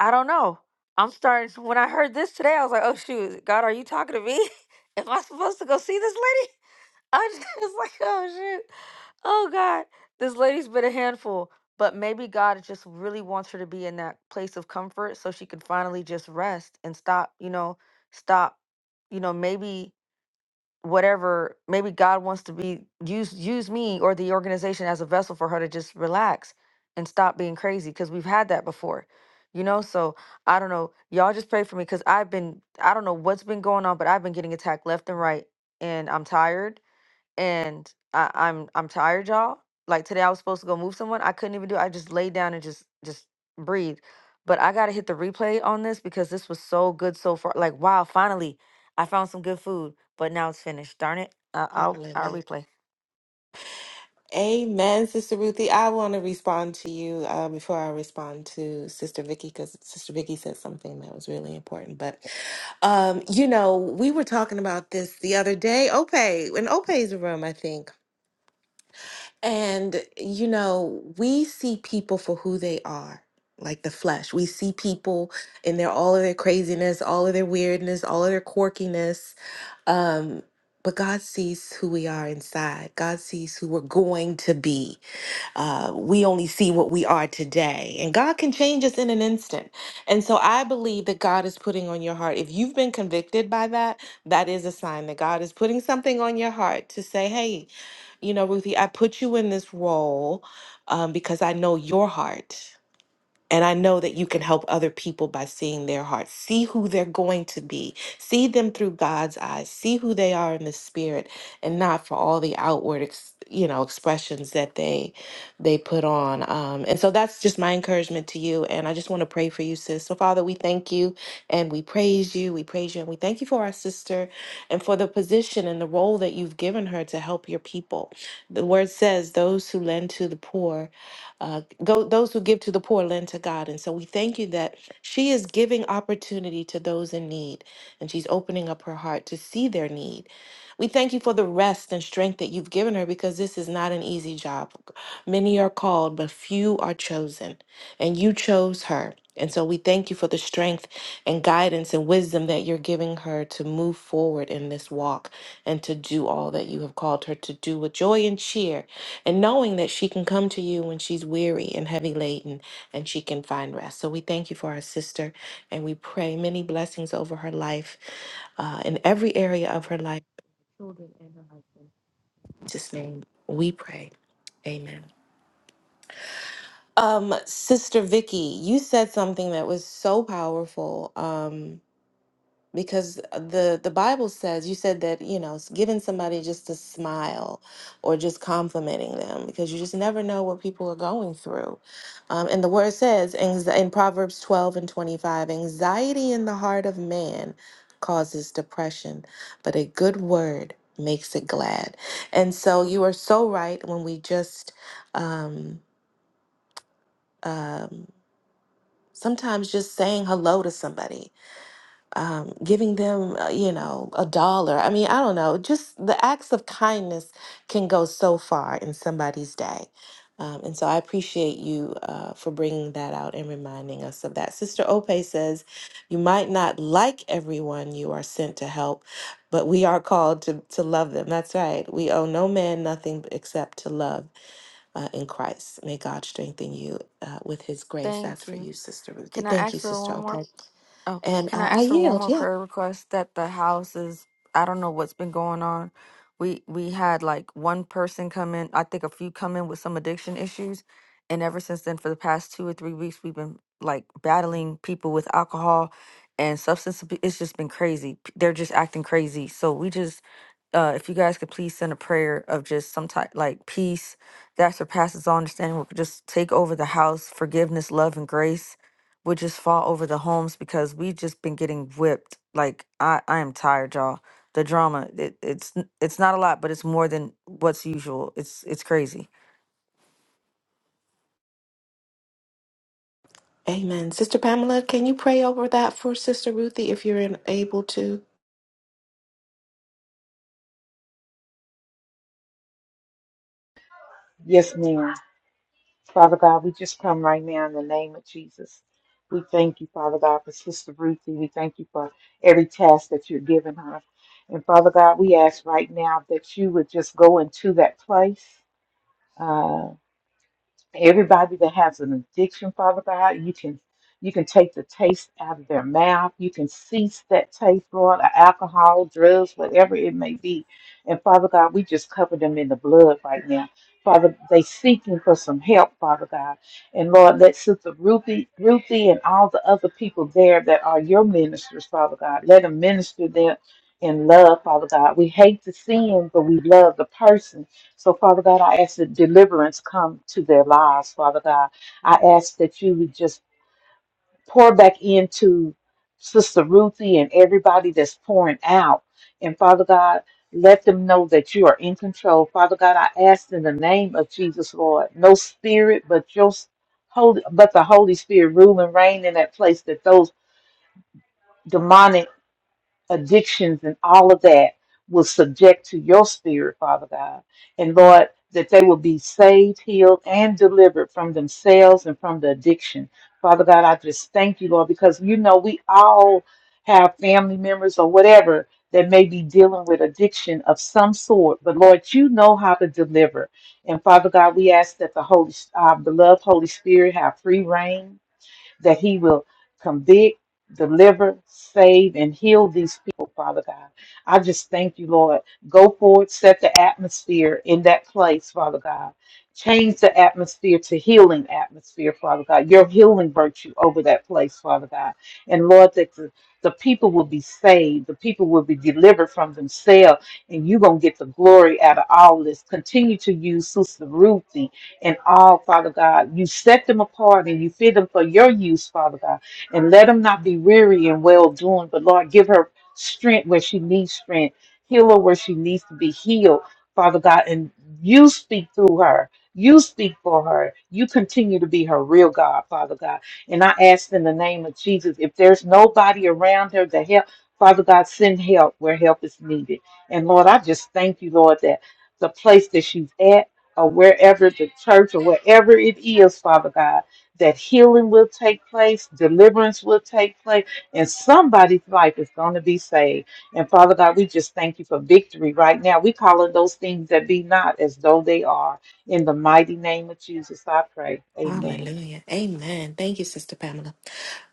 Speaker 9: i don't know i'm starting to- when i heard this today i was like oh shoot god are you talking to me am i supposed to go see this lady i was just like oh shoot oh god this lady's been a handful but maybe god just really wants her to be in that place of comfort so she can finally just rest and stop you know stop you know maybe whatever maybe god wants to be use use me or the organization as a vessel for her to just relax and stop being crazy because we've had that before you know so i don't know y'all just pray for me because i've been i don't know what's been going on but i've been getting attacked left and right and i'm tired and I, I'm I'm tired, y'all. Like today, I was supposed to go move someone. I couldn't even do. It. I just laid down and just just breathe. But I gotta hit the replay on this because this was so good so far. Like wow, finally, I found some good food. But now it's finished. Darn it! I, I'll I'll
Speaker 4: Hallelujah.
Speaker 9: replay.
Speaker 4: Amen, Sister Ruthie. I want to respond to you uh, before I respond to Sister Vicky because Sister Vicky said something that was really important. But um, you know, we were talking about this the other day, Ope in Ope's room, I think. And you know, we see people for who they are, like the flesh. We see people in their all of their craziness, all of their weirdness, all of their quirkiness. Um, but God sees who we are inside. God sees who we're going to be uh, we only see what we are today. And God can change us in an instant. And so I believe that God is putting on your heart, if you've been convicted by that, that is a sign that God is putting something on your heart to say, hey, you know, Ruthie, I put you in this role um, because I know your heart. And I know that you can help other people by seeing their heart. See who they're going to be. See them through God's eyes. See who they are in the spirit and not for all the outward, ex, you know, expressions that they they put on. Um, and so that's just my encouragement to you. And I just want to pray for you, sis. So Father, we thank you and we praise you. We praise you and we thank you for our sister and for the position and the role that you've given her to help your people. The word says those who lend to the poor uh, go, those who give to the poor lend to God. And so we thank you that she is giving opportunity to those in need, and she's opening up her heart to see their need. We thank you for the rest and strength that you've given her because this is not an easy job. Many are called, but few are chosen. And you chose her. And so we thank you for the strength and guidance and wisdom that you're giving her to move forward in this walk and to do all that you have called her to do with joy and cheer and knowing that she can come to you when she's weary and heavy laden and she can find rest. So we thank you for our sister and we pray many blessings over her life uh, in every area of her life, children and her husband. In Jesus' name, we pray. Amen. Um, Sister Vicky, you said something that was so powerful. Um. because the the bible says you said that you know s- giving somebody just a smile or just complimenting them because you just never know what people are going through um, and the word says anx- in proverbs 12 and 25 anxiety in the heart of man causes depression but a good word makes it glad and so you are so right when we just um, um, sometimes just saying hello to somebody um, giving them, uh, you know, a dollar. I mean, I don't know. Just the acts of kindness can go so far in somebody's day. Um, and so I appreciate you uh, for bringing that out and reminding us of that. Sister Ope says, You might not like everyone you are sent to help, but we are called to, to love them. That's right. We owe no man nothing except to love uh, in Christ. May God strengthen you uh, with his grace. That's
Speaker 9: Thank
Speaker 4: for
Speaker 9: you.
Speaker 4: you, Sister Ruthie.
Speaker 9: Can I
Speaker 4: Thank you,
Speaker 9: ask for
Speaker 4: Sister
Speaker 9: one
Speaker 4: Ope.
Speaker 9: more? Oh,
Speaker 4: And
Speaker 9: can I
Speaker 4: I, I
Speaker 9: ask for one
Speaker 4: yield.
Speaker 9: more
Speaker 4: Yeah.
Speaker 9: prayer request that the house is I don't know what's been going on. We we had like one person come in, I think a few come in with some addiction issues, and ever since then for the past 2 or 3 weeks we've been like battling people with alcohol and substance abu- it's just been crazy. P- They're just acting crazy. So we just uh if you guys could please send a prayer of just some type like peace that surpasses all understanding will just take over the house, forgiveness, love and grace would just fall over the homes because we've just been getting whipped. Like I, I am tired, y'all. The drama, it, it's n- it's not a lot, but it's more than what's usual. It's it's crazy.
Speaker 4: Amen. Sister Pamela, can you pray over that for Sister Ruthie if you're in- able to?
Speaker 7: Yes, ma'am. Father God, we just come right now in the name of Jesus. We thank you, Father God, for Sister Ruthie. We thank you for every task that you're giving her. And Father God, we ask right now that you would just go into that place. uh, everybody that has an addiction, Father God, you can you can take the taste out of their mouth. You can cease that taste, Lord, of alcohol, drugs, whatever it may be. And Father God, we just cover them in the blood right now. Father, they seeking for some help, Father God. And Lord, let Sister Ruthie, Ruthie and all the other people there that are your ministers, Father God, let them minister them in love, Father God. We hate the sin, but we love the person. So, Father God, I ask that deliverance come to their lives, Father God. I ask that you would just pour back into Sister Ruthie and everybody that's pouring out. And Father God, let them know that you are in control. Father God, I ask in the name of Jesus, Lord, no spirit but your holy but the Holy Spirit rule and reign in that place that those demonic addictions and all of that was subject to your spirit, Father God. And Lord, that they will be saved, healed, and delivered from themselves and from the addiction. Father God, I just thank you, Lord, because you know we all have family members or whatever that may be dealing with addiction of some sort. But Lord, you know how to deliver. And Father God, we ask that the Holy, our beloved Holy Spirit have free reign that he will convict, deliver, save, and heal these people, Father God. I just thank you, Lord. Go forward, set the atmosphere in that place, Father God. Change the atmosphere to healing atmosphere, Father God. Your healing virtue over that place, Father God. And Lord, that the, the people will be saved. The people will be delivered from themselves. And you're going to get the glory out of all this. Continue to use Sister Ruthie and all, Father God. You set them apart and you fit them for your use, Father God. And let them not be weary and well doing, but Lord, give her strength where she needs strength, heal her where she needs to be healed, Father God. And you speak through her. You speak for her. You continue to be her real God, Father God. And I ask in the name of Jesus, if there's nobody around her to help, Father God, send help where help is needed. And Lord, I just thank you, Lord, that the place that she's at or wherever the church or wherever it is, Father God, that healing will take place, deliverance will take place, and somebody's life is going to be saved. And Father God, we just thank you for victory right now. We calling those things that be not as though they are. In the mighty name of Jesus, I pray. Amen.
Speaker 4: Hallelujah. Amen. Thank you, Sister Pamela.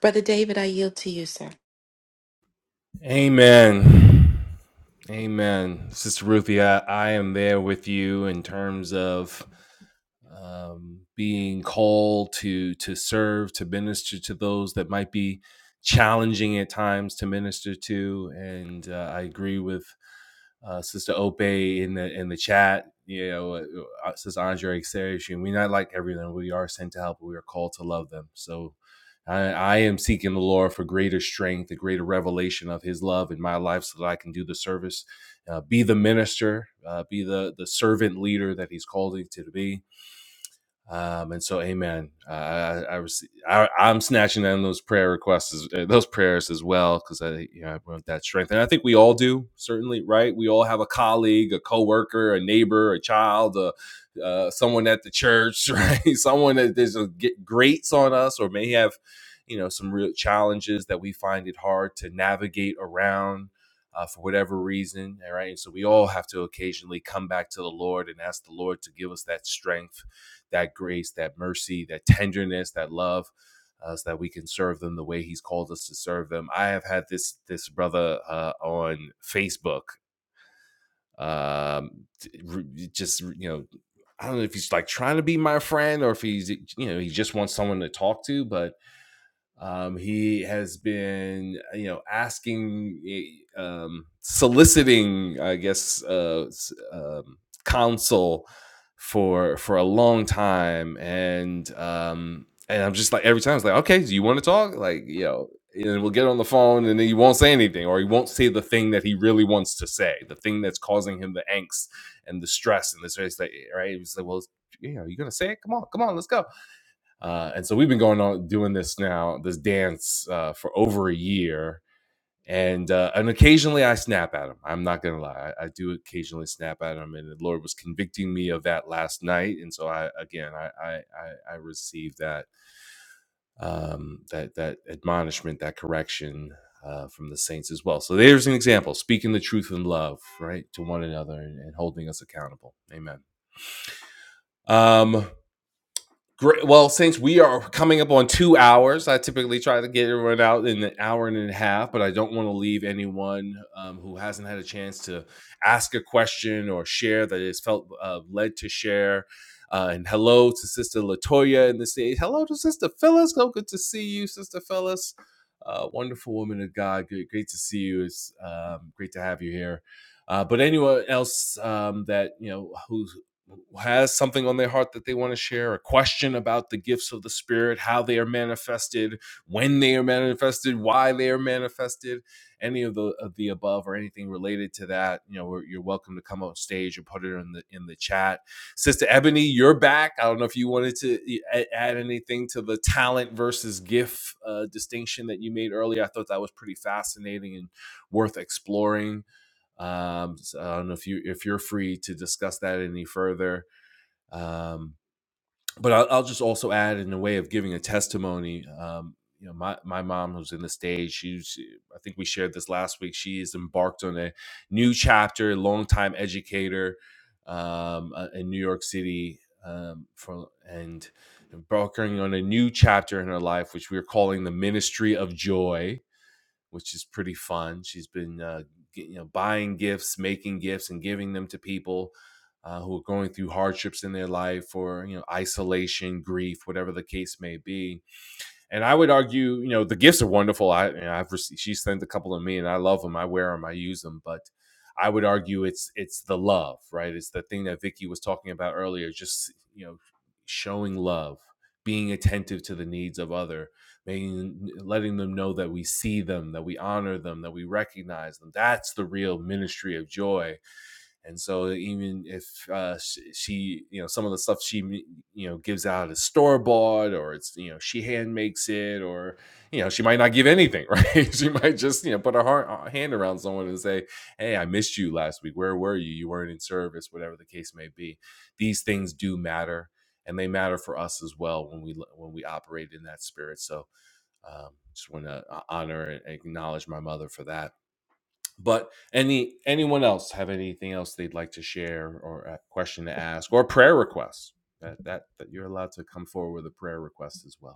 Speaker 4: Brother David, I yield to you, sir.
Speaker 1: Amen. Amen. Sister Ruthie, I, I am there with you in terms of um, being called to to serve, to minister to those that might be challenging at times to minister to. And uh, I agree with uh, Sister Ope in the in the chat. You know, uh, uh, Sister Andre Xerish, and we're not like everyone. We are sent to help, but we are called to love them. So I, I am seeking the Lord for greater strength, a greater revelation of His love in my life, so that I can do the service, uh, be the minister, uh, be the the servant leader that He's called me to be. Um, and so, Amen. Uh, I, I, rece- I, I'm snatching down those prayer requests, as, uh, those prayers as well, because I, you know, I want that strength, and I think we all do, certainly, right? We all have a colleague, a coworker, a neighbor, a child, a, uh, someone at the church, right? someone that there's a get grates on us, or may have, you know, some real challenges that we find it hard to navigate around uh, for whatever reason. All right. And so we all have to occasionally come back to the Lord and ask the Lord to give us that strength, that grace, that mercy, that tenderness, that love. Uh, so that we can serve them the way he's called us to serve them. I have had this this brother uh, on Facebook, um, just you know, I don't know if he's like trying to be my friend or if he's you know he just wants someone to talk to, but um, he has been, uh, you know, asking, eh, um, soliciting, I guess, uh, um, counsel for for a long time, and um, and I'm just like every time it's like, okay, do you want to talk? Like, you know, and we'll get on the phone, and then he won't say anything, or he won't say the thing that he really wants to say, the thing that's causing him the angst and the stress and the stress. That, eh, right? It's like, well, you know, you're gonna say it. Come on, come on, let's go uh, and so we've been going on doing this now, this dance uh, for over a year. And uh, and occasionally I snap at him. I'm not gonna lie, I, I do occasionally snap at him, and the Lord was convicting me of that last night. And so I again, I I I, I received that um, that that admonishment, that correction uh, from the saints as well. So there's an example: speaking the truth in love, right, to one another, and, and holding us accountable. Amen. Um, Great. Well, since we are coming up on two hours, I typically try to get everyone out in an hour and a half, but I don't want to leave anyone um, who hasn't had a chance to ask a question or share that is felt uh, led to share. Uh, and hello to Sister Latoya in the stage. Hello to Sister Phyllis. So good to see you, Sister Phyllis. Uh, wonderful woman of God. Good, great to see you. It's um, great to have you here. Uh, but anyone else um, that you know who has something on their heart that they want to share, a question about the gifts of the Spirit, how they are manifested, when they are manifested, why they are manifested, any of the of the above or anything related to that, you know, you're welcome to come on stage and put it in the in the chat. Sister Ebony, you're back. I don't know if you wanted to add anything to the talent versus gift uh, distinction that you made earlier. I thought that was pretty fascinating and worth exploring. Um, so I don't know if you if you're free to discuss that any further um, but I'll, I'll just also add in a way of giving a testimony. Um, you know, my, my mom who's in the stage, she's I think we shared this last week. She is embarked on a new chapter, longtime educator um, uh, in New York City, um, for and embarking on a new chapter in her life, which we are calling the Ministry of Joy which is pretty fun. She's been uh, you know buying gifts, making gifts, and giving them to people uh, who are going through hardships in their life or you know isolation, grief, whatever the case may be. And I would argue, you know, the gifts are wonderful. I, you know, I've received, she sent a couple of me, and I love them. I wear them. I use them. But I would argue it's it's the love, right? It's the thing that Vicky was talking about earlier. Just you know, showing love, being attentive to the needs of other, making letting them know that we see them, that we honor them, that we recognize them. That's the real ministry of joy and so even if uh, she, you know, some of the stuff she, you know, gives out is store bought, or it's, you know, she hand makes it, or, you know, she might not give anything, right? she might just, you know, put her har- uh, hand around someone and say, "Hey, I missed you last week. Where were you? You weren't in service. Whatever the case may be, these things do matter, and they matter for us as well when we when we operate in that spirit. So, um, just want to honor and acknowledge my mother for that but any anyone else have anything else they'd like to share or a question to ask or prayer requests that, that that you're allowed to come forward with a prayer request as well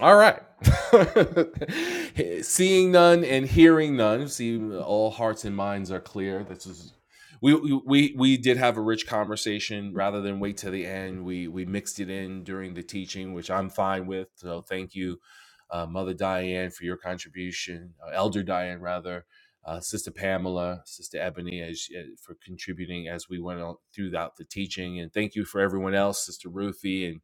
Speaker 1: All right. Seeing none and hearing none, see all hearts and minds are clear. This is we we we did have a rich conversation rather than wait till the end. We we mixed it in during the teaching, which I'm fine with. So thank you, uh, Mother Diane, for your contribution, uh, Elder Diane rather, uh, Sister Pamela, Sister Ebony, as uh, for contributing as we went on throughout the teaching, and thank you for everyone else, Sister Ruthie and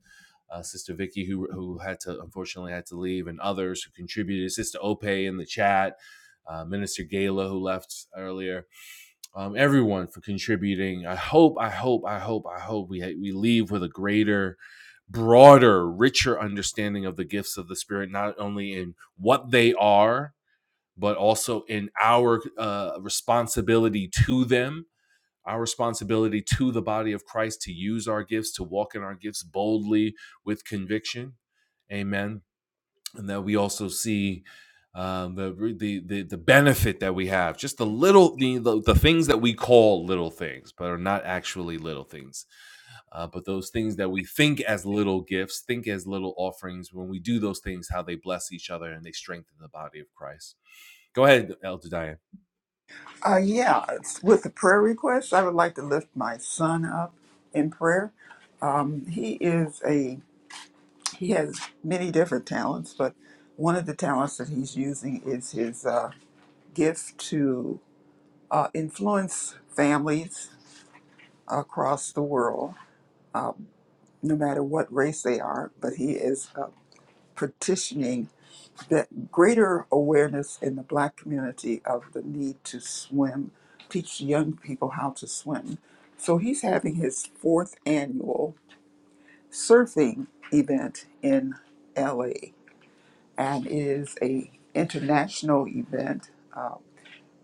Speaker 1: uh, Sister Vicky, who who had to unfortunately had to leave, and others who contributed. Sister Ope in the chat, uh, Minister Gala who left earlier. Um, everyone for contributing. I hope, I hope, I hope, I hope we we leave with a greater, broader, richer understanding of the gifts of the Spirit, not only in what they are, but also in our uh, responsibility to them our responsibility to the body of Christ to use our gifts, to walk in our gifts boldly with conviction. Amen. And that we also see um, the, the the the benefit that we have, just the little the, the the things that we call little things, but are not actually little things. Uh, but those things that we think as little gifts, think as little offerings, when we do those things, how they bless each other and they strengthen the body of Christ. Go ahead, Elder Diane.
Speaker 5: Uh, yeah, it's with the prayer request, I would like to lift my son up in prayer. Um, he is a He has many different talents, but one of the talents that he's using is his uh, gift to uh, influence families across the world, no matter what race they are. But he is uh, petitioning that greater awareness in the black community of the need to swim, teach young people how to swim. So he's having his fourth annual surfing event in LA and is a international event.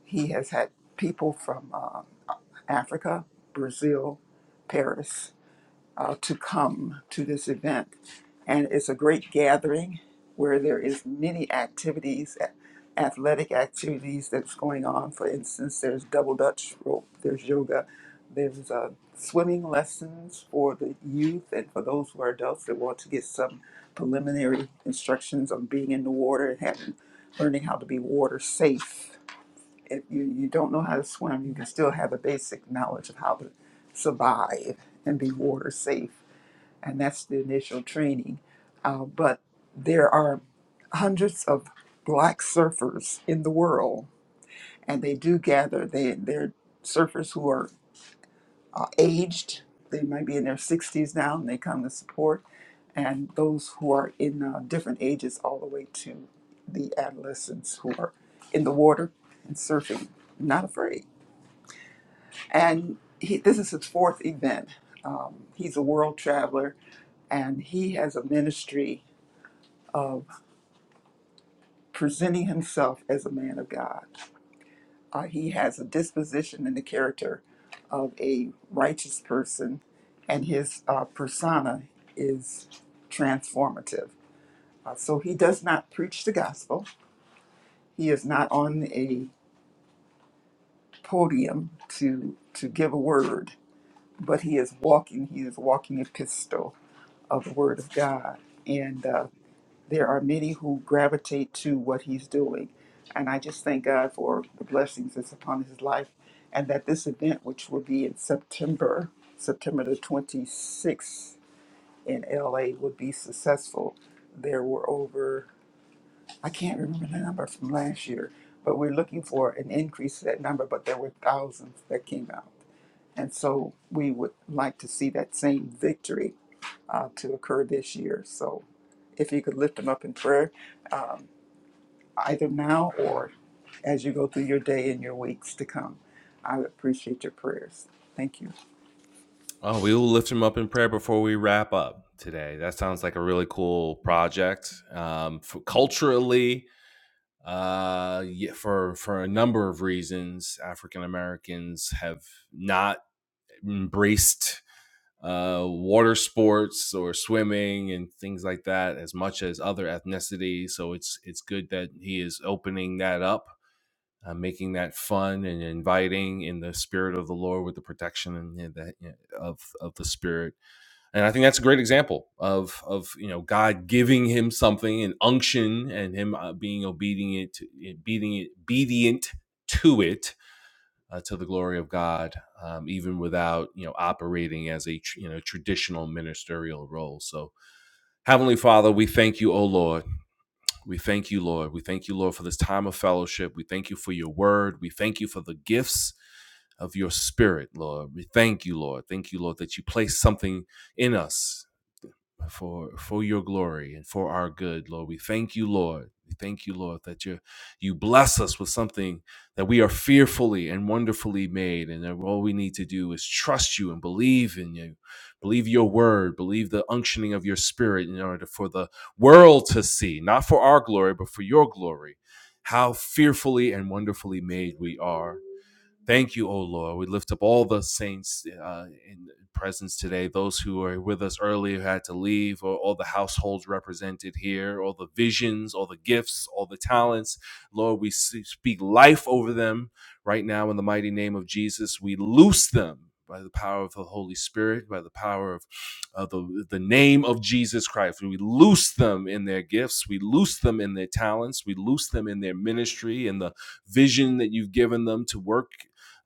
Speaker 5: He has had people from um, Africa, Brazil, Paris, uh, to come to this event. And it's a great gathering where there is many activities, a- athletic activities that's going on. For instance, there's double Dutch rope, there's yoga, there's uh, swimming lessons for the youth and for those who are adults that want to get some preliminary instructions on being in the water and having, learning how to be water safe. If you, you don't know how to swim, you can still have a basic knowledge of how to survive and be water safe and that's the initial training. Uh, but there are hundreds of black surfers in the world, and they do gather. They they're surfers who are uh, aged. They might be in their 60s now, and they come to support. And those who are in uh, different ages, all the way to the adolescents who are in the water and surfing, not afraid. And he, this is his fourth event. Um, he's a world traveler, and he has a ministry of presenting himself as a man of God. Uh, he has a disposition and the character of a righteous person, and his uh, persona is transformative. Uh, so he does not preach the gospel. He is not on a podium to to give a word, but he is walking. He is walking epistle of the word of God, and uh, there are many who gravitate to what he's doing. And I just thank God for the blessings that's upon his life and that this event, which will be in September, September the 26th in LA, will be successful. There were over, I can't remember the number from last year, but we're looking for an increase to that number, but there were thousands that came out. And so we would like to see that same victory uh, to occur this year. So if you could lift them up in prayer. um, either now or as you go through your day and your weeks to come. I appreciate your prayers. Thank you.
Speaker 1: Oh, we will lift him up in prayer before we wrap up today. That sounds like a really cool project. Um, for culturally, uh, yeah, for for a number of reasons, African Americans have not embraced uh, water sports or swimming and things like that as much as other ethnicities. So it's it's good that he is opening that up. Uh, making that fun and inviting in the spirit of the Lord with the protection and, and that, you know, of of the spirit and I think that's a great example of of you know God giving him something an unction and him uh, being obedient to, obedient obedient to it uh, to the glory of God um, even without you know operating as a you know traditional ministerial role so heavenly father we thank you O Lord we thank you Lord we thank you Lord for this time of fellowship we thank you for your word we thank you for the gifts of your spirit, Lord. We thank you, Lord. Thank you, Lord, that you place something in us for for your glory and for our good, Lord. We thank you, Lord. We thank you, Lord, that you you bless us with something that we are fearfully and wonderfully made, and that all we need to do is trust you and believe in you, believe your word, believe the unctioning of your spirit in order for the world to see, not for our glory, but for your glory, how fearfully and wonderfully made we are. Thank you, O Lord. We lift up all the saints uh, in presence today, those who are with us early who had to leave, or all the households represented here, all the visions, all the gifts, all the talents. Lord, we speak life over them right now in the mighty name of Jesus. We loose them by the power of the Holy Spirit, by the power of uh, the, the name of Jesus Christ. We loose them in their gifts, we loose them in their talents, we loose them in their ministry, and the vision that you've given them to work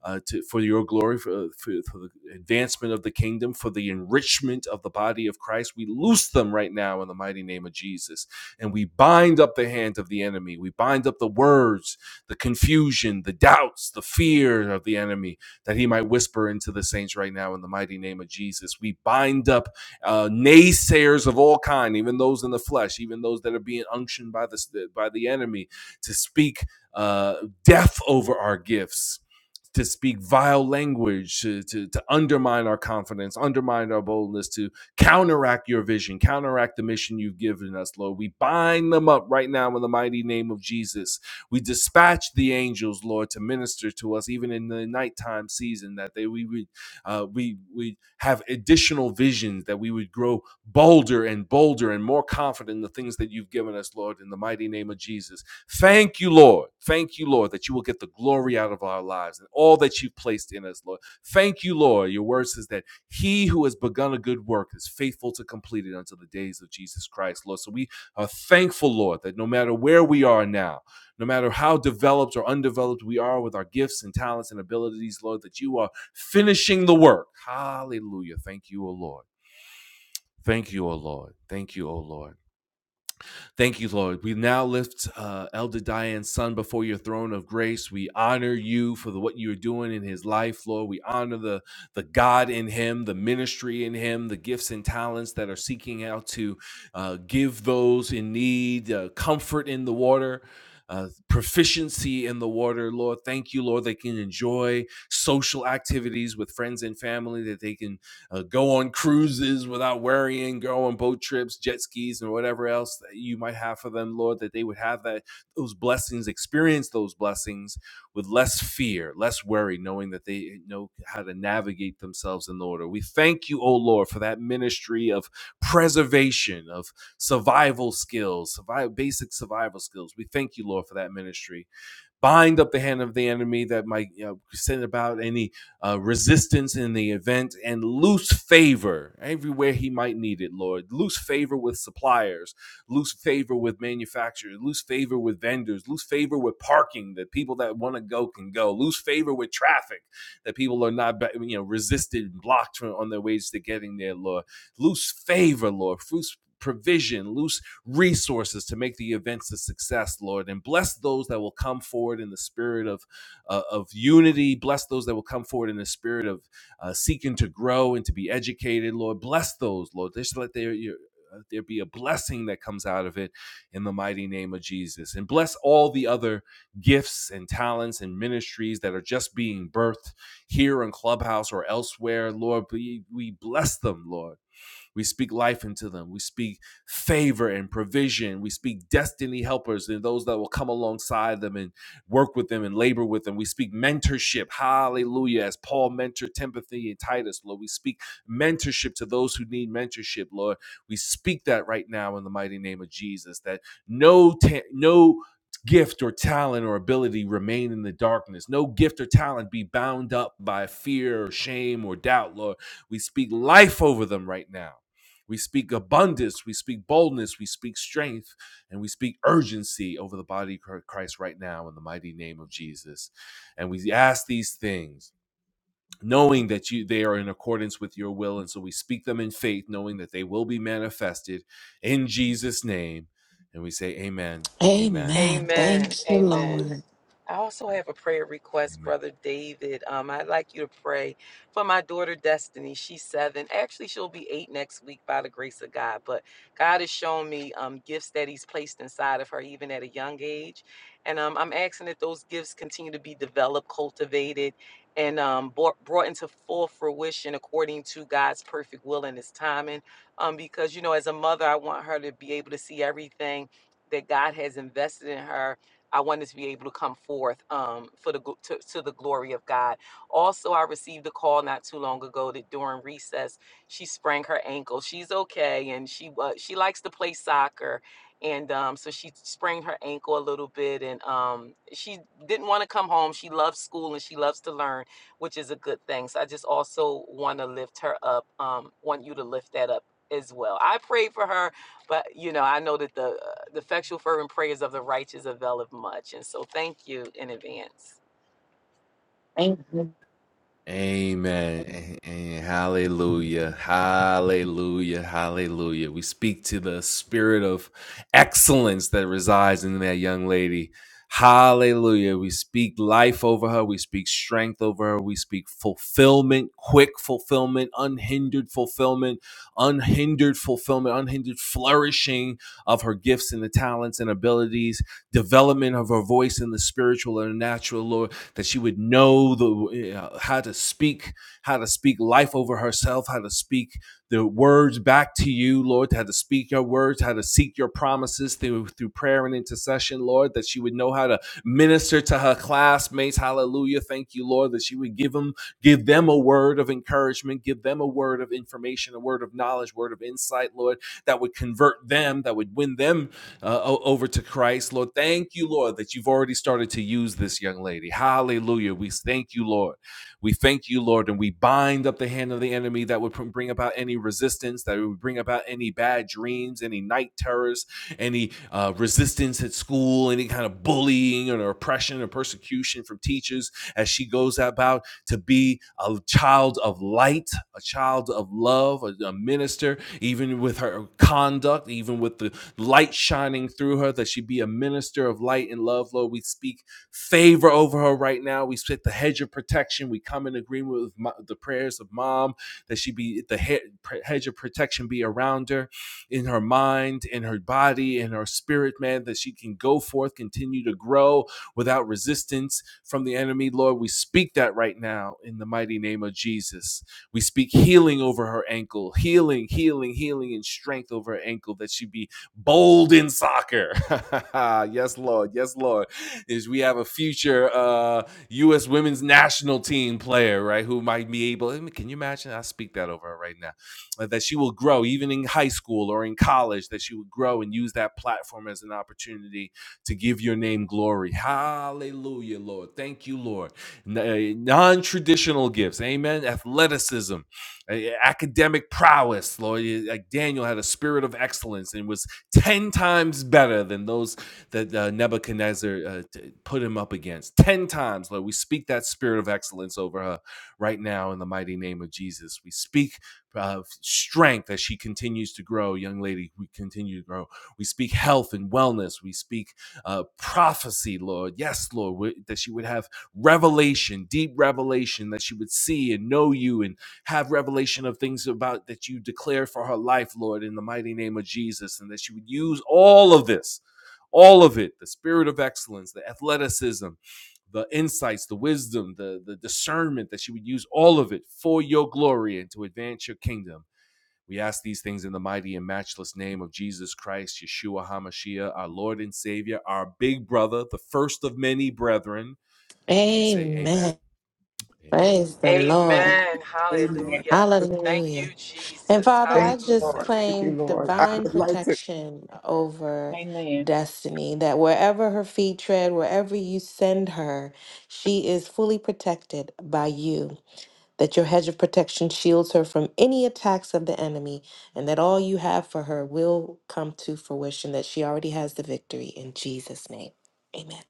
Speaker 1: uh, to, for your glory, for, uh, for, for the advancement of the kingdom, for the enrichment of the body of Christ. We loose them right now in the mighty name of Jesus. And we bind up the hand of the enemy. We bind up the words, the confusion, the doubts, the fear of the enemy that he might whisper into the saints right now in the mighty name of Jesus. We bind up uh, naysayers of all kind, even those in the flesh, even those that are being unctioned by the, by the enemy to speak uh, death over our gifts to speak vile language, to, to, to undermine our confidence, undermine our boldness, to counteract your vision, counteract the mission you've given us, Lord. We bind them up right now in the mighty name of Jesus. We dispatch the angels, Lord, to minister to us even in the nighttime season, that they we would uh, we we have additional visions, that we would grow bolder and bolder and more confident in the things that you've given us, Lord, in the mighty name of Jesus. Thank you, Lord. Thank you, Lord, that you will get the glory out of our lives and all that you've placed in us, Lord. Thank you, Lord. Your word says that he who has begun a good work is faithful to complete it until the days of Jesus Christ, Lord. So we are thankful, Lord, that no matter where we are now, no matter how developed or undeveloped we are with our gifts and talents and abilities, Lord, that you are finishing the work. Hallelujah. Thank you, O Lord. Thank you, O Lord. Thank you, O Lord. Thank you, Lord. We now lift uh, Elder Diane's son before your throne of grace. We honor you for the, what you're doing in his life, Lord. We honor the, the God in him, the ministry in him, the gifts and talents that are seeking out to uh, give those in need uh, comfort in the water. Uh, proficiency in the water, Lord. Thank you, Lord. They can enjoy social activities with friends and family, that they can uh, go on cruises without worrying, go on boat trips, jet skis, and whatever else that you might have for them, Lord, that they would have that those blessings, experience those blessings with less fear, less worry, knowing that they eh, know how to navigate themselves in order. We thank you, O Lord, for that ministry of preservation, of survival skills, survival, basic survival skills. We thank you, Lord, for that ministry bind up the hand of the enemy that might you know, send about any uh, resistance in the event and loose favor everywhere he might need it, Lord. Loose favor with suppliers, loose favor with manufacturers, loose favor with vendors, loose favor with parking that people that want to go can go, loose favor with traffic that people are not, you know, resisted, and blocked on their ways to getting there, Lord loose favor, Lord, loose provision, loose resources to make the events a success, Lord, and bless those that will come forward in the spirit of uh, of unity. Bless those that will come forward in the spirit of uh, seeking to grow and to be educated, Lord. Bless those, Lord. Just let their your, uh, there be a blessing that comes out of it in the mighty name of Jesus. And bless all the other gifts and talents and ministries that are just being birthed here in Clubhouse or elsewhere. Lord, we, we bless them, Lord we speak life into them. We speak favor and provision. We speak destiny helpers and those that will come alongside them and work with them and labor with them. We speak mentorship. Hallelujah. As Paul mentored Timothy and Titus, Lord, we speak mentorship to those who need mentorship, Lord. We speak that right now in the mighty name of Jesus that no ta- no gift or talent or ability remain in the darkness. No gift or talent be bound up by fear or shame or doubt, Lord. We speak life over them right now. We speak abundance, we speak boldness, we speak strength, and we speak urgency over the body of Christ right now in the mighty name of Jesus. And we ask these things knowing that you they are in accordance with your will and so we speak them in faith knowing that they will be manifested in Jesus name and we say amen amen
Speaker 4: Amen.
Speaker 1: and amen
Speaker 6: Amen.
Speaker 4: Thank you,
Speaker 6: Amen.
Speaker 4: Lord.
Speaker 6: I also have a prayer request,
Speaker 1: amen
Speaker 6: Brother David. Um, I'd like you to pray for my daughter Destiny. She's seven. Actually, she'll be eight next week by the grace of God. But God has shown me um, gifts that He's placed inside of her, even at a young age. And um, I'm asking that those gifts continue to be developed, cultivated, and um, brought, brought into full fruition according to God's perfect will and His timing. Um, because, you know, as a mother, I want her to be able to see everything that God has invested in her I wanted to be able to come forth um, for the gl- to, to the glory of God. Also, I received a call not too long ago that during recess she sprained her ankle. She's okay, and she uh, she likes to play soccer, and um, so she sprained her ankle a little bit, and um, she didn't want to come home. She loves school and she loves to learn, which is a good thing. So I just also want to lift her up. Um, want you to lift that up as well. I prayed for her but you know i know that the uh, the effectual fervent prayers of the righteous availeth much and so thank you in advance
Speaker 4: Thank you.
Speaker 1: Amen. A- Hallelujah. Hallelujah. Hallelujah. We speak to the spirit of excellence that resides in that young lady. Hallelujah. We speak life over her. We speak strength over her. We speak fulfillment, quick fulfillment, unhindered fulfillment, unhindered fulfillment, unhindered flourishing of her gifts and the talents and abilities, development of her voice in the spiritual and natural, Lord that she would know the uh, how to speak how to speak life over herself, how to speak the words back to you, Lord, how to speak your words, how to seek your promises through through prayer and intercession, Lord, that she would know how to minister to her classmates. Hallelujah. Thank you, Lord, that she would give them give them a word of encouragement, give them a word of information, a word of knowledge, word of insight, Lord, that would convert them, that would win them uh, o- over to Christ, Lord. Thank you, Lord, that you've already started to use this young lady. Hallelujah. We thank you, Lord. We thank you, Lord, and we bind up the hand of the enemy that would bring about any resistance, that would bring about any bad dreams, any night terrors, any uh, resistance at school, any kind of bullying or oppression or persecution from teachers as she goes about to be a child of light, a child of love, a, a minister, even with her conduct, even with the light shining through her, that she be a minister of light and love. Lord, we speak favor over her right now. We split the hedge of protection. We come in agreement with mo- the prayers of mom that she be the he- hedge of protection be around her in her mind, in her body, in her spirit, man, that she can go forth, continue to grow without resistance from the enemy. Lord, we speak that right now in the mighty name of Jesus. We speak healing over her ankle, healing, healing, healing, and strength over her ankle that she be bold in soccer. yes, Lord. Yes, Lord is we have a future uh, U.S. women's national team player, right? Who might be able. Can you imagine? I speak that over her right now. uh, That she will grow, even in high school or in college, that she would grow and use that platform as an opportunity to give your name glory. Hallelujah, Lord. Thank you, Lord. Non traditional gifts. Amen. Athleticism academic prowess, Lord. Like Daniel had a spirit of excellence and was 10 times better than those that uh, Nebuchadnezzar uh, t- put him up against. 10 times, Lord. We speak that spirit of excellence over her right now in the mighty name of Jesus. We speak uh, strength as she continues to grow, young lady. We continue to grow. We speak health and wellness. We speak uh, prophecy, Lord. Yes, Lord, that she would have revelation, deep revelation, that she would see and know you and have revelation of things about that you declare for her life, Lord, in the mighty name of Jesus, and that she would use all of this, all of it, the spirit of excellence, the athleticism, the insights, the wisdom, the, the discernment that she would use all of it for your glory and to advance your kingdom. We ask these things in the mighty and matchless name of Jesus Christ, Yeshua HaMashiach, our Lord and Savior, our big brother, the first of many brethren. And we say, Amen.
Speaker 4: Amen.
Speaker 1: Amen.
Speaker 4: Praise the Lord.
Speaker 6: amen
Speaker 1: Amen.
Speaker 5: Amen.
Speaker 6: hallelujah thank
Speaker 4: Hallelujah.
Speaker 6: you
Speaker 4: And
Speaker 6: jesus
Speaker 4: Father,
Speaker 5: Thank
Speaker 4: I
Speaker 1: Thank
Speaker 5: you,
Speaker 4: just
Speaker 6: hallelujah
Speaker 5: Lord. Thank you,
Speaker 4: claim
Speaker 5: Lord. I
Speaker 1: you.
Speaker 4: divine
Speaker 5: would like to,
Speaker 4: protection over
Speaker 7: Amen.
Speaker 4: Destiny, that wherever her feet tread, wherever you send her, she is fully protected by you. that your hedge of protection shields her from any attacks of the enemy, and that all you have for her will come to fruition, that she already has the victory. In Jesus' name, amen.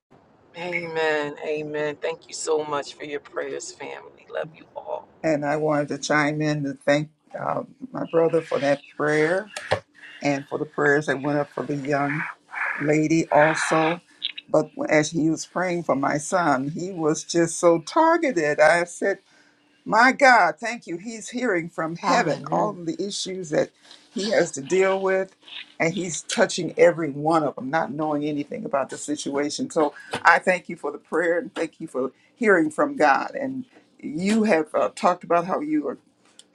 Speaker 6: amen amen thank you so much for your prayers family love you all
Speaker 5: and I wanted to chime in to thank um, my brother for that prayer and for the prayers that went up for the young lady also. But as he was praying for my son, he was just so targeted. I said, My God, thank you. He's hearing from heaven all
Speaker 4: Hallelujah.
Speaker 5: of the issues that he has to deal with, and he's touching every one of them, not knowing anything about the situation. So I thank you for the prayer and thank you for hearing from God. And you have uh, talked about how you are,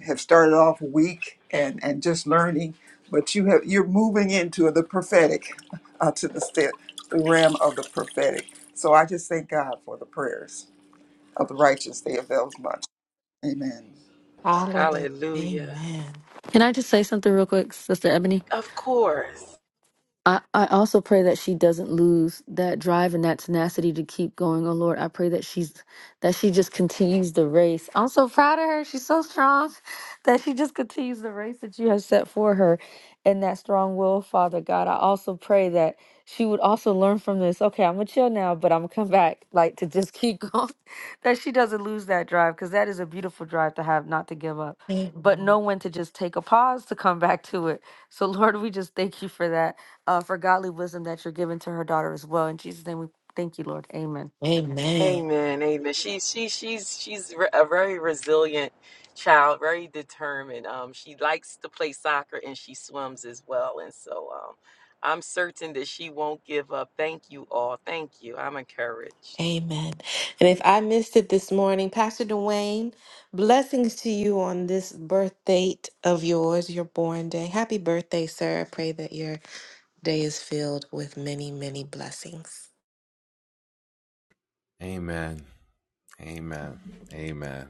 Speaker 5: have started off weak and, and just learning, but you have you're moving into the prophetic, uh, to the, st- the realm of the prophetic. So I just thank God for the prayers of the righteous. They avail much. Amen.
Speaker 4: Hallelujah.
Speaker 6: hallelujah
Speaker 4: Amen.
Speaker 9: Can I just say something real quick, Sister Ebony?
Speaker 6: of course
Speaker 9: I, I also pray that she doesn't lose that drive and that tenacity to keep going. Oh Lord, I pray that she's that she just continues the race. I'm so proud of her. She's so strong that she just continues the race that you have set for her and that strong will, Father God. I also pray that she would also learn from this. Okay, I'm gonna chill now, but I'm gonna come back, like to just keep going. that she doesn't lose that drive, because that is a beautiful drive to have, not to give up,
Speaker 4: Amen.
Speaker 9: but know when to just take a pause to come back to it. So Lord, we just thank you for that uh, for godly wisdom that you're giving to her daughter as well. In Jesus' name, we thank you, Lord. Amen.
Speaker 4: Amen.
Speaker 6: Amen, amen. She's she she's she's re- a very resilient child, very determined. Um, she likes to play soccer and she swims as well. And so, um, I'm certain that she won't give up. Thank you all. Thank you. I'm encouraged.
Speaker 4: Amen. And if I missed it this morning, Pastor Dwayne, blessings to you on this birth date of yours, your born day. Happy birthday, sir. I pray that your day is filled with many, many blessings.
Speaker 1: Amen. Amen. Amen.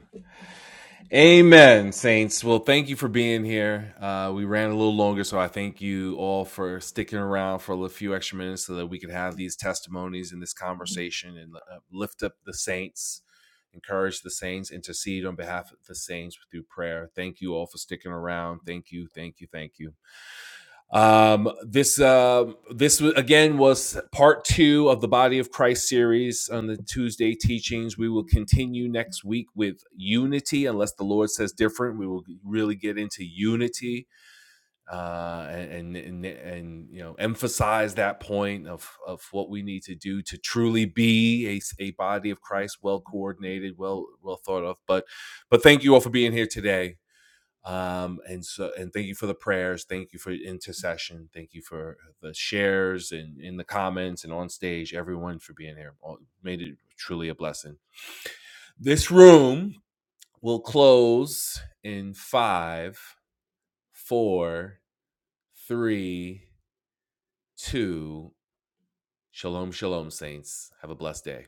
Speaker 1: Amen, saints. Well, thank you for being here. Uh, we ran a little longer, so I thank you all for sticking around for a few extra minutes so that we could have these testimonies and this conversation and uh, lift up the saints, encourage the saints, intercede on behalf of the saints through prayer. Thank you all for sticking around. Thank you. Thank you. Thank you. Um, this uh, this again was part two of the Body of Christ series on the Tuesday teachings. We will continue next week with unity, unless the Lord says different. We will really get into unity uh, and, and and you know emphasize that point of of what we need to do to truly be a a body of Christ, well coordinated, well well thought of. But but thank you all for being here today um and so and thank you for the prayers thank you for intercession thank you for the shares and in the comments and on stage everyone for being here All- made it truly a blessing this room will close in five four three two shalom shalom saints have a blessed day